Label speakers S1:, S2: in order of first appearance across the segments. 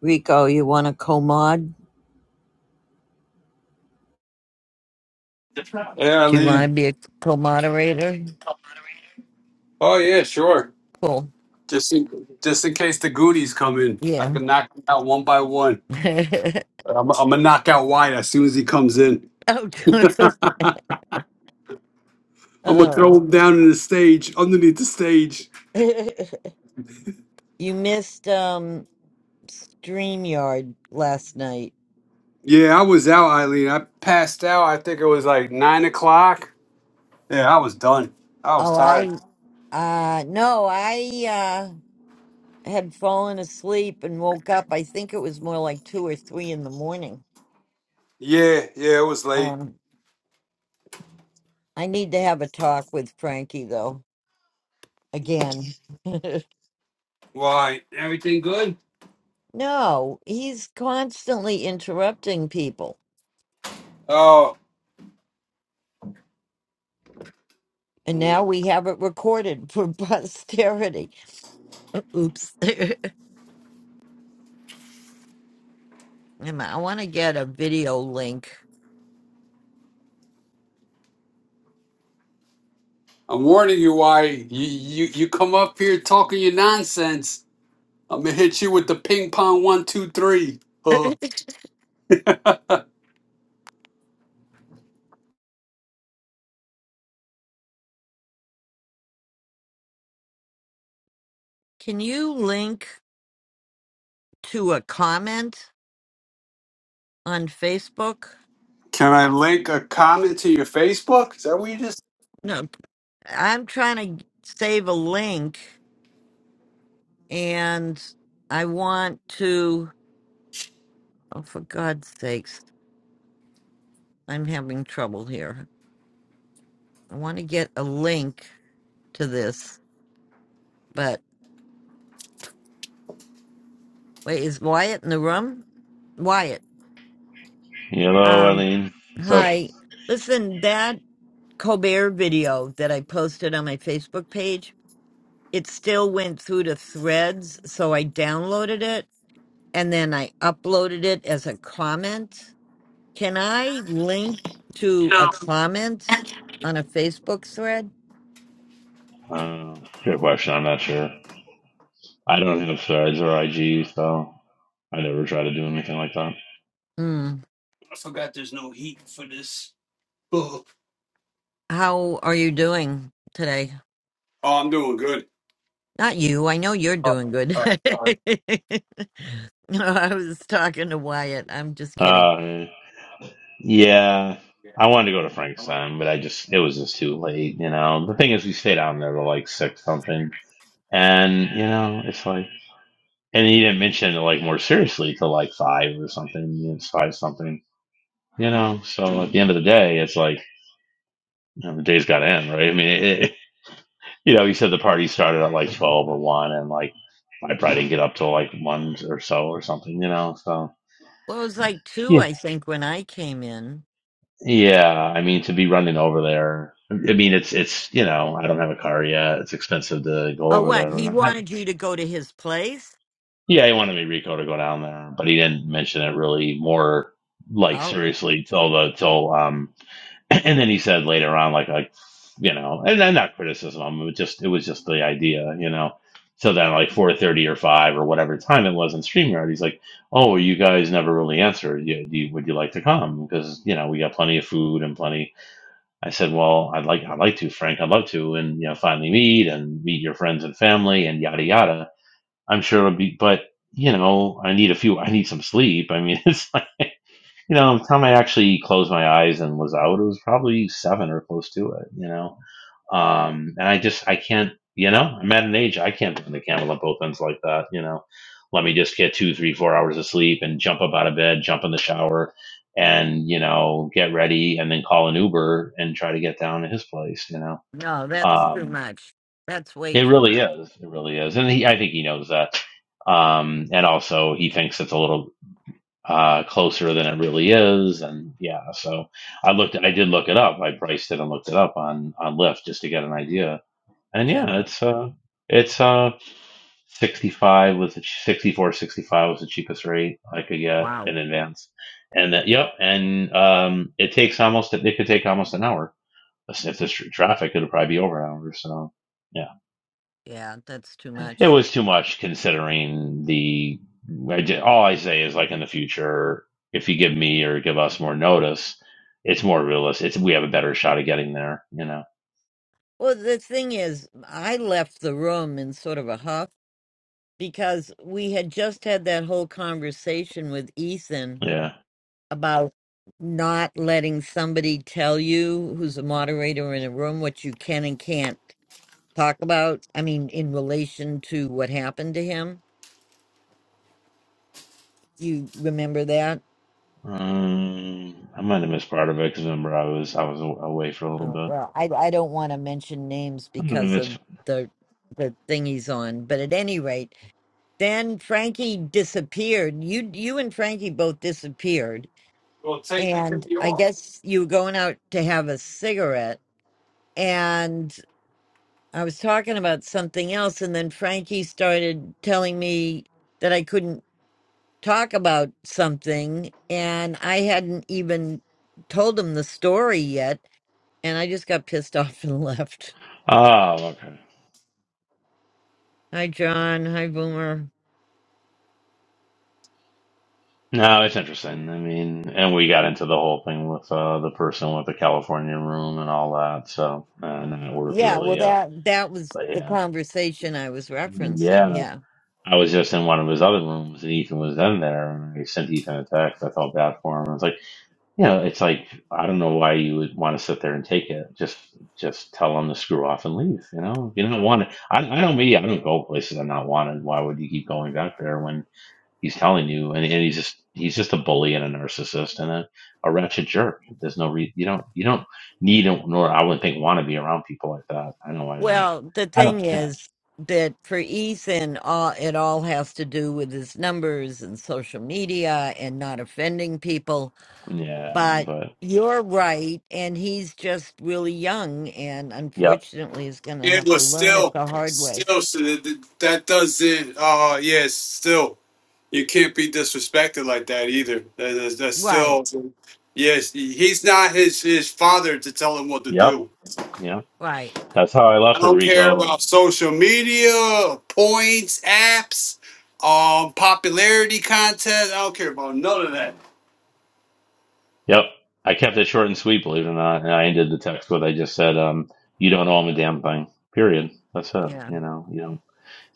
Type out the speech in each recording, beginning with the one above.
S1: Rico, you want a co-mod?
S2: Yeah,
S1: Do you want
S2: Eileen.
S1: to be a co-moderator?
S2: Oh yeah, sure.
S1: Cool.
S2: Just in, just in case the goodies come in, I
S1: Yeah.
S2: can knock them out one by one. I'm, I'm gonna knock out Wyatt as soon as he comes in.
S1: oh,
S2: I'm gonna
S1: uh,
S2: throw him down in the stage, underneath the stage.
S1: you missed um StreamYard last night.
S2: Yeah, I was out, Eileen. I passed out. I think it was like nine o'clock. Yeah, I was done. I was
S1: Oh,
S2: tired.
S1: I uh no, I uh had fallen asleep and woke up. I think it was more like two or three in the morning.
S2: Yeah, yeah, it was late.
S1: Um, I need to have a talk with Frankie though again.
S2: Why? Everything good?
S1: no, he's constantly interrupting people.
S2: Oh,
S1: And
S2: mm.
S1: now we have it recorded for posterity. Oops. Um, I want to get a video link.
S2: I'm warning you, why you you you come up here talking your nonsense. I'm gonna hit you with the ping pong one, two, three. Uh,
S1: Can you link to a comment on Facebook?
S2: Can I link a comment to your Facebook? Is that what you just?
S1: No, I'm trying to save a link and I want to, oh, for God's sakes, I'm having trouble here. I want to get a link to this, but wait, is Wyatt in the room? Wyatt.
S3: Hello,
S1: Um,
S3: Eileen. What's up?
S1: hi. Listen, that Colbert video that I posted on my Facebook page, it still went through to threads, so I downloaded it and then I uploaded it as a comment. Can I link to a comment on a Facebook thread?
S3: Uh, good question. I'm not sure. I don't have threads or IG, so I never try to do anything like that.
S1: Hmm.
S2: Uh, oh,
S1: How are you doing today?
S2: I'm doing good.
S1: Not you. I know you're doing good. no, I was talking to Wyatt. I'm just kidding.
S3: Uh, yeah, I wanted to go to Frank's time, but I just, it was just too late, you know. The thing is, we stayed down there to like six something. And, you know, it's like, and he didn't mention it like more seriously till like five or something. It's five something, you know. So at the end of the day, it's like, you know, the day's got to end, right? I mean, it, You know, he said the party started at like twelve or one, and like I probably didn't get up till like one or so or something. You know, so
S1: Well, it was like two,
S3: Yeah.
S1: I think, when I came in.
S3: yeah, I mean to be running over there. I mean, it's it's you know, I don't have a car yet. It's expensive to go
S1: Oh,
S3: over
S1: what?
S3: there.
S1: He
S3: And I,
S1: wanted you to go to his place?
S3: yeah, he wanted me Rico to go down there, but he didn't mention it really more like
S1: Oh,
S3: seriously till the till um and then he said later on, like, like you know, and then not criticism. It was just it was just the idea, you know. So then, like four thirty or five or whatever time it was in Streamyard, he's like, "Oh, well, you guys never really answered. You, do you, would you like to come? Because you know we got plenty of food and plenty." I said, "Well, I'd like I'd like to, Frank. I'd love to, and you know, finally meet and meet your friends and family and yada yada. I'm sure it'll be, but you know, I need a few. I need some sleep. I mean, it's." You know, the time I actually closed my eyes and was out, it was probably seven or close to it, you know? Um, and I just, I can't, you know, I'm at an age, I can't put the camel on both ends like that, you know? Let me just get two, three, four hours of sleep and jump up out of bed, jump in the shower and, you know, get ready and then call an Uber and try to get down to his place, you know?
S1: no, that's too
S3: Um,
S1: much. That's way
S3: it
S1: too
S3: really
S1: much.
S3: is. It really is. And he, I think he knows that. Um, and also he thinks it's a little uh, closer than it really is. And yeah, so I looked, I did look it up. I priced it and looked it up on, on Lyft just to get an idea. And yeah,
S1: Yeah.
S3: it's, uh, it's, uh, 65 was the ch- 64 sixty-five was the cheapest rate i could get
S1: Wow.
S3: in advance and that yep and um it takes almost it could take almost an hour if there's tr- traffic it'll probably be over an hour so yeah
S1: Yeah, that's too
S3: it
S1: much.
S3: was too much considering the. I ju- all I say is like in the future, if you give me or give us more notice, it's more realistic. It's, we have a better shot of getting there. You know.
S1: Well, the thing is, I left the room in sort of a huff because we had just had that whole conversation with Ethan
S3: Yeah.
S1: about not letting somebody tell you who's a moderator in a room what you can and can't talk about? I mean, in relation to what happened to him? You remember that?
S3: Um, I might have missed part of it because remember I was I was a- away for a little
S1: Uh,
S3: bit.
S1: well, I I don't want to mention names
S3: Mm,
S1: because of
S3: It's,
S1: the the thing he's on, but at any rate, then Frankie disappeared. You you and Frankie both disappeared, and I guess you were going out to have a cigarette, and I was talking about something else, and then Frankie started telling me that I couldn't talk about something and I hadn't even told him the story yet and I just got pissed off and left.
S3: oh, okay.
S1: Hi John, hi Boomer.
S3: No, it's interesting. I mean, and we got into the whole thing with uh, the person with the California room and all that. So, uh, not worth
S1: Yeah, well
S3: really. Uh,
S1: that that was
S3: but
S1: the
S3: yeah,
S1: conversation I was referencing.
S3: yeah.
S1: Yeah.
S3: I was just in one of his other rooms, and Ethan was in there, and I sent Ethan a text. I felt bad for him. I was like, you know, it's like I don't know why you would want to sit there and take it. Just, just tell him to screw off and leave. You know, if you don't want it. I, I know me. I don't go places I'm not wanted. Why would you keep going back there when he's telling you? And, and he's just, he's just a bully and a narcissist and a, a wretched jerk. There's no re You don't, you don't need it, nor I wouldn't think want to be around people like that. I know I don't.
S1: Well, the
S3: I don't.
S1: thing
S3: Yeah,
S1: is that for Ethan all it all has to do with his numbers and social media and not offending people
S3: yeah,
S1: But
S3: but
S1: you're right, and he's just really young, and
S3: yep,
S1: unfortunately, is going to
S2: It
S1: have to
S2: was
S1: learn it
S2: still,
S1: the hard way.
S2: still. So that, that doesn't. Uh, yes, still. You can't be disrespected like that either. That- That's, that's still.
S1: Right,
S2: Yes, he's not his his father to tell him what to
S3: yep.
S2: do.
S3: Yeah.
S1: right,
S3: That's how I
S2: I
S3: left it,
S2: don't care
S3: Rico.
S2: about social media, points, apps, um, popularity contests. I don't care about none of that.
S3: Yep. I kept it short and sweet, believe it or not. And I ended the text with I just said, um, you don't owe him a damn thing. Period. That's it.
S1: yeah,
S3: You know, you know.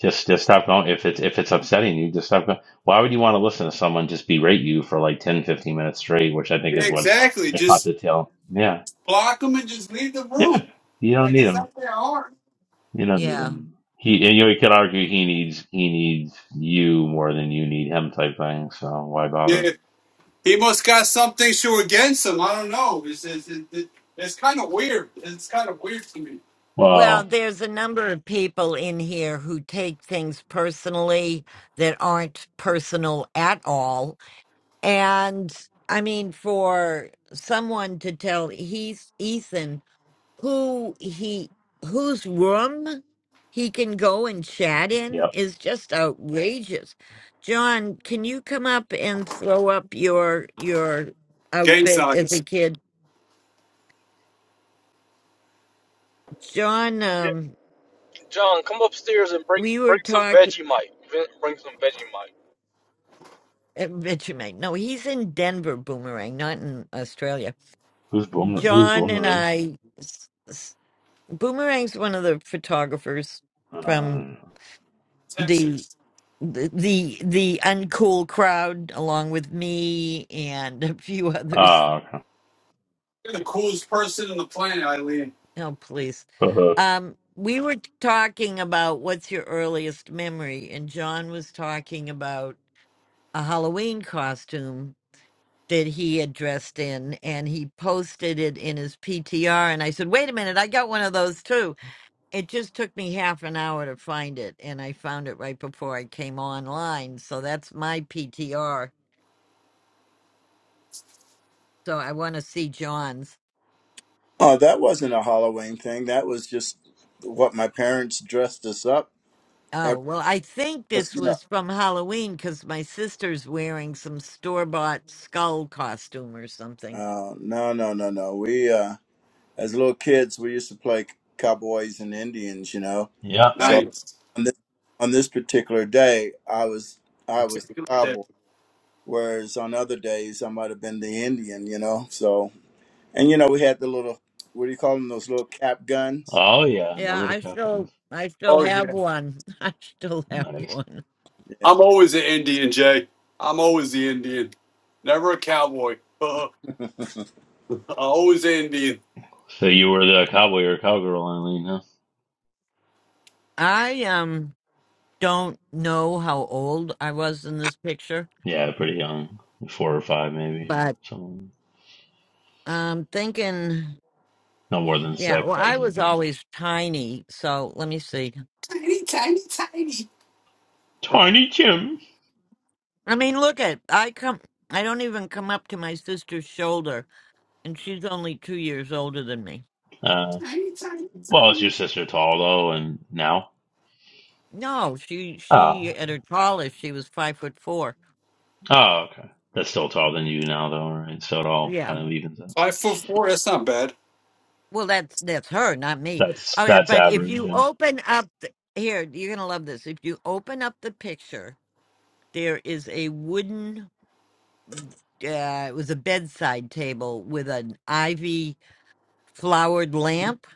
S3: Just just stop going. If it's if it's upsetting you, just stop going. Why would you want to listen to someone just berate you for like 10, 15 minutes straight, which I think
S2: Yeah,
S3: is what
S2: exactly.
S3: I caught
S2: Just
S3: the tail. Yeah.
S2: block them and just leave the
S3: Yeah.
S2: room.
S3: You don't
S2: Like
S3: need
S2: it's
S3: him.
S2: not that hard.
S3: You don't need
S1: yeah.
S3: him. He and you, know, you could argue he needs he needs you more than you need him type thing, so why bother?
S2: Yeah, he must got something to against him. I don't know. It's it's, it, it, it's kind of weird. It's kind of weird to me.
S1: Well,
S3: Well,
S1: there's a number of people in here who take things personally that aren't personal at all, and I mean, for someone to tell he's Ethan who he whose room he can go and chat in
S3: yep.
S1: is just outrageous. John, can you come up and throw up your your
S2: Gang
S1: outfit as
S2: signs.
S1: a kid? John,
S4: Yeah,
S1: um,
S4: John, come upstairs and bring
S1: we were
S4: bring some
S1: talking
S4: Vegemite. Vin- Bring some Vegemite.
S1: at Vegemite. No, he's in Denver, Boomerang, not in Australia.
S3: Who's boomer who's
S1: John and
S3: boomerang?
S1: I, s- s- Boomerang's one of the photographers from
S3: Uh,
S2: Text
S1: the the the the uncool crowd along with me and a few others
S3: oh, okay.
S2: You're the coolest person on the planet, Eileen.
S1: oh please um we were talking about what's your earliest memory and john was talking about a halloween costume that he had dressed in and he posted it in his ptr and i said wait a minute i got one of those too it just took me half an hour to find it and i found it right before i came online so that's my ptr so i want to see john's
S5: Oh, that wasn't a Halloween thing. That was just what my parents dressed us up.
S1: Oh,
S5: Every,
S1: well, I think this
S5: you know,
S1: was from Halloween because my sister's wearing some store bought skull costume or something.
S5: uh, no, no, no, no. We, uh, as little kids, we used to play cowboys and Indians. You know,
S3: yeah.
S5: so
S1: Right.
S2: Nice.
S5: on this on this particular day, I was I was the cowboy, whereas on other days I might have been the Indian. You know, so and you know we had the little what do you call them? Those little cap guns.
S3: Oh, yeah. I
S1: Yeah,
S3: Remember the
S1: I
S3: Cowpens?
S1: still I still
S2: Oh
S1: have
S2: yeah.
S1: one. I still have
S3: Nice.
S1: one.
S2: I'm always an Indian, Jay. I'm always the Indian. Never a cowboy. I'm always an Indian.
S3: So you were the cowboy or cowgirl, Eileen, huh?
S1: I um don't know how old I was in this picture,
S3: Yeah, pretty young. Four or five, maybe, or
S1: but
S3: something.
S1: I'm thinking
S3: No more than
S1: yeah,
S3: six,
S1: well
S3: I
S1: I
S3: wouldn't
S1: was
S3: think.
S1: always tiny, so let me see.
S2: Tiny, tiny, tiny,
S3: Tiny Tim.
S1: I mean look at I come I don't even come up to my sister's shoulder and she's only two years older than me.
S3: Uh,
S2: tiny, tiny,
S3: well, is your
S2: tiny.
S3: sister tall, though, and now?
S1: No, she
S3: Oh,
S1: she at her tallest she was five foot four.
S3: okay. Oh, okay. That's still taller than you now, though, right? So it all kind
S1: Yeah.
S3: of evens out.
S2: Five foot four. That's not bad.
S1: Well, that's that's her, not me.
S3: That's
S1: All right,
S3: that's
S1: but if
S3: average.
S1: you
S3: And,
S1: open up the, here, you're gonna love this. If you open up the picture, there is a wooden. Uh, it was a bedside table with an ivy flowered lamp.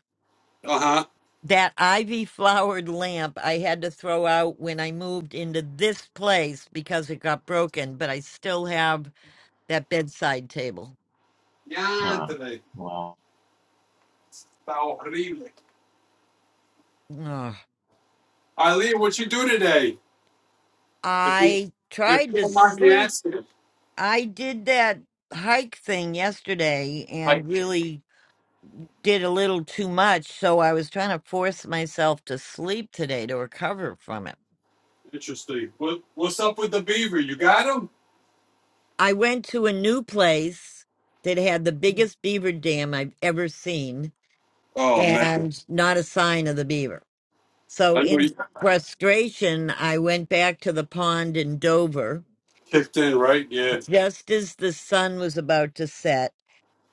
S2: Uh huh.
S1: That ivy flowered lamp I had to throw out when I moved into this place because it got broken, but I still have that bedside table.
S2: Yeah,
S3: uh,
S2: Anthony.
S3: well,
S2: How horrible. Eileen, what you do today? If you,
S1: I
S2: if
S1: tried
S2: you
S1: to
S2: don't mind me
S1: sleep.
S2: asking.
S1: I did that hike thing yesterday
S2: Hi.
S1: and really did a little too much. So I was trying to force myself to sleep today to recover from it.
S2: Interesting. What What's up with the beaver? You got him?
S1: I went to a new place that had the biggest beaver dam I've ever seen
S2: Oh man,
S1: and not a sign of the beaver. So
S2: I know you
S1: in
S2: got
S1: frustration, I went back to the pond in Dover
S2: kicked in, right? Yeah.
S1: just as the sun was about to set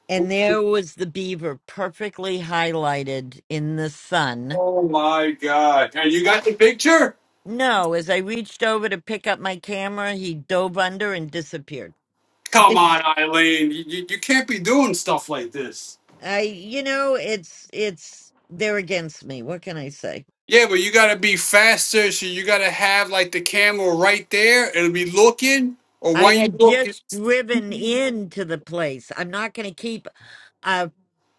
S1: And there was the beaver perfectly highlighted in the sun.
S2: Oh my God! And you got the picture?
S1: No, as I reached over to pick up my camera, he dove under and disappeared.
S2: Come on,
S1: It's,
S2: Eileen. You, you, you can't be doing stuff like this.
S1: I, you know, it's, it's, they're against me. What can I say?
S2: Yeah, but you gotta be faster, so you gotta have like the camera right there. It'll be looking, or
S1: I
S2: why you
S1: had
S2: looking?
S1: just driven into the place. I'm not going to keep a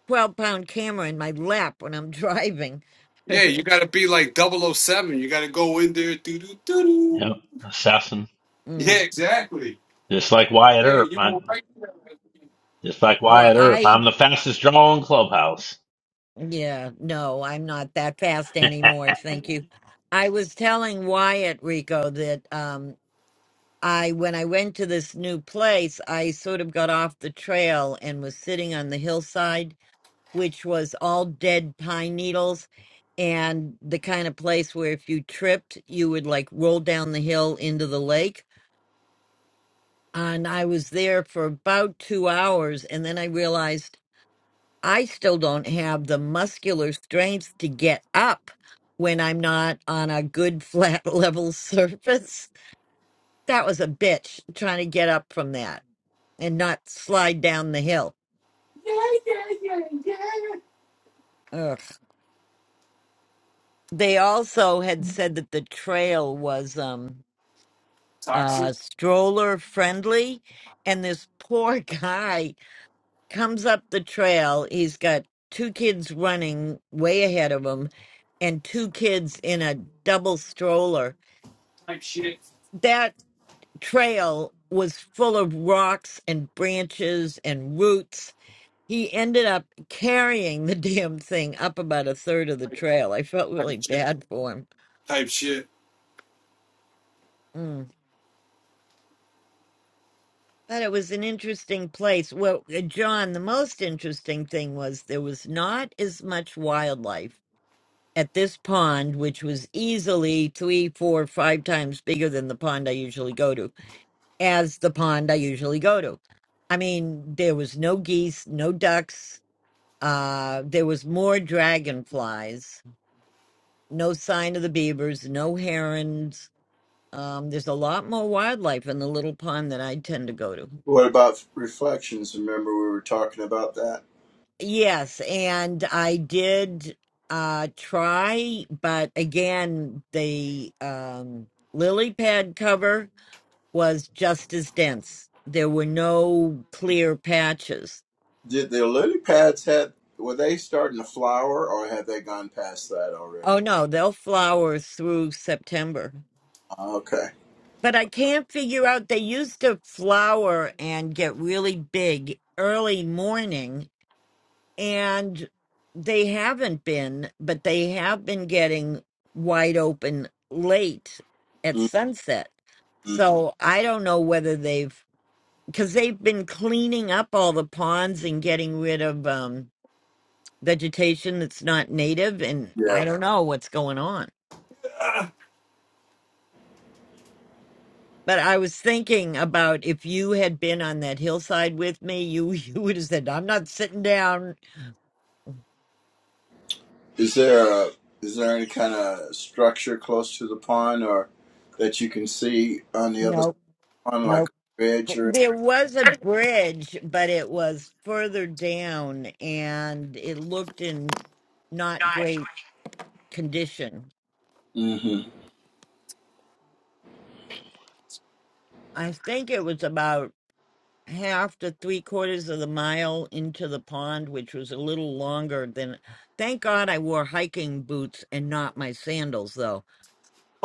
S1: 12 pound camera in my lap when I'm driving.
S2: Yeah, you got to be like double oh seven. You got to go in there. Doo, doo, doo, doo.
S3: yep, assassin,
S1: Mm.
S2: Yeah, exactly.
S3: just like Wyatt
S2: Hey,
S3: Earp.
S2: you go
S3: I,
S2: right there.
S3: Just like
S1: Well,
S3: Wyatt Earp,
S1: I
S3: I'm the fastest draw in Clubhouse.
S1: Yeah, no, I'm not that fast anymore. Thank you. I was telling Wyatt Rico that um I when I went to this new place, I sort of got off the trail and was sitting on the hillside, which was all dead pine needles and the kind of place where if you tripped, you would like roll down the hill into the lake. And I was there for about two hours, and then I realized. I still don't have the muscular strength to get up when I'm not on a good flat level surface. That was a bitch trying to get up from that and not slide down the hill.
S2: Yeah, yeah, yeah, yeah.
S1: Ugh. They also had said that the trail was um
S2: Toxic
S1: uh stroller friendly and this poor guy comes up the trail. He's got two kids running way ahead of him and two kids in a double stroller.
S2: type shit.
S1: That trail was full of rocks and branches and roots. He ended up carrying the damn thing up about a third of the
S2: Type,
S1: trail. I felt
S2: type
S1: really
S2: shit.
S1: bad for him.
S2: Type shit.
S1: Mm. But it was an interesting place. Well, uh, John, the most interesting thing was there was not as much wildlife at this pond, which was easily three, four, five times bigger than the pond I usually go to, as the pond I usually go to. I mean, there was no geese, no ducks, Uh, there was more dragonflies. No sign of the beavers. No herons. Um, there's a lot more wildlife in the little pond that I tend to go to.
S5: What about reflections? Remember we were talking about that.
S1: Yes, and I did uh try, but again, the um lily pad cover was just as dense. There were no clear patches.
S5: Did the lily pads had were they starting to flower or had they gone past that already?
S1: Oh no, they'll flower through September.
S5: Oh, Okay.
S1: But I can't figure out. They used to flower and get really big early morning, and they haven't been, but they have been getting wide open late at sunset.
S5: Mm-hmm.
S1: So I don't know whether they've, because they've been cleaning up all the ponds and getting rid of um, vegetation that's not native, and I
S5: Yeah.
S1: don't know what's going on. But I was thinking about if you had been on that hillside with me, you you would have said, "I'm not sitting down."
S5: Is there a is there any kind of structure close to the pond or that you can see on the other
S1: Nope,
S5: pond, like
S1: nope.
S5: a ridge or?
S1: There was a bridge, but it was further down, and it looked in not great condition.
S5: hmm
S1: I think it was about half to three quarters of the mile into the pond, which was a little longer than. Thank God I wore hiking boots and not my sandals, though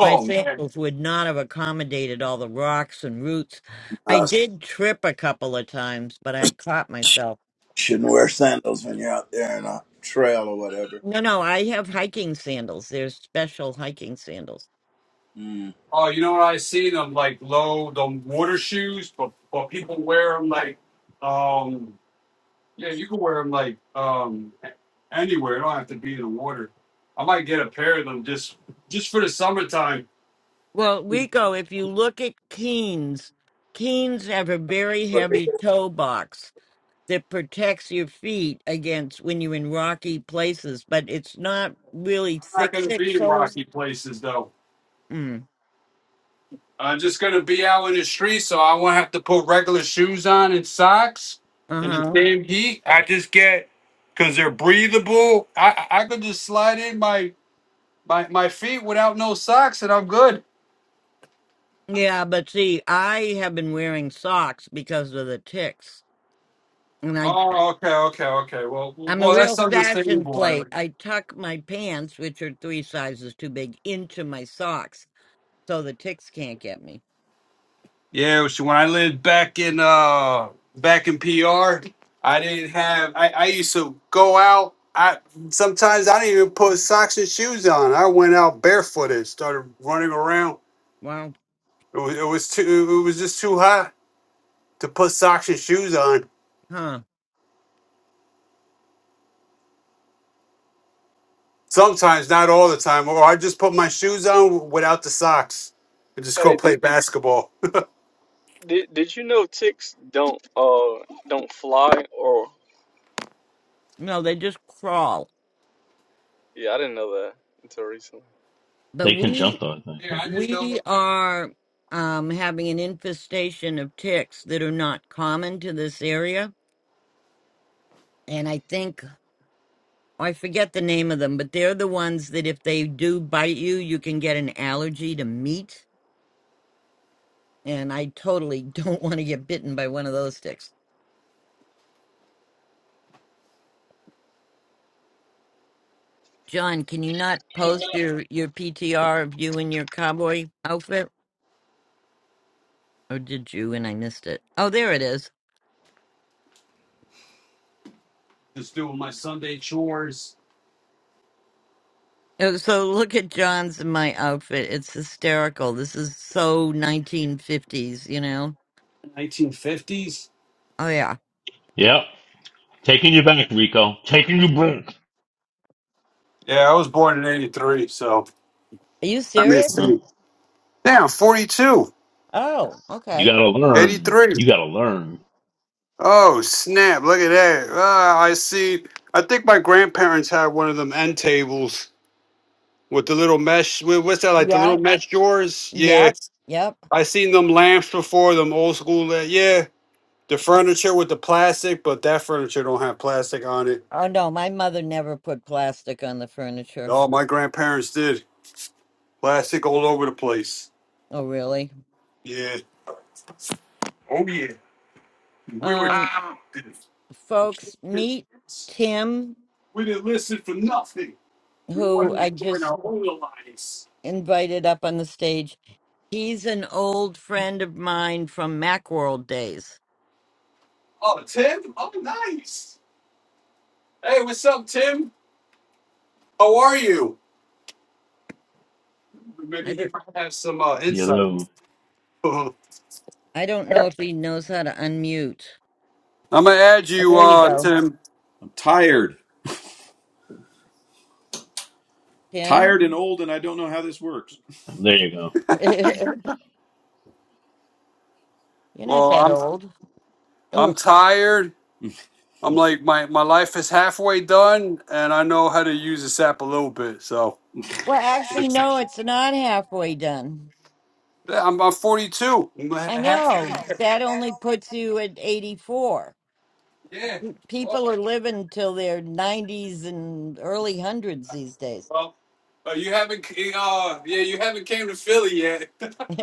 S1: My
S2: man.
S1: sandals would not have accommodated all the rocks and roots. I
S5: Uh,
S1: did trip a couple of times, but I caught
S5: sh-
S1: myself.
S5: shouldn't wear sandals when you're out there in a trail or whatever.
S1: No, no, I have hiking sandals. There's special hiking sandals.
S5: Mm.
S2: Oh, you know what I see? Them like low, them water shoes, but, but people wear them like, um, yeah, you can wear them like um, anywhere. It don't have to be in the water. I might get a pair of them just just for the summertime
S1: Well, Rico, if you look at Keens, Keens have a very
S5: Okay.
S1: heavy toe box that protects your feet against when you're in rocky places, but it's not really
S2: not
S1: thick,
S2: going to
S1: thick
S2: be in
S1: soles.
S2: rocky places though.
S1: Mm,
S2: I'm just going to be out in the street, so I won't have to put regular shoes on and socks
S1: uh
S2: in the
S1: huh.
S2: same heat. I just get because they're breathable. I I could just slide in my my my feet without no socks, and I'm good.
S1: Yeah, but see, I have been wearing socks because of the ticks. and I
S2: Oh, okay, okay, okay. Well,
S1: I'm a
S2: well,
S1: real
S2: that's
S1: fashion
S2: understandable.
S1: plate. I tuck my pants, which are three sizes too big, into my socks so the ticks can't get me.
S2: Yeah, so when I lived back in uh back in PR, I didn't have I, I used to go out. I sometimes I didn't even put socks and shoes on. I went out barefooted, started running around.
S1: Well,
S2: It was, it was too it was just too hot to put socks and shoes on.
S1: huh?
S2: Sometimes, not all the time, or I just put my shoes on without the socks and just go
S4: Hey,
S2: play
S4: did,
S2: basketball.
S4: did did you know ticks don't uh don't fly or
S1: No, they just crawl.
S4: yeah, I didn't know that until recently.
S1: But
S3: They can jump
S1: we
S3: though, I think.
S2: Yeah,
S3: can't
S2: I
S3: they?
S2: didn't
S1: we
S2: know.
S1: are um, having an infestation of ticks that are not common to this area. And I think I forget the name of them, but they're the ones that if they do bite you, you can get an allergy to meat. And I totally don't want to get bitten by one of those ticks. John, can you not post your your PTR of you in your cowboy outfit? Or did you and I missed it? Oh, there it is.
S2: Just doing my Sunday chores.
S1: Oh, So look at John's and my outfit. It's hysterical. This is so 1950s, you know?
S2: 1950s.
S1: Oh, yeah.
S3: Yep. Taking you back, Rico. Taking you back.
S2: Yeah, I was born in '83, so.
S1: Are you
S2: Let me
S1: serious?
S2: see.
S3: Well,
S2: Damn, 42,
S1: Oh,
S3: you
S1: okay.
S3: gotta learn.
S2: 83.
S3: You gotta learn.
S2: Oh, snap. Look at that. Ah, I see. I think my grandparents had one of them end tables with the little mesh. wha- What's that, like the little
S1: Yep,
S2: mesh drawers? Yeah.
S1: yep, yep.
S2: I seen them lamps before, them old school. la- Yeah. The furniture with the plastic, but that furniture don't have plastic on it.
S1: Oh, no, my mother never put plastic on the furniture.
S2: Oh, my grandparents did. Plastic all over the place.
S1: Oh, really?
S2: Yeah. Oh, yeah. We were.
S1: Um,
S2: Um,
S1: folks, meet Tim,
S2: we didn't listen for nothing. We
S1: who
S2: want to
S1: I
S2: join
S1: just
S2: our own alliance.
S1: invited up on the stage He's an old friend of mine from Macworld days.
S2: Oh, Tim? Oh, nice. Hey, what's up, Tim? How are you?
S1: I
S2: Maybe he
S1: don't
S2: might have some uh,
S3: You
S2: insight.
S3: know.
S2: I'm
S1: I don't know if he knows how to unmute.
S2: gonna add
S1: Oh,
S2: you,
S1: there you
S2: uh,
S1: go.
S6: I'm
S2: Tim.
S6: tired, tired and
S1: Tim.
S6: old, and I don't know how this works.
S3: There you go.
S1: You're not
S2: Well,
S1: that
S2: I'm
S1: old.
S2: I'm
S1: Ugh.
S2: tired. I'm like my my life is halfway done, and I know how to use this app a little bit. So,
S1: Well,
S2: yeah,
S1: actually no, it's not halfway done.
S2: I'm I'm 42. I'm ha-
S1: I
S2: half through the
S1: know. That only puts you at 84.
S2: Yeah.
S1: People
S2: Well,
S1: are living till their 90s and early 100s these days.
S2: well uh, you haven't uh yeah you haven't came to Philly yet.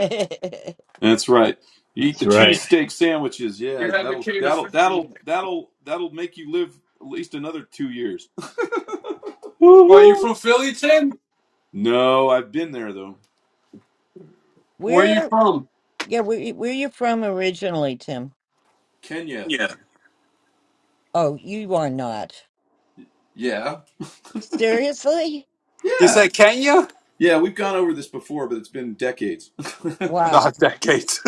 S6: That's right. You eat
S3: That's
S6: the
S3: right.
S6: cheesesteak sandwiches.
S2: you
S6: Yeah,
S2: haven't
S6: that'll
S2: came to
S6: that'll
S2: Philly yet.
S6: that'll that'll that'll make you live at least another two years.
S2: Well, you
S3: Woohoo!
S2: from Philly, Tim?
S6: No, I've been there though.
S2: Where you
S1: Where
S2: from?
S1: yeah, where, where you from originally, Tim?
S6: Kenya.
S2: Kenya.
S1: Oh, you are not.
S6: Yeah.
S1: Seriously?
S2: He
S6: Yeah.
S2: said Kenya?
S6: Yeah, we've gone over this before, but it's been decades.
S2: Oh,
S1: Wow.
S2: decades.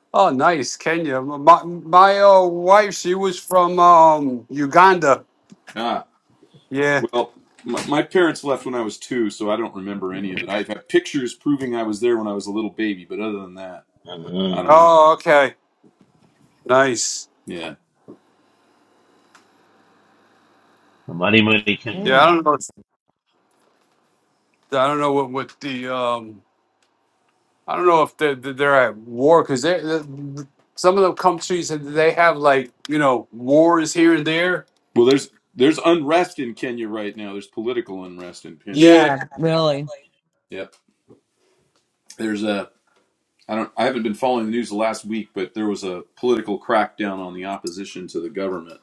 S2: oh, nice, Kenya. My my uh, wife, she was from um Uganda.
S6: Ah,
S2: Yeah.
S6: well, my, my parents left when I was two, so I don't remember any of it. I have pictures proving I was there when I was a little baby, but other than that, I
S3: Uh-huh.
S6: don't know.
S2: Oh, okay. Nice.
S6: Yeah.
S3: The Mighty mighty
S2: Yeah,
S3: Kenya.
S2: I
S1: Mm.
S2: don't know. if- I don't know what what the um. I don't know if they're they're at war because they some of the countries they have like you know wars here and there.
S6: Well, there's there's unrest in Kenya right now. There's political unrest in Kenya.
S2: Yeah.
S1: Yeah, really.
S6: Yep. There's a I don't I haven't been following the news the last week, but there was a political crackdown on the opposition to the government.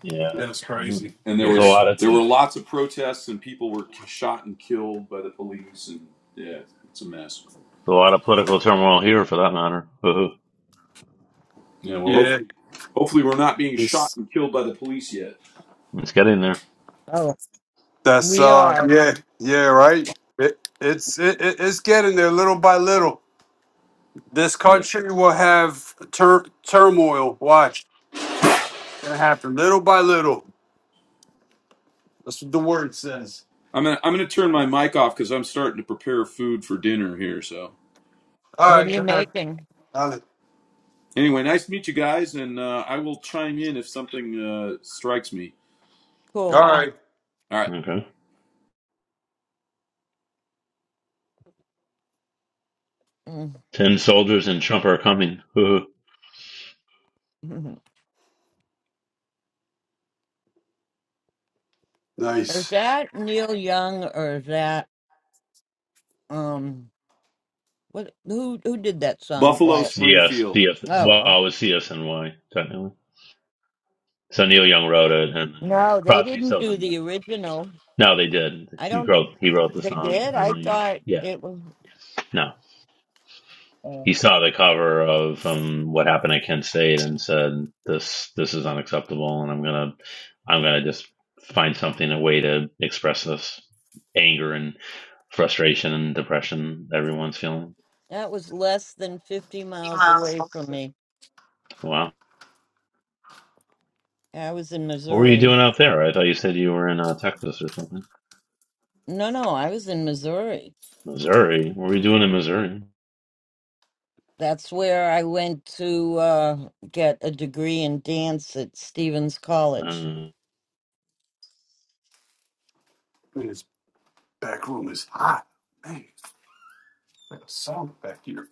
S3: Yeah.
S2: That's
S3: Uh-huh.
S2: crazy.
S6: And there
S3: There's a
S2: Yeah.
S6: was
S3: lot of
S6: there were
S3: there's
S6: lots of protests and people were shot and killed by the police and yeah, it's a mess.
S3: a lot of political turmoil here, for that matter. Uh-huh.
S6: Yeah, well hopefully
S2: Yeah.
S6: hopefully we're not being shot and killed by the police yet.
S3: Let's get in there.
S1: Oh,
S2: That's
S1: we
S2: uh,
S1: are.
S2: yeah, yeah, right. It, it's it, it- it's getting there little by little. This
S6: Yeah.
S2: country will have tur- turmoil. Watch, it's gonna happen little by little. That's what the word says.
S6: I'm gonna I'm gonna turn my mic off because I'm starting to prepare food for dinner here, so
S2: All
S1: What are
S2: right,
S1: you
S2: go ahead.
S1: making?
S2: All
S6: Anyway, nice to meet you guys, and uh, I will chime in if something uh, strikes me.
S1: Cool.
S2: right,
S6: All right,
S3: Okay.
S1: Mm.
S3: Ten soldiers and Trump are coming. Uh-huh.
S1: Is
S2: nice.
S1: that Neil Young or is that um what who who did that song?
S6: Buffalo
S1: Why?
S3: CS,
S6: Springfield.
S3: CS.
S1: Oh,
S3: Well,
S1: oh.
S3: it was CSNY technically. So Neil Young wrote it, and then
S1: no, they
S3: Crosby,
S1: didn't
S3: Stills,
S1: do
S3: and Nash.
S1: the original.
S3: no, they did.
S1: I
S3: She
S1: don't
S3: wrote. He wrote the
S1: they
S3: song.
S1: did? I
S3: Eileen.
S1: thought
S3: Yeah.
S1: it was
S3: No.
S1: oh.
S3: He saw the cover of um, "What Happened at Kent State" and said, "This, this is unacceptable, and I'm gonna, I'm gonna just find something a way to express this anger and frustration and depression everyone's feeling."
S1: that was less than 50 miles away from me.
S3: Wow.
S1: I was in
S3: What were you
S1: Missouri.
S3: doing out there? I thought you said you were in uh, Texas or something.
S1: No, no, I was in Missouri.
S3: Missouri? What are we doing in Missouri?
S1: That's where I went to uh, get a degree in dance at Stevens College.
S3: Uh,
S2: Man, this back room is hot. Man, like a sauna back here.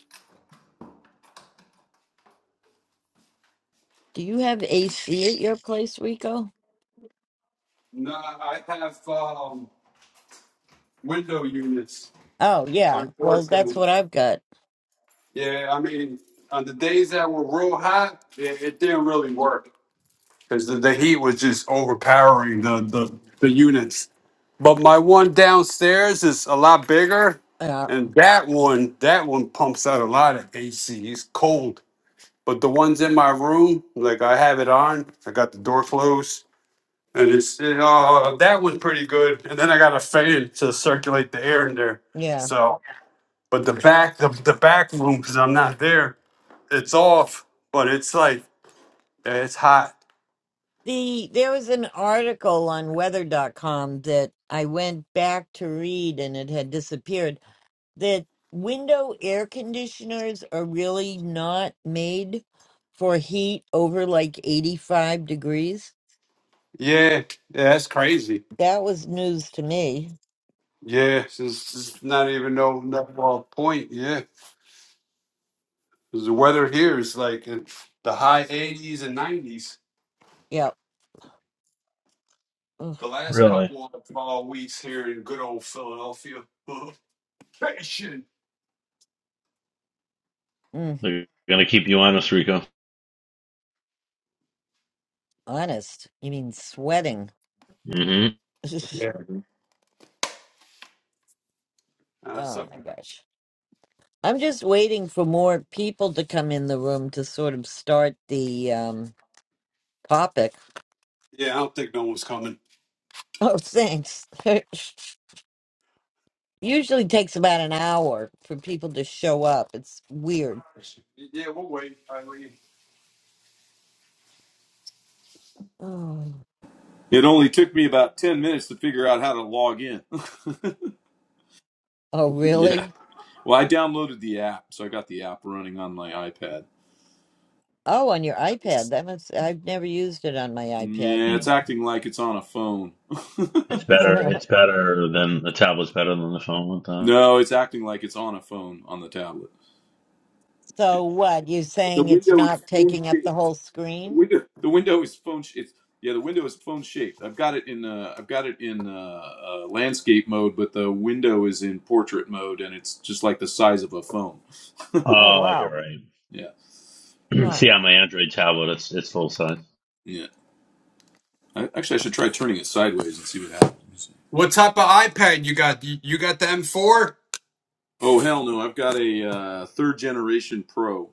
S1: Do you have AC at your place, Rico?
S2: Nah, I have um window units.
S1: Oh, yeah. Well, that's
S2: Unfortunately,
S1: what I've got.
S2: yeah. I mean, on the days that were real hot, it, it didn't really work. because the, the heat was just overpowering the, the the units. But my one downstairs is a lot bigger,
S1: Uh,
S2: and that one that one pumps out a lot of AC. It's cold, but the ones in my room, like I have it on, I got the door closed, and it's it, uh, that one's pretty good. And then I got a fan to circulate the air in there.
S1: yeah.
S2: So, but the back the, the back room because I'm not there, it's off, but it's like it's hot.
S1: The there was an article on weather.com that I went back to read and it had disappeared that window air conditioners are really not made for heat over like 85 degrees.
S2: Yeah, yeah, that's crazy.
S1: That was news to me.
S2: Yeah, it's, it's not even no no uh, point. Yeah, 'Cause the weather here is like in the high 80s and 90s.
S1: Yeah. Ugh,
S2: The last
S3: really?
S2: couple of uh, weeks here in good old Philadelphia. Patient.
S1: mm,
S3: They're gonna keep you honest, Rico.
S1: honest. You mean sweating.
S3: hmm
S1: oh
S2: Yeah. Uh, so,
S1: my gosh. I'm just waiting for more people to come in the room to sort of start the um, topic.
S2: yeah, I don't think no one's coming.
S1: Oh, thanks. Usually takes about an hour for people to show up. It's weird.
S2: Yeah, we'll wait. Eileen.
S1: Oh,
S6: It only took me about 10 minutes to figure out how to log in.
S1: oh
S6: yeah.
S1: really?
S6: Well, I downloaded the app, so I got the app running on my iPad.
S1: Oh, on your iPad. That must. I've never used it on my iPad.
S6: Yeah, it's acting like it's on a phone.
S3: It's better. It's better than the tablet's better than the phone. With that.
S6: no, it's acting like it's on a phone on the tablet.
S1: so what? You
S6: The
S1: saying it's
S6: window is
S1: not
S6: phone
S1: taking up the
S6: shaped.
S1: whole
S6: The
S1: screen?
S6: window, the window is phone. Sh- it's yeah, the window is phone shaped. I've got it in. Uh, I've got it in uh, uh, landscape mode, but the window is in portrait mode, and it's just like the size of a phone.
S1: Oh
S3: Oh,
S1: wow.
S3: you're right.
S6: Yeah,
S1: Huh.
S3: See, on my Android tablet, it's it's full size.
S6: yeah. I, actually, I should try turning it sideways and see what happens. Let me see.
S2: What type of iPad you got? You, you got the M4?
S6: Oh hell no! I've got a uh, third generation Pro.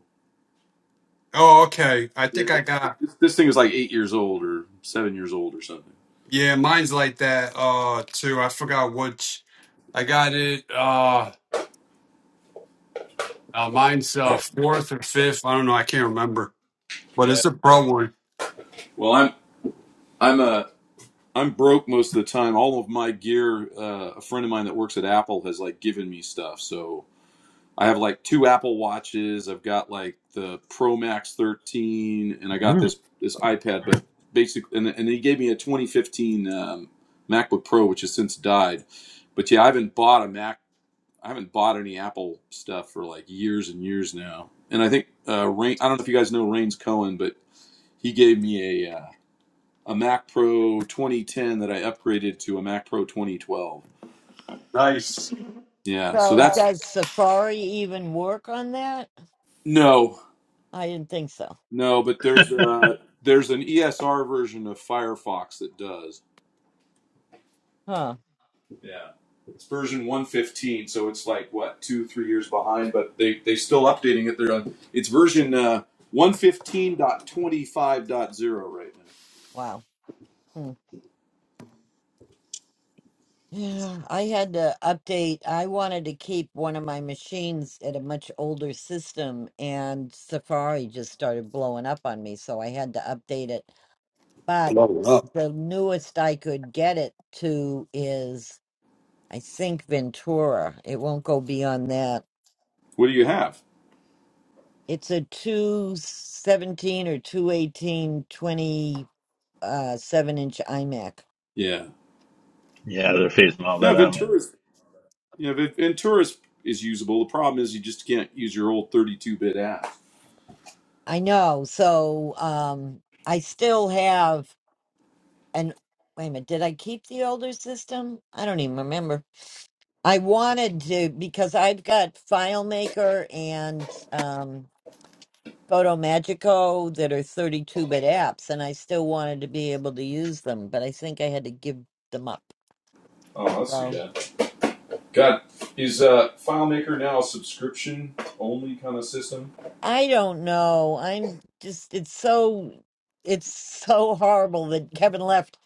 S2: Oh, okay. I
S6: Yeah,
S2: think I
S6: it's like,
S2: got.
S6: this, this thing is like eight years old or seven years old or something.
S2: Yeah, mine's like that uh too. I forgot which. I got it. Uh Now mine's uh, fourth or fifth. I don't know. I can't remember. But
S6: Yeah.
S2: it's a pro one.
S6: Well, I'm I'm a I'm broke most of the time. All of my gear, uh, a friend of mine that works at Apple has like given me stuff. So I have like two Apple watches. I've got like the Pro Max 13, and I got
S3: Mm.
S6: this this iPad. But basically, and, and he gave me a 2015 um, MacBook Pro, which has since died. But yeah, I haven't bought a Mac. I haven't bought any Apple stuff for like years and years now. And I think uh, Rain. I don't know if you guys know Rains Cohen, but he gave me a uh, a Mac Pro 2010 that I upgraded to a Mac Pro 2012.
S2: Nice.
S6: Yeah, so
S1: So
S6: that's
S1: does Safari even work on that?
S6: no,
S1: I didn't think so.
S6: No, but there's a there's an ESR version of Firefox that does.
S1: Huh.
S6: Yeah, it's version 115, so it's like what two three years behind, but they they are still updating it. They're on it's version uh, 115.25.0 right now.
S1: Wow. Hmm. Yeah, I had to update. I wanted to keep one of my machines at a much older system, and Safari just started blowing up on me, so I had to update it. But
S2: Blow it up.
S1: the newest I could get it to is, I think, Ventura. It won't go beyond that.
S6: What do you have?
S1: It's a 217 or 218 uh, seven inch iMac.
S6: Yeah,
S3: yeah, they're phasing all
S6: yeah,
S3: that out.
S6: Ventura's yeah Ven- Ventura's is usable. The problem is you just can't use your old 32-bit app.
S1: I know. So um, I still have an. Wait a minute. Did I keep the older system? I don't even remember. I wanted to because I've got FileMaker and um, PhotoMagico that are 32 bit apps, and I still wanted to be able to use them, but I think I had to give them up.
S6: Oh, that's too
S1: So
S6: bad. God, is uh, FileMaker now a subscription-only kind of system?
S1: I don't know. I'm just. It's so. It's so horrible that Kevin left.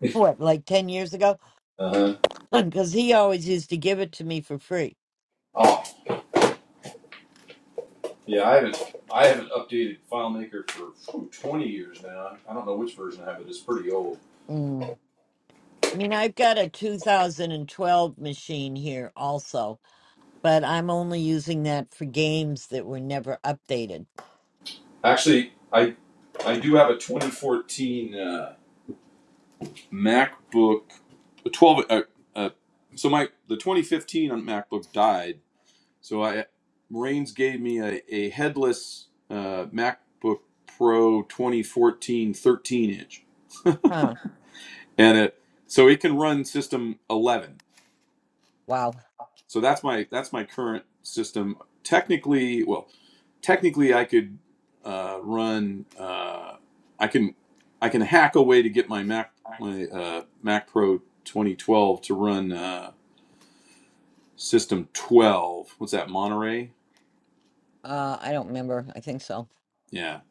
S1: What, like 10 years ago?
S6: Uh huh.
S1: because he always used to give it to me for free.
S6: Oh. Yeah, I haven't I haven't updated FileMaker for phew, 20 years now. I don't know which version I have, but it's pretty old.
S1: Mm. I mean, I've got a 2012 machine here also, but I'm only using that for games that were never updated.
S6: Actually, I I do have a 2014 uh, MacBook, a 12. Uh, uh, so my the 2015 on MacBook died. So I Rains gave me a, a headless uh, MacBook Pro 2014 13 inch,
S1: Huh.
S6: and it so it can run System 11.
S1: Wow.
S6: So that's my that's my current system. Technically, well. technically I could uh, run. Uh, I can I can hack a way to get my Mac my uh, Mac Pro 2012 to run uh, System 12. What's that Monterey?
S1: Uh, I don't remember. I think so.
S6: Yeah.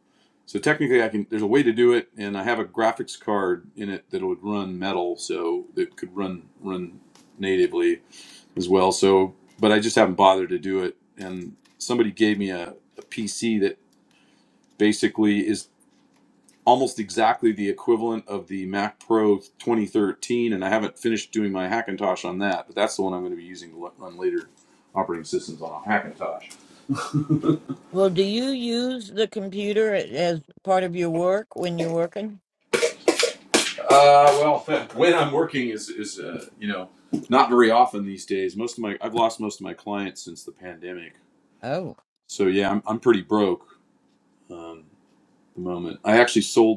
S6: So technically, I can. There's a way to do it, and I have a graphics card in it that would run Metal, so it could run run natively as well. So, but I just haven't bothered to do it. And somebody gave me a, a PC that basically is almost exactly the equivalent of the Mac Pro 2013, and I haven't finished doing my Hackintosh on that, but that's the one I'm going to be using to run later operating systems on Hackintosh.
S1: Well, do you use the computer a- as part of your work when you're working?
S6: Uh, well, when I'm working is is uh, you know not very often these days. Most of my I've lost most of my clients since the pandemic,
S1: Oh,
S6: so yeah, I'm I'm pretty broke um, at the moment. I actually sold.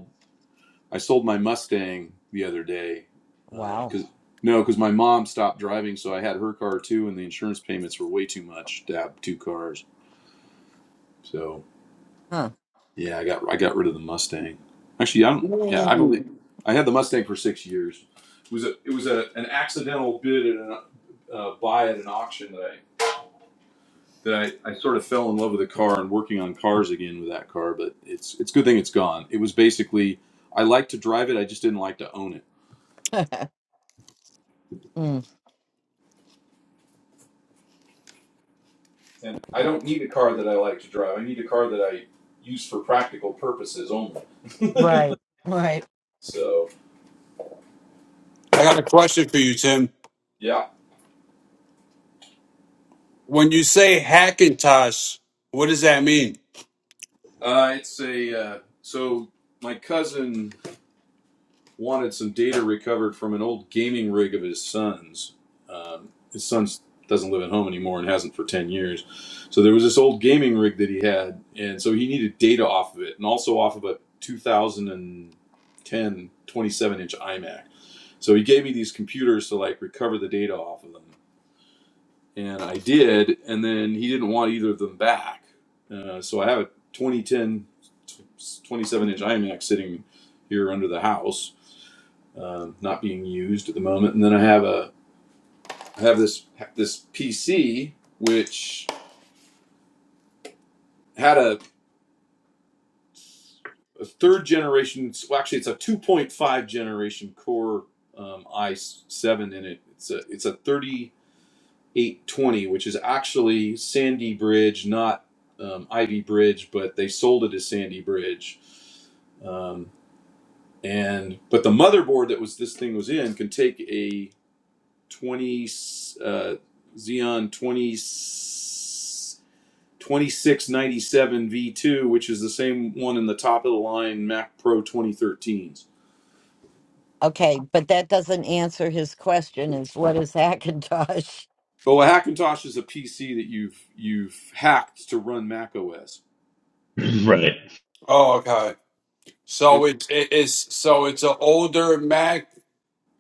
S6: I sold my Mustang the other day
S1: wow.
S6: because uh, no, because my mom stopped driving, so I had her car too, and the insurance payments were way too much to have two cars. So
S1: Huh.
S6: yeah, I got I got rid of the Mustang. Actually, I don't. Yeah, I've only
S2: Ooh.
S6: I had the Mustang for six years. It was a it was a an accidental bid at an uh, buy at an auction that I that I, I sort of fell in love with the car and working on cars again with that car. But it's it's a good thing it's gone. It was basically I liked to drive it, I just didn't like to own it
S1: mm.
S6: And I don't need a car that I like to drive. I need a car that I use for practical purposes only.
S1: Right. Right.
S6: So
S2: I got a question for you, Tim.
S6: yeah,
S2: When you say Hackintosh, what does that mean?
S6: uh, it's a uh, so my cousin wanted some data recovered from an old gaming rig of his son's. Um, his son doesn't live at home anymore and hasn't for ten years. So there was this old gaming rig that he had, and so he needed data off of it, and also off of a two thousand and ten twenty-seven inch iMac. So he gave me these computers to like recover the data off of them and I did, and then he didn't want either of them back. Uh, so I have a 2010, 27 inch iMac sitting here under the house, um, not being used at the moment. And then I have a I have this this PC which had a, a third generation. Well, actually, it's a 2.5 generation Core um, i7 in it. It's a it's a 30 820, which is actually Sandy Bridge, not um, Ivy Bridge, but they sold it as Sandy Bridge. Um, and but the motherboard that was this thing was in can take a 20 uh, Xeon 202697 V2, which is the same one in the top of the line Mac Pro 2013s.
S1: Okay, but that doesn't answer his question is what is Hackintosh?
S6: Oh, a Hackintosh is a PC that you've you've hacked to run Mac OS
S3: right.
S2: Oh, okay. So it, it it's so it's an older Mac,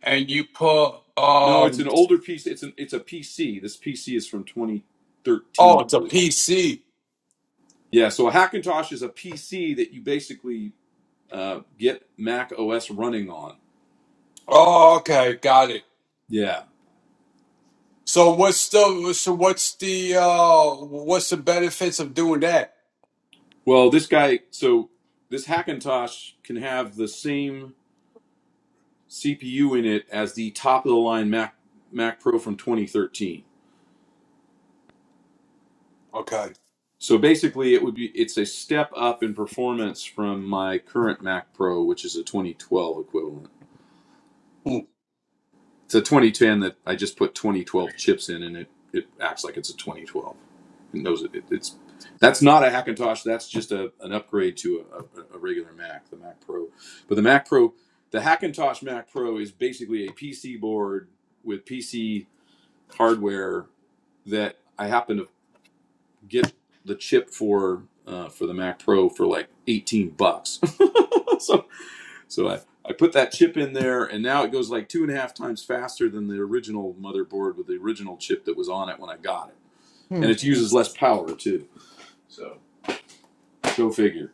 S2: and you put
S6: No, it's
S2: um.
S6: an older piece. It's an it's a PC. This PC is from
S2: Oh,
S6: 2013, I
S2: it's a
S6: believe.
S2: PC.
S6: Yeah, so a Hackintosh is a PC that you basically uh, get Mac OS running on.
S2: Oh, okay, got it.
S6: Yeah.
S2: So what's the so what's the uh what's the benefits of doing that?
S6: Well, this guy, so this Hackintosh can have the same CPU in it as the top of the line Mac Mac Pro from 2013.
S2: Okay.
S6: So basically, it would be it's a step up in performance from my current Mac Pro, which is a 2012 equivalent.
S2: Hmm.
S6: It's a 2010 that I just put 2012 chips in, and it it acts like it's a 2012. It knows it, it- it's that's not a Hackintosh. That's just a an upgrade to a, a, a regular Mac, the Mac Pro. But the Mac Pro, the Hackintosh Mac Pro is basically a PC board with PC hardware that I happen to get the chip for uh, for the Mac Pro for like 18 bucks. So. So I, I put that chip in there, and now it goes like two and a half times faster than the original motherboard with the original chip that was on it when I got it. And
S1: Hmm.
S6: it uses less power too. So go figure.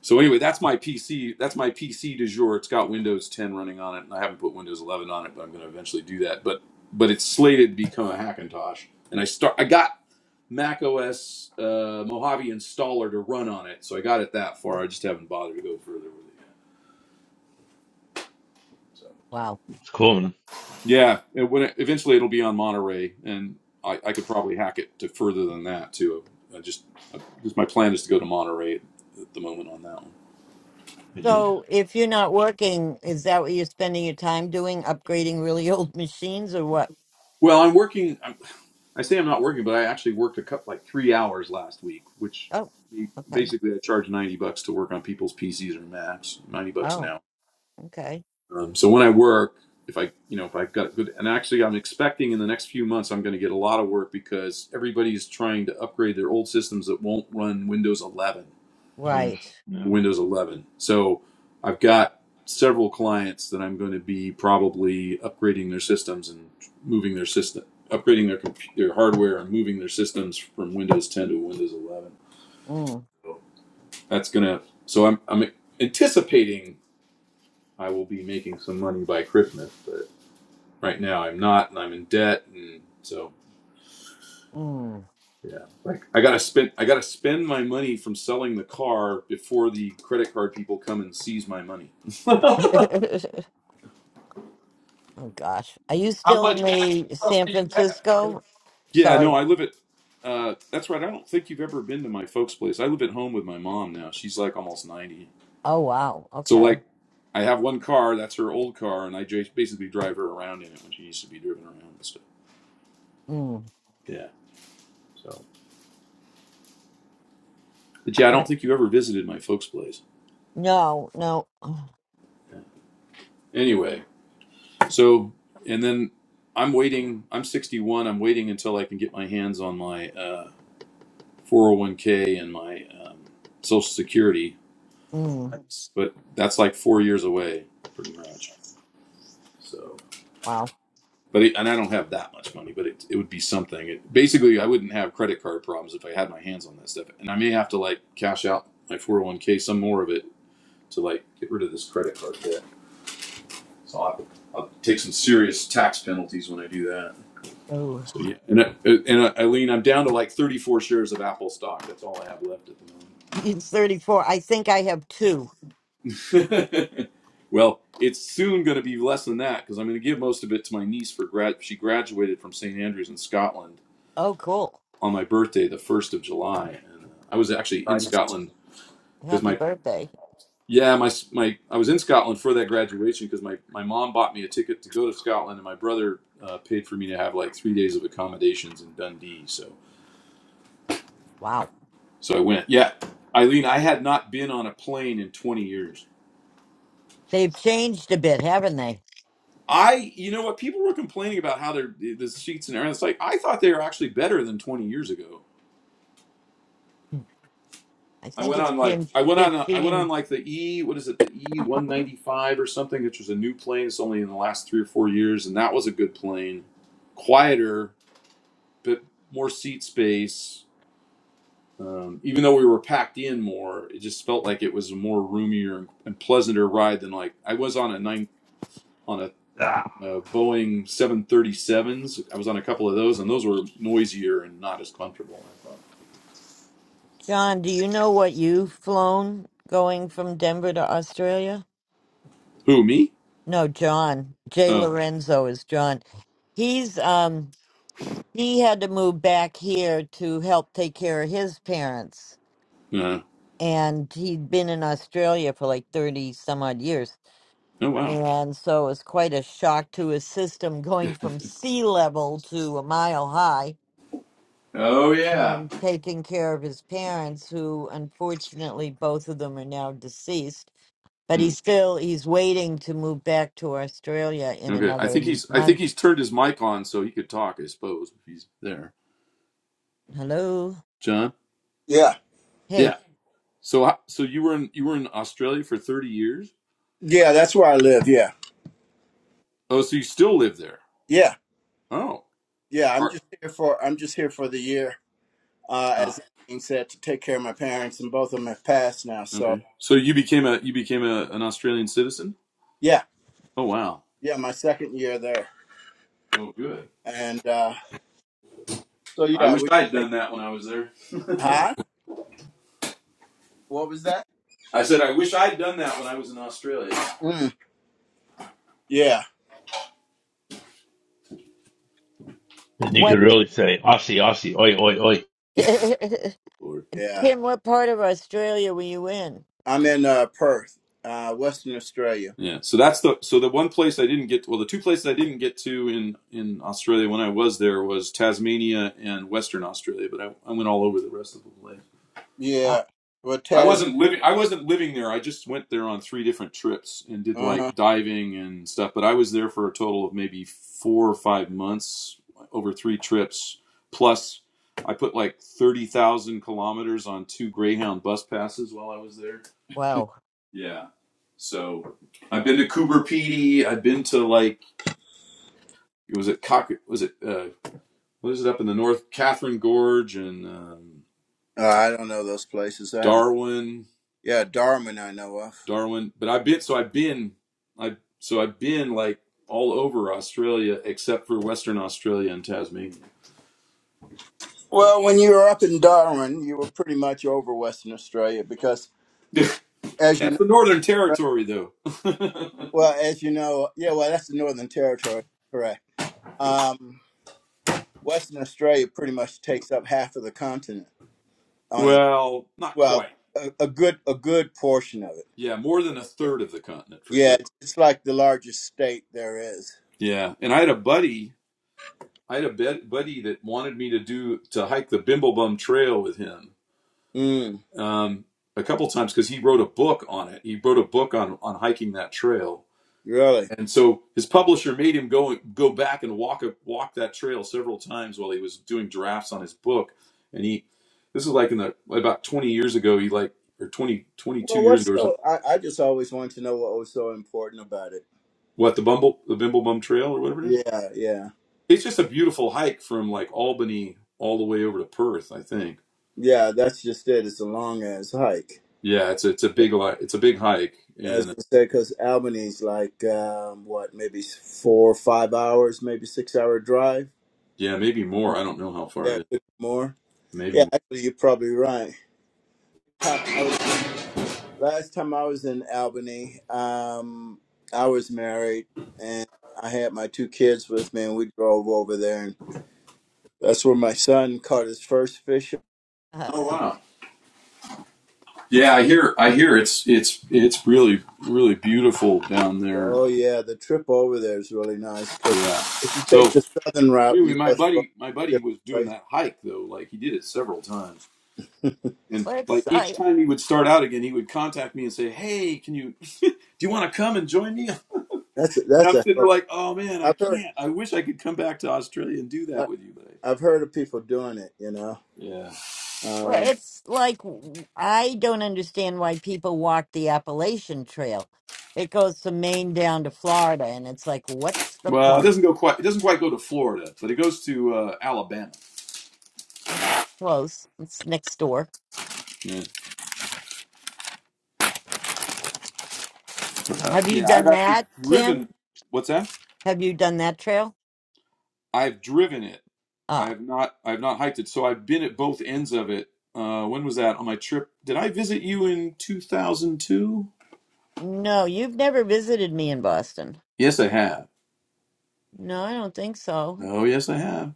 S6: So anyway, that's my PC. That's my PC du jour. It's got Windows 10 running on it, and I haven't put Windows 11 on it, but I'm going to eventually do that. But but it's slated to become a Hackintosh, and I start. I got Mac OS uh, Mojave installer to run on it, so I got it that far. I just haven't bothered to go further with it yet. So.
S1: Wow.
S3: It's cool. Man.
S6: Yeah, it, when it, eventually it'll be on Monterey, and I, I could probably hack it to further than that too. I just, I, just my plan is to go to Monterey at the moment on that one.
S3: Did you?
S1: So if you're not working, is that what you're spending your time doing? Upgrading really old machines or what?
S6: Well, I'm working. I'm, I say I'm not working, but I actually worked a cut like three hours last week, which
S1: Oh,
S6: be-
S1: okay.
S6: basically I charge ninety bucks to work on people's PCs or Macs, ninety bucks an
S1: Oh,
S6: hour.
S1: okay.
S6: Um, so when I work, if I, you know, if I've got good, and actually I'm expecting in the next few months I'm going to get a lot of work because everybody's trying to upgrade their old systems that won't run Windows 11
S3: Yeah.
S1: Right.
S3: No.
S6: Windows 11. So I've got several clients that I'm going to be probably upgrading their systems and moving their system, upgrading their compu- their hardware and moving their systems from Windows 10 to Windows 11.
S1: Mm,
S6: That's gonna. So I'm I'm anticipating I will be making some money by Christmas, but right now I'm not, and I'm in debt, and so.
S1: mm.
S6: Yeah, like I gotta spend I gotta spend my money from selling the car before the credit card people come and seize my money.
S1: oh gosh. Are you
S2: How
S1: still in
S2: much actual
S1: the San
S2: do you have?
S1: Francisco?
S6: Yeah, no,
S1: Sorry.
S6: I live at. Uh, that's right. I don't think you've ever been to my folks' place. I live at home with my mom now. She's like almost ninety.
S1: Oh wow.
S6: So
S1: Okay.
S6: like, I have one car. That's her old car, and I just basically drive her around in it when she used to be driven around and stuff.
S1: Mm.
S6: Yeah. So, but yeah, I
S1: I-
S6: don't think you ever visited my folks' place.
S1: No, no. Oh,
S6: Anyway, so and then I'm waiting. I'm sixty one. I'm waiting until I can get my hands on my uh, four hundred one k and my um, Social Security.
S1: Mm.
S6: But that's like four years away, pretty much. So.
S1: Wow.
S6: But it, and I don't have that much money, but it, it would be something. It, basically, I wouldn't have credit card problems if I had my hands on that stuff. And I may have to like cash out my 401k, some more of it, to like get rid of this credit card debt. So I'll, have to- I'll take some serious tax penalties when I do that.
S1: Oh.
S6: So yeah, and I, and I, Eileen, I'm down to like 34 shares of Apple stock. That's all I have left at
S1: It's 34. I think I have two.
S6: the moment. well, it's soon going to be less than that because I'm going to give most of it to my niece for grad. She graduated from St Andrews in Scotland
S1: Oh, cool.
S6: on my birthday, the first of July, and uh, I was actually in Scotland because
S1: Happy
S6: my
S1: birthday.
S6: yeah my my I was in Scotland for that graduation because my my mom bought me a ticket to go to Scotland, and my brother uh, paid for me to have like three days of accommodations in Dundee. So
S1: Wow.
S6: so I went. Yeah, Eileen, I had not been on a plane in twenty years.
S1: They've changed a bit, haven't they?
S6: I you know what people were complaining about how their the seats and everything. It's like I thought they were actually better than twenty years ago.
S1: I
S6: I
S1: think
S6: went
S1: it's
S6: on like
S1: been
S6: I went on a, I went on
S1: 15.
S6: like the E what is it the E one ninety five or something which was a new plane it's only in the last three or four years and that was a good plane quieter but more seat space um, even though we were packed in more it just felt like it was a more roomier and pleasanter ride than like I was on a nine on a, uh Boeing seven thirty sevens I was on a couple of those and those were noisier and not as comfortable I thought
S1: John, do you know what you've flown going from Denver to Australia?
S6: who me
S1: No, John. Jay
S6: oh
S1: Lorenzo is John. He's um he had to move back here to help take care of his parents.
S6: no
S1: And he'd been in Australia for like 30 some odd years.
S6: oh wow
S1: And so it was quite a shock to his system going from sea level to a mile high
S6: Oh yeah.
S1: um, taking care of his parents, who unfortunately both of them are now deceased. But
S6: Hmm.
S1: he's still he's waiting to move back to Australia in
S6: Okay, I
S1: another
S6: think he's I think
S1: month.
S6: he's turned his mic on so he could talk. I suppose if he's there,
S1: Hello,
S6: John.
S5: Yeah.
S6: Yeah.
S1: hey,
S6: So so you were in you were in Australia for thirty years.
S5: Yeah, that's where I live. Yeah.
S6: Oh, so you still live there?
S5: Yeah.
S6: Oh,
S5: Yeah. I'm
S6: are,
S5: just here for I'm just here for the year. uh, as
S6: ah,
S5: that being said, to take care of my parents, and both of them have passed now. So
S6: okay. So you became a you became a, an Australian citizen?
S5: yeah,
S6: Oh wow.
S5: yeah, my second year there,
S6: Oh good.
S5: and uh, so
S6: I
S5: yeah,
S6: wish
S5: we
S6: I'd
S5: take
S6: done that when I was there.
S5: huh? What was that?
S6: I said I wish I'd done that when I was in Australia.
S5: Mm, yeah,
S3: Then you
S1: what,
S3: could really say Aussie, Aussie, oi, oi, oi.
S1: Tim?
S6: Lord.
S5: yeah.
S1: What part of Australia were you in?
S5: I'm in uh, Perth, uh, Western Australia.
S6: Yeah, so that's the so the one place I didn't get to, well the two places I didn't get to in in Australia when I was there was Tasmania and Western Australia, but I, I went all over the rest of the place.
S1: Ah,
S5: Yeah, well,
S6: I
S5: Tas.
S6: wasn't living I wasn't living there. I just went there on three different trips and did
S5: Uh huh.
S6: like diving and stuff, but I was there for a total of maybe 4 or 5 months over three trips plus I put like 30,000 kilometers on two Greyhound bus passes while I was there.
S1: wow.
S6: Yeah. So I've been to Cooper Pedy. I've been to like it was it Cock was it uh what is it up in the north? Catherine Gorge and um,
S5: Uh, I don't know those places. I haven't.
S6: Darwin,
S5: Yeah, Darwin, I know of.
S6: Darwin. But I've been so I've been I so I've been like all over Australia except for Western Australia and Tasmania.
S5: Well, when you were up in Darwin, you were pretty much over Western Australia because, as you
S6: That's
S5: know,
S6: the Northern
S5: right,
S6: Territory though.
S5: well, as you know, yeah, well, that's the Northern Territory, correct? Um, Western Australia pretty much takes up half of the continent on it.
S6: well, not
S5: Well,
S6: quite.
S5: a, a good a good portion of it.
S6: Yeah, more than a third of the continent for
S5: Yeah,
S6: sure.
S5: it's, it's like the largest state there is.
S6: Yeah. And I had a buddy I had a buddy that wanted me to do to hike the Bimblebum Trail with him
S5: Mm,
S6: um, a couple times because he wrote a book on it. He wrote a book on on hiking that trail,
S5: really?
S6: and so his publisher made him go go back and walk a, walk that trail several times while he was doing drafts on his book. And he, this is like in the about twenty years ago. He like or 20 22
S5: Well,
S6: years
S5: what's
S6: ago or
S5: so?
S6: something.
S5: I, I just always wanted to know what was so important about it.
S6: What the Bumble the Bimblebum Trail or whatever it is.
S5: Yeah, yeah,
S6: It's just a beautiful hike from like Albany all the way over to Perth, I think
S5: yeah. That's just it. It's a long ass hike.
S6: Yeah, it's it's a big li it's a big hike,
S5: I was
S6: and
S5: gonna say because Albany's like um, what, maybe four or five hours, maybe six hour drive
S6: yeah, maybe
S5: from
S6: more. I don't know how far
S5: yeah,
S6: it
S5: it
S6: is.
S5: could be more.
S6: Maybe
S5: Yeah,
S6: more.
S5: actually, you're probably right. time I was last time I was in Albany, um, I was married and I had my two kids with me, and we drove over there, and that's where my son caught his first fish.
S1: Uh,
S6: Oh wow. Yeah, I hear I hear it's it's it's really really beautiful down there.
S5: Oh yeah, the trip over there is really nice because
S6: Yeah.
S5: if you
S6: So,
S5: take
S6: so
S5: the southern route,
S6: anyway,
S5: you
S6: my
S5: go through all
S6: buddy my buddy
S5: the
S6: was doing
S5: different
S6: that hike though. Like he did it several times,
S5: places.
S6: and
S1: well,
S6: like
S1: it's
S6: each
S1: I.
S6: time he would start out again, he would contact me and say, "Hey, can you do you want to come and join me?"
S5: that's a,
S6: And
S5: that's
S6: I'm
S5: a
S6: sitting
S5: hell.
S6: there
S5: Of,
S6: like, "Oh man, I
S5: I've heard
S6: can't. I wish I could come back to Australia and do
S5: I,
S6: that with you, but I,
S5: I've heard of people doing it. You know,
S6: yeah."
S1: Well,
S5: um,
S1: it's like w- I don't understand why people walk the Appalachian Trail. It goes from Maine down to Florida, and it's like, what's the
S6: Well, it
S1: point?
S6: doesn't go quite. It doesn't quite go to Florida, but it goes to uh, Alabama.
S1: That's close. It's next door.
S6: Yeah, uh,
S1: Have you
S6: Yeah, I've
S1: done
S6: actually
S1: that,
S6: driven.
S1: Tim?
S6: What's that?
S1: Have you done that trail?
S6: I've driven it. I
S1: Ah,
S6: have not. I have not hiked it. So I've been at both ends of it. Uh, when was that on my trip? Did I visit you in 2002?
S1: no, you've never visited me in Boston.
S6: Yes, I have.
S1: No, I don't think so.
S6: Oh, yes, I have.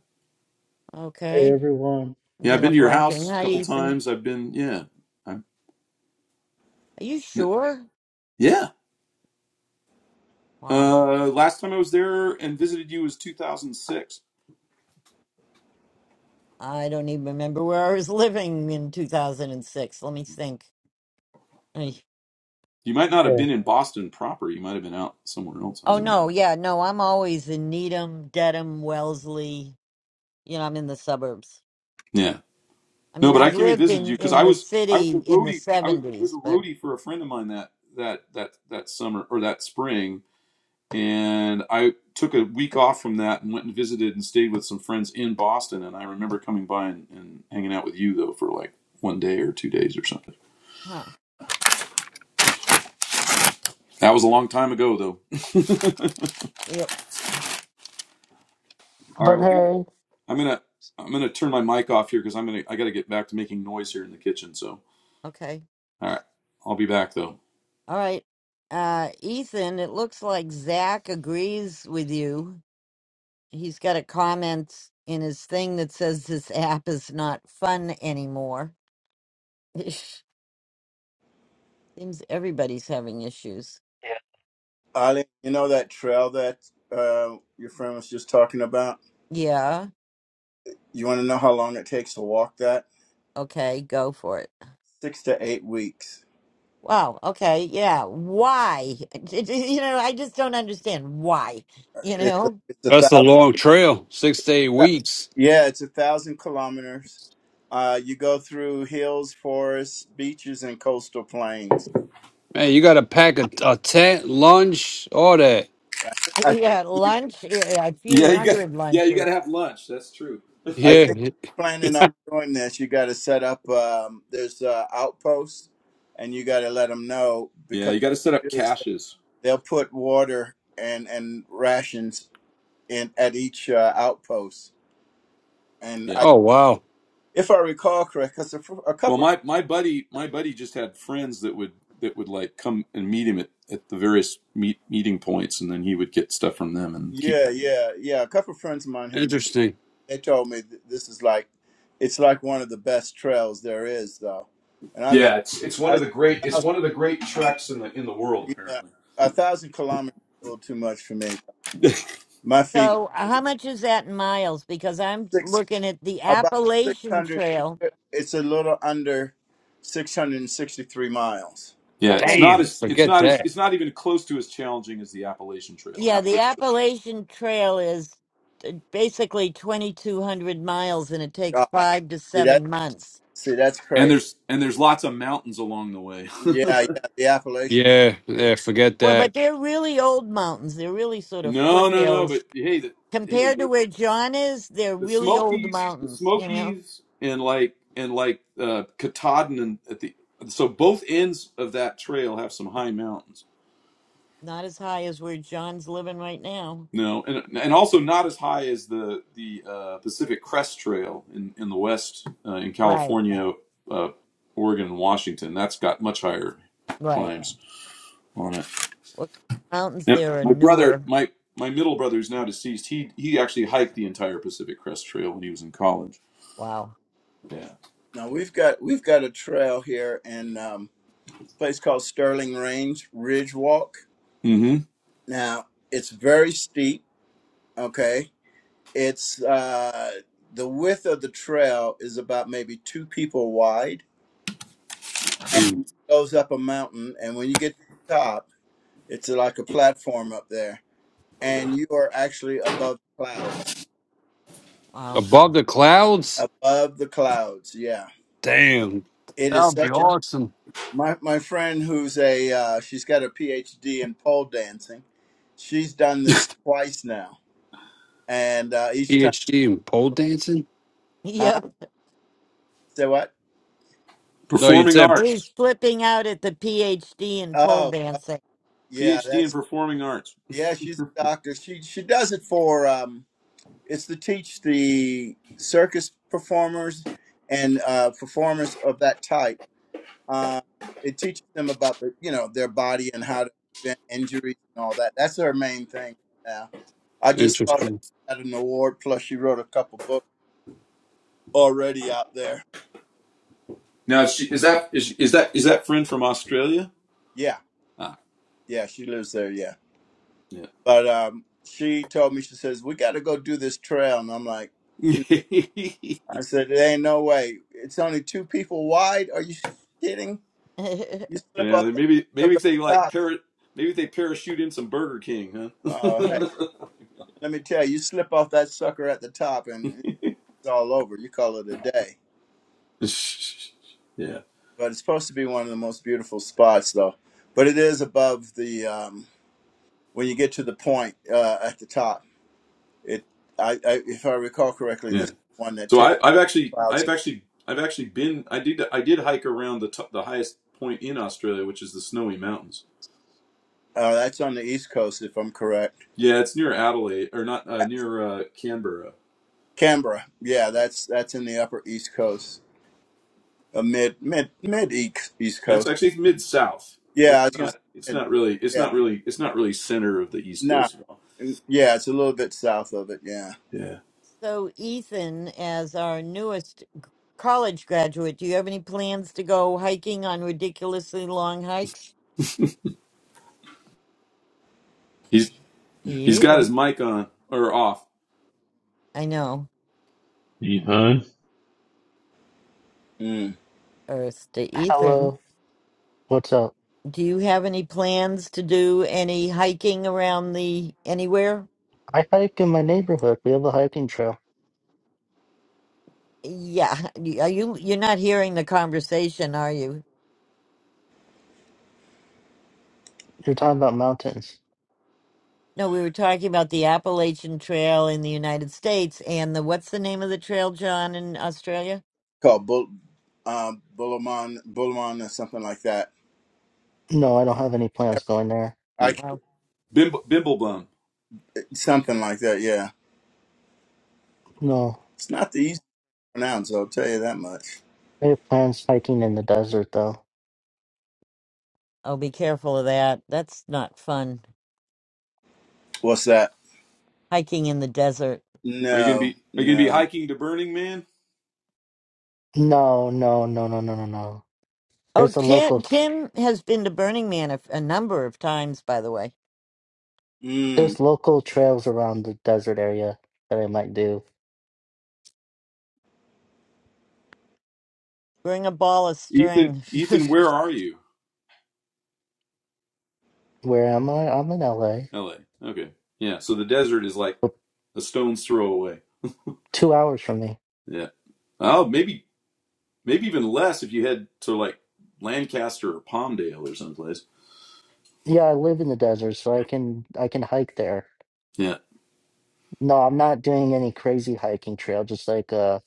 S7: Hey
S1: Okay,
S7: everyone.
S6: Yeah, I've
S1: then
S6: been to
S1: I'm
S6: your
S1: blanking.
S6: house a
S1: Hi,
S6: couple
S1: Ethan.
S6: times. I've been. Yeah, I'm,
S1: Are you sure?
S6: yeah.
S1: Wow,
S6: Uh, last time I was there and visited you was 2006.
S1: I don't even remember where I was living in 2006. Let me think. Eh,
S6: You might not have
S7: Hey.
S6: been in Boston proper. You might have been out somewhere else. I
S1: Oh,
S6: don't know.
S1: no, yeah, no, I'm always in Needham, Dedham, Wellesley. You know, I'm in the suburbs.
S6: Yeah.
S1: I
S6: No,
S1: mean,
S6: but
S1: I
S6: I came and
S1: lived
S6: visited you
S1: in
S6: because
S1: in
S6: I
S1: the
S6: was I was
S1: city
S6: a
S1: in the
S6: roadie. I was I was a
S1: 70s, but.
S6: roadie for a friend of mine that that that that summer or that spring, and I took a week off from that and went and visited and stayed with some friends in Boston. And I remember coming by and, and hanging out with you though for like one day or two days or something.
S1: huh.
S6: That was a long time ago though.
S1: Yep.
S6: All right,
S7: But
S6: well I gotta
S7: hey.
S6: I'm gonna I'm gonna turn my mic off here because I'm gonna I gotta get back to making noise here in the kitchen. So
S1: Okay.
S6: all right, I'll be back though.
S1: All right. Uh, Ethan, it looks like Zach agrees with you. He's got a comment in his thing that says this app is not fun anymore. Seems everybody's having issues.
S7: Yeah.
S5: Eileen, you know that trail that uh, your friend was just talking about.
S1: Yeah.
S5: You want to know how long it takes to walk that?
S1: Okay. Go for it.
S5: Six to eight weeks.
S1: Wow. Okay. Yeah. Why? You know, I just don't understand why. You
S5: It's a,
S1: know,
S5: it's a
S2: That's a
S5: thousand.
S2: long trail, six to eight weeks.
S5: Yeah, it's a thousand kilometers. Uh, you go through hills, forests, beaches, and coastal plains.
S2: Man, you got to pack a, a tent, lunch, all that.
S5: I, I,
S1: you got
S5: you,
S1: lunch, a few
S6: Yeah, you got
S1: hundred
S6: yeah you
S1: lunches.
S6: gotta have lunch. That's true.
S5: I
S2: Yeah.
S5: think you're planning on doing this, you got to set up. Um, there's uh, outposts, and you got to let them know
S6: Yeah,
S5: because
S6: you got to set
S5: what
S6: up
S5: they do is
S6: caches.
S5: they'll put water and and rations in at each uh, outpost. And
S6: Yeah.
S2: Oh, wow.
S5: if I recall correct, because a, fr- a
S6: Well,
S5: couple,
S6: my my buddy my buddy just had friends that would that would like come and meet him at, at the various meet, meeting points, and then he would get stuff from them and keep
S5: yeah,
S6: going.
S5: yeah, yeah, a couple of friends of mine have
S2: Interesting.
S5: they told me that this is like, it's like one of the best trails there is, though, and I've just,
S6: Yeah, it's it's one
S5: I,
S6: of the great
S5: a
S6: it's
S5: thousand,
S6: one of the great treks in the in the world
S5: yeah,
S6: apparently.
S5: a thousand kilometers is a little too much for me. My feet
S1: So, uh, how much is that in miles? Because I'm
S5: six
S1: looking at the
S5: about six
S1: Appalachian
S5: hundred.
S1: Trail.
S5: It, it's a little under six hundred and sixty-three miles.
S6: yeah, it's
S1: Okay.
S6: not
S2: Damn.
S6: as it's
S2: Forget
S6: not as
S2: that.
S6: it's not even close to as challenging as the Appalachian Trail.
S1: Yeah, the
S6: Appalachian Trail.
S1: Appalachian Trail is uh, basically 2,200 miles and it takes
S5: God,
S1: five to
S5: see that?
S1: seven months.
S5: See that's
S6: And
S5: crazy.
S6: there's and there's lots of mountains along the way.
S5: Yeah, yeah, the Appalachian.
S2: Yeah.
S5: okay.
S2: Yeah. Forget
S1: Well, but
S2: that.
S1: they're really old mountains. They're really sort of
S6: no, no, no. But
S1: foothills.
S6: hey, the, hey,
S1: Compared
S6: the.
S1: to where John is, they're
S6: the
S1: really old
S6: Smokies, the
S1: mountains, you know?
S6: Smokies, and like and like uh, Katahdin and at the so both ends of that trail have some high mountains.
S1: Not as high as where John's living right now.
S6: No, and and also not as high as the the uh, Pacific Crest Trail in in the west uh, in
S1: Right,
S6: California, uh, Oregon, and Washington. That's got much higher
S1: right.
S6: climbs on it.
S1: Well, mountains
S6: Yep.
S1: there are
S6: My brother,
S1: newer.
S6: my my middle brother, who's now deceased, he he actually hiked the entire Pacific Crest Trail when he was in college.
S1: Wow,
S6: Yeah.
S5: Now we've got we've got a trail here and. um, place called Sterling Range Ridge Walk.
S6: mm hmm
S5: Now it's very steep. Okay, it's uh, the width of the trail is about maybe two people wide, and
S2: Damn.
S5: it goes up a mountain. And when you get to the top, it's like a platform up there, and you are actually above the clouds.
S1: wow.
S2: Above the clouds?
S5: Above the clouds, yeah.
S2: Damn.
S5: It
S2: That
S5: is
S2: would be
S5: such a
S2: awesome.
S5: my my friend who's a uh, she's got a PhD in pole dancing. She's done this twice now and uh, each time.
S2: PhD in pole dancing?
S1: Yep.
S5: Huh? So what?
S2: No, you
S6: Performing
S1: He's
S2: said
S6: arts.
S1: he's flipping out at the PhD in pole
S5: Oh, oh,
S1: dancing.
S5: yeah,
S6: PhD in
S5: that's
S6: performing arts.
S5: yeah. She's a doctor. She she does it for um. It's to teach the circus performers and uh, performers of that type. Uh, it teaches them about the you know their body and how to prevent injuries and all that. That's her main thing. right Now I just saw that
S2: interesting.
S5: she had an award. Plus, she wrote a couple books already out there.
S6: Now is, she, is that is, is that is that friend from Australia?
S5: Yeah,
S6: Ah,
S5: yeah. She lives there. Yeah,
S6: yeah.
S5: but um, she told me she says we got to go do this trail, and I'm like.
S6: yeah,
S5: I said, there ain't no way. It's only two people wide. Are you kidding? You slip off that
S6: maybe maybe
S5: up
S6: if
S5: at
S6: they
S5: the
S6: like
S5: top.
S6: para, maybe if they parachute in some Burger King, huh?
S5: Oh, hey, let me tell you, you slip off that sucker at the top and it's all over. You call it a day.
S6: yeah,
S5: But it's supposed to be one of the most beautiful spots, though. But it is above the, um, when you get to the point uh, at the top. It, I, I, if I recall correctly,
S6: yeah.
S5: this is one that
S6: So
S5: takes
S6: I, I've actually I've
S5: clouds.
S6: actually I've actually been I did I did hike around the top, the highest point in Australia, which is the Snowy Mountains.
S5: Uh, that's on the East Coast, if I'm correct.
S6: Yeah, it's near Adelaide or not uh, near uh, Canberra.
S5: Canberra, yeah, that's that's in the Upper East Coast. uh, mid mid mid east, east
S6: And that's
S5: coast.
S6: actually it's mid south. It's
S5: Yeah, I was gonna say
S6: not. It's
S5: mid,
S6: not really. It's
S5: yeah,
S6: not really. It's not really center of the East
S5: nah,
S6: Coast at all.
S5: Mm, yeah, it's a little bit south of it. Yeah,
S6: Yeah.
S1: So Ethan, as our newest g- college graduate, do you have any plans to go hiking on ridiculously long hikes?
S6: He's he's got his
S1: Ethan,
S6: mic on or off.
S1: I know.
S3: You fine?
S5: mm.
S1: Earth to Ethan.
S7: Hello. What's up?
S1: Do you have any plans to do any hiking around the anywhere?
S7: I hike in my neighborhood. We have a hiking trail.
S1: Yeah, y- are you you're not hearing the conversation, are you?
S7: You're talking about mountains.
S1: No, we were talking about the Appalachian Trail in the United States and the what's the name of the trail, John, in Australia?
S5: called Bull, um, Bullamon, Bullamon, or something like that.
S7: No, I don't have any plans going there.
S5: I
S6: Yeah.
S5: can't-
S1: Oh,
S6: Bimble, Bimblebum,
S5: something like that. Yeah,
S7: No.
S5: it's not the easy to pronounce. I'll tell you that much.
S7: I have plans hiking in the desert though.
S1: oh, be careful of that. That's not fun.
S5: What's that?
S1: Hiking in the desert.
S6: are you gonna
S5: No,
S6: be are you gonna be
S5: no.
S6: hiking to Burning Man?
S7: No, no, no, no, no, no, no.
S1: Oh,
S7: There's a
S1: Tim,
S7: local
S1: Tim has been to Burning Man a, a number of times, by the way.
S5: Mm.
S7: there's local trails around the desert area that I might do.
S1: Bring a ball of
S6: Ethan,
S1: string.
S6: Ethan, where are you?
S7: Where am I? I'm in LA.
S6: L.A. Okay. Yeah. So the desert is like
S7: But
S6: a stone's throw away.
S7: two hours from me.
S6: Yeah. Oh, maybe maybe even less if you head to like Lancaster or Palmdale or someplace.
S7: Yeah, I live in the desert, so I can I can hike there.
S6: Yeah.
S7: No, I'm not doing any crazy hiking trail, just like uh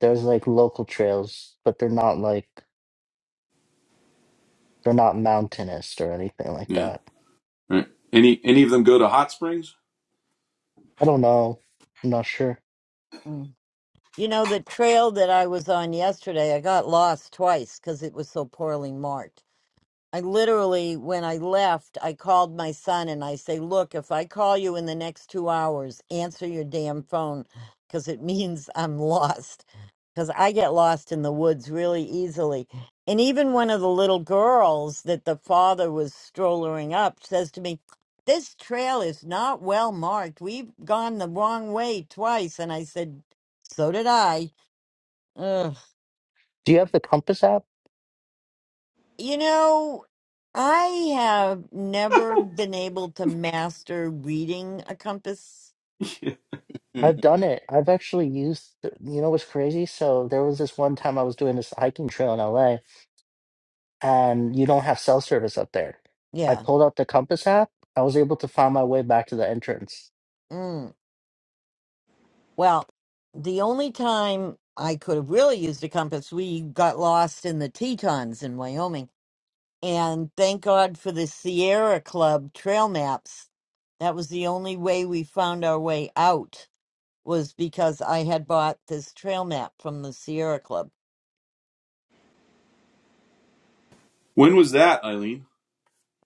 S7: There's like local trails, but they're not like they're not mountainous or anything like
S6: Yeah.
S7: that.
S6: All right. Any any of them go to hot springs?
S7: I don't know. I'm not sure.
S1: Mm. You know, the trail that I was on yesterday, I got lost twice because it was so poorly marked. I literally, when I left, I called my son and I say, Look, if I call you in the next two hours, answer your damn phone because it means I'm lost. Because I get lost in the woods really easily. And even one of the little girls that the father was strollering up says to me, This trail is not well marked. We've gone the wrong way twice. And I said, So did I. Ugh.
S7: Do you have the Compass app?
S1: You know, I have never been able to master reading a compass.
S7: I've done it. I've actually used, you know what's crazy? So there was this one time I was doing this hiking trail in LA and you don't have cell service up there. I
S1: Yeah.
S7: pulled out the Compass app. I was able to find my way back to the entrance.
S1: Mm. Well, the only time I could have really used a compass, we got lost in the Tetons in Wyoming. And thank God for the Sierra Club trail maps. That was the only way we found our way out, was because I had bought this trail map from the Sierra Club.
S6: when was that, Eileen?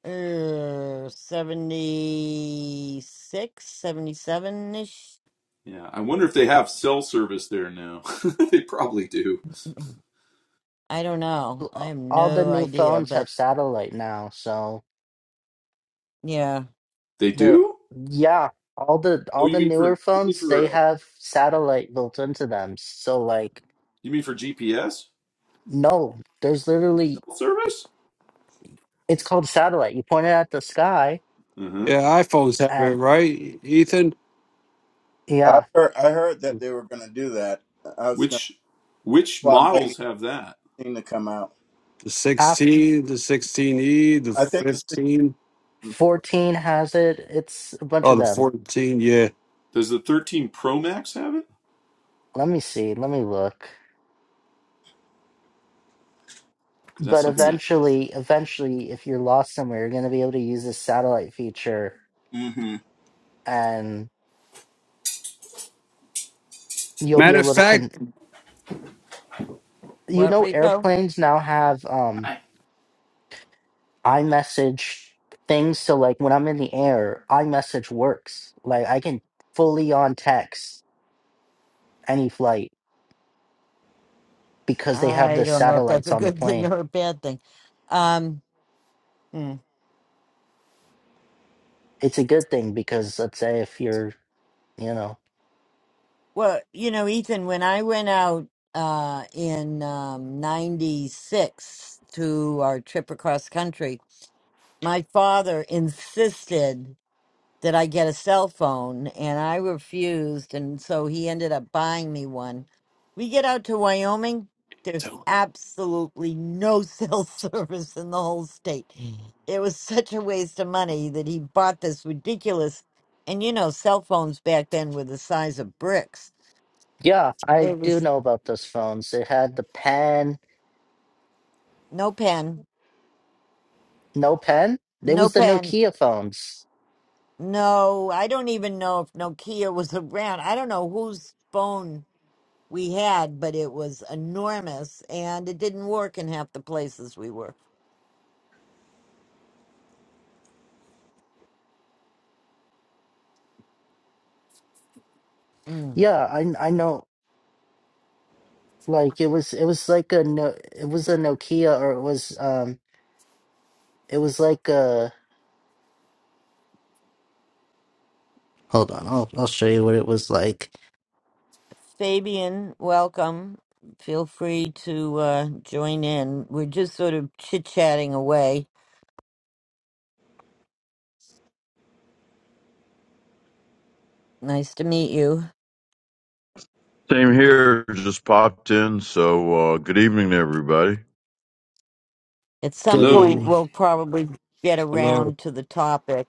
S1: Uh, 76, 77 ish.
S6: Yeah, I wonder if they have cell service there now. they probably do.
S1: I don't know. I have
S7: All the
S1: no
S7: new
S1: idea,
S7: phones have
S1: but
S7: satellite now, so
S1: yeah.
S6: They
S7: They're
S6: do?
S7: yeah, all the
S6: Oh,
S7: all
S6: you
S7: the
S6: mean
S7: newer
S6: for you mean
S7: phones they
S6: for uh,
S7: have satellite built into them. So like
S6: you mean for GPS
S7: no, there's
S6: for
S7: literally
S6: cell service?
S7: it's called satellite. You point it at the sky
S6: Uh-huh.
S2: Yeah. iPhones have it,
S7: and
S2: right, Ethan?
S5: I
S7: yeah,
S5: heard, I heard that they were gonna do that. I was gonna.
S6: Which which
S5: Well, I'm waiting for
S6: models have that?
S5: the thing to come out.
S2: the
S7: F
S2: 16, the 16E, the
S5: I think the
S2: 15,
S5: system.
S7: fourteen has it. It's a bunch
S2: oh,
S7: of
S2: the
S7: them.
S2: 14, yeah.
S6: Does the 13 Pro Max have it?
S7: Let me see, let me look.
S6: Because that's
S7: But
S6: something I
S7: eventually, eventually if you're lost somewhere, you're gonna be able to use this satellite feature
S5: hmm
S7: and you'll be
S2: Matter of
S7: able to con
S2: fact,
S7: you
S1: What,
S7: know
S1: Rico?
S7: airplanes now have um
S6: Hi.
S7: I message things so like when I'm in the air, I message works. Like I can fully on text any flight because they have
S1: I
S7: the
S1: don't know if that's
S7: satellites
S1: a
S7: on the
S1: good thing
S7: plane.
S1: or a bad thing. Um, hmm.
S7: It's a good thing because let's say if you're, you know,
S1: Well, you know, Ethan, when I went out uh, in um, 96 to our trip across country, my father insisted. that I get a cell phone, and I refused, and so he ended up buying me one. We get out to Wyoming, there's absolutely no cell service in the whole state. Mm. It was such a waste of money that he bought this ridiculous, and you know, cell phones back then were the size of bricks.
S7: yeah, I
S1: It
S7: do
S1: was
S7: know about those phones. It had the pen,
S1: no pen,
S7: no pen. It
S1: no
S7: was the
S1: pen,
S7: Nokia phones.
S1: no, I don't even know if Nokia was around. I don't know whose phone we had, but it was enormous and it didn't work in half the places we were. Mm.
S7: Yeah, I I know. Like it was, it was like a no, it was a Nokia or it was um, it was like a. Hold on, I'll I'll show you what it was like.
S1: Fabian, welcome. Feel free to uh, join in. We're just sort of chit chatting away. Nice to meet you.
S8: Same here, just popped in. So, uh, good evening to everybody.
S1: At some
S7: Good
S1: point,
S6: hello
S7: evening.
S1: we'll probably get
S2: hello.
S1: around to the topic.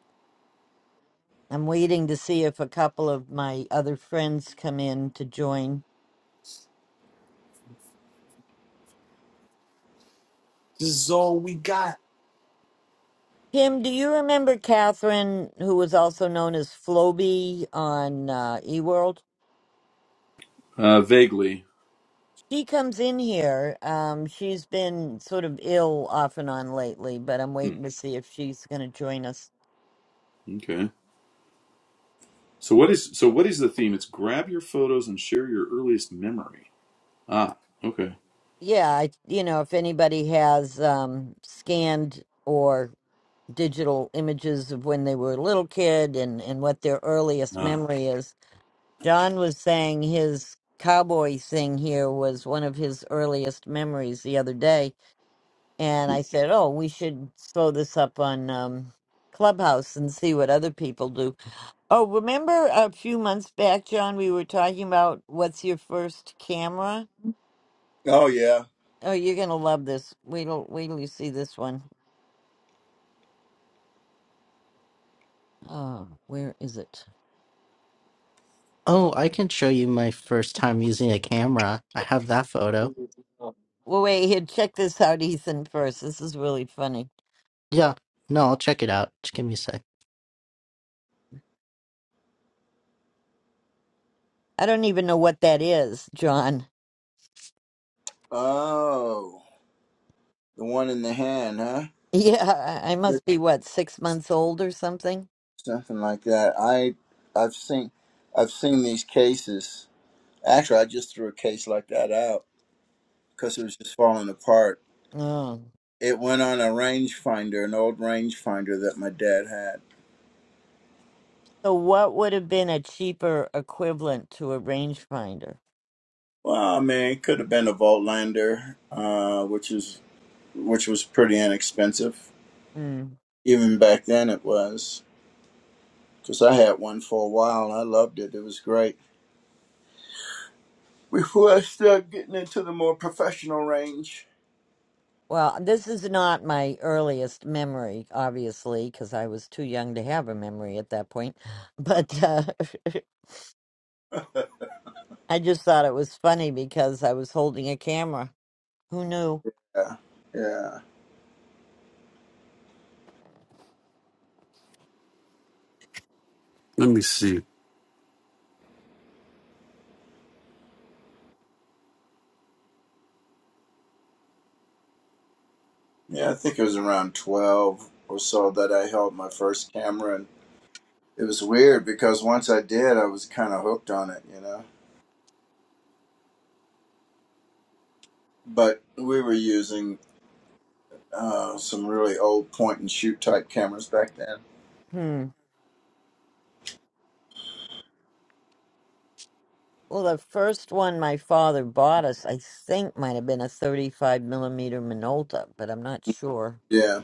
S1: I'm waiting to see if a couple of my other friends come in to join.
S2: This is all we got.
S1: Kim, do you remember Catherine, who was also known as Floby on uh, eWorld?
S6: uh, vaguely.
S1: She comes in here. Um, she's been sort of ill off and on lately, but I'm
S6: Hmm.
S1: waiting to see if she's going to join us.
S6: Okay. So what is so what is the theme? It's grab your photos and share your earliest memory. Ah, okay.
S1: Yeah, I, you know, if anybody has um, scanned or digital images of when they were a little kid and, and what their earliest
S6: Ah.
S1: memory is, John was saying his cowboy thing here was one of his earliest memories the other day. And I said, oh, we should throw this up on um, Clubhouse and see what other people do Oh, remember a few months back, John, we were talking about what's your first camera?
S5: Oh yeah.
S1: Oh, you're gonna love this. Wait till wait till you see this one. Oh, where is it?
S7: Oh, I can show you my first time using a camera. I have that photo.
S1: Well, wait here. Check this out, Ethan. First, this is really funny.
S7: Yeah. No, I'll check it out. Just give me a sec.
S1: I don't even know what that is, John.
S5: Oh. The one in the hand, huh?
S1: Yeah, I I must be what six months old or something.
S5: Something like that. I I've seen I've seen these cases. Actually, I just threw a case like that out because it was just falling apart.
S1: Oh,
S5: It went on a rangefinder, an old rangefinder that my dad had.
S1: so what would have been a cheaper equivalent to a rangefinder?
S5: Well, I mean, it could have been a Voltlander, uh, which is which was pretty inexpensive.
S1: Hmm.
S5: Even back then, it was because I had one for a while and I loved it. It was great. Before I started getting into the more professional range,
S1: Well, this is not my earliest memory, obviously, because I was too young to have a memory at that point. But uh, I just thought it was funny because I was holding a camera. Who knew?
S5: yeah. Yeah.
S2: Let me see.
S5: Yeah, I think it was around 12 or so that I held my first camera. And it was weird because once I did, I was kind of hooked on it, you know? But we were using uh, some really old point and shoot type cameras back then.
S1: Hmm. Well, the first one my father bought us, I think, might have been a 35 millimeter Minolta, but I'm not sure.
S5: Yeah.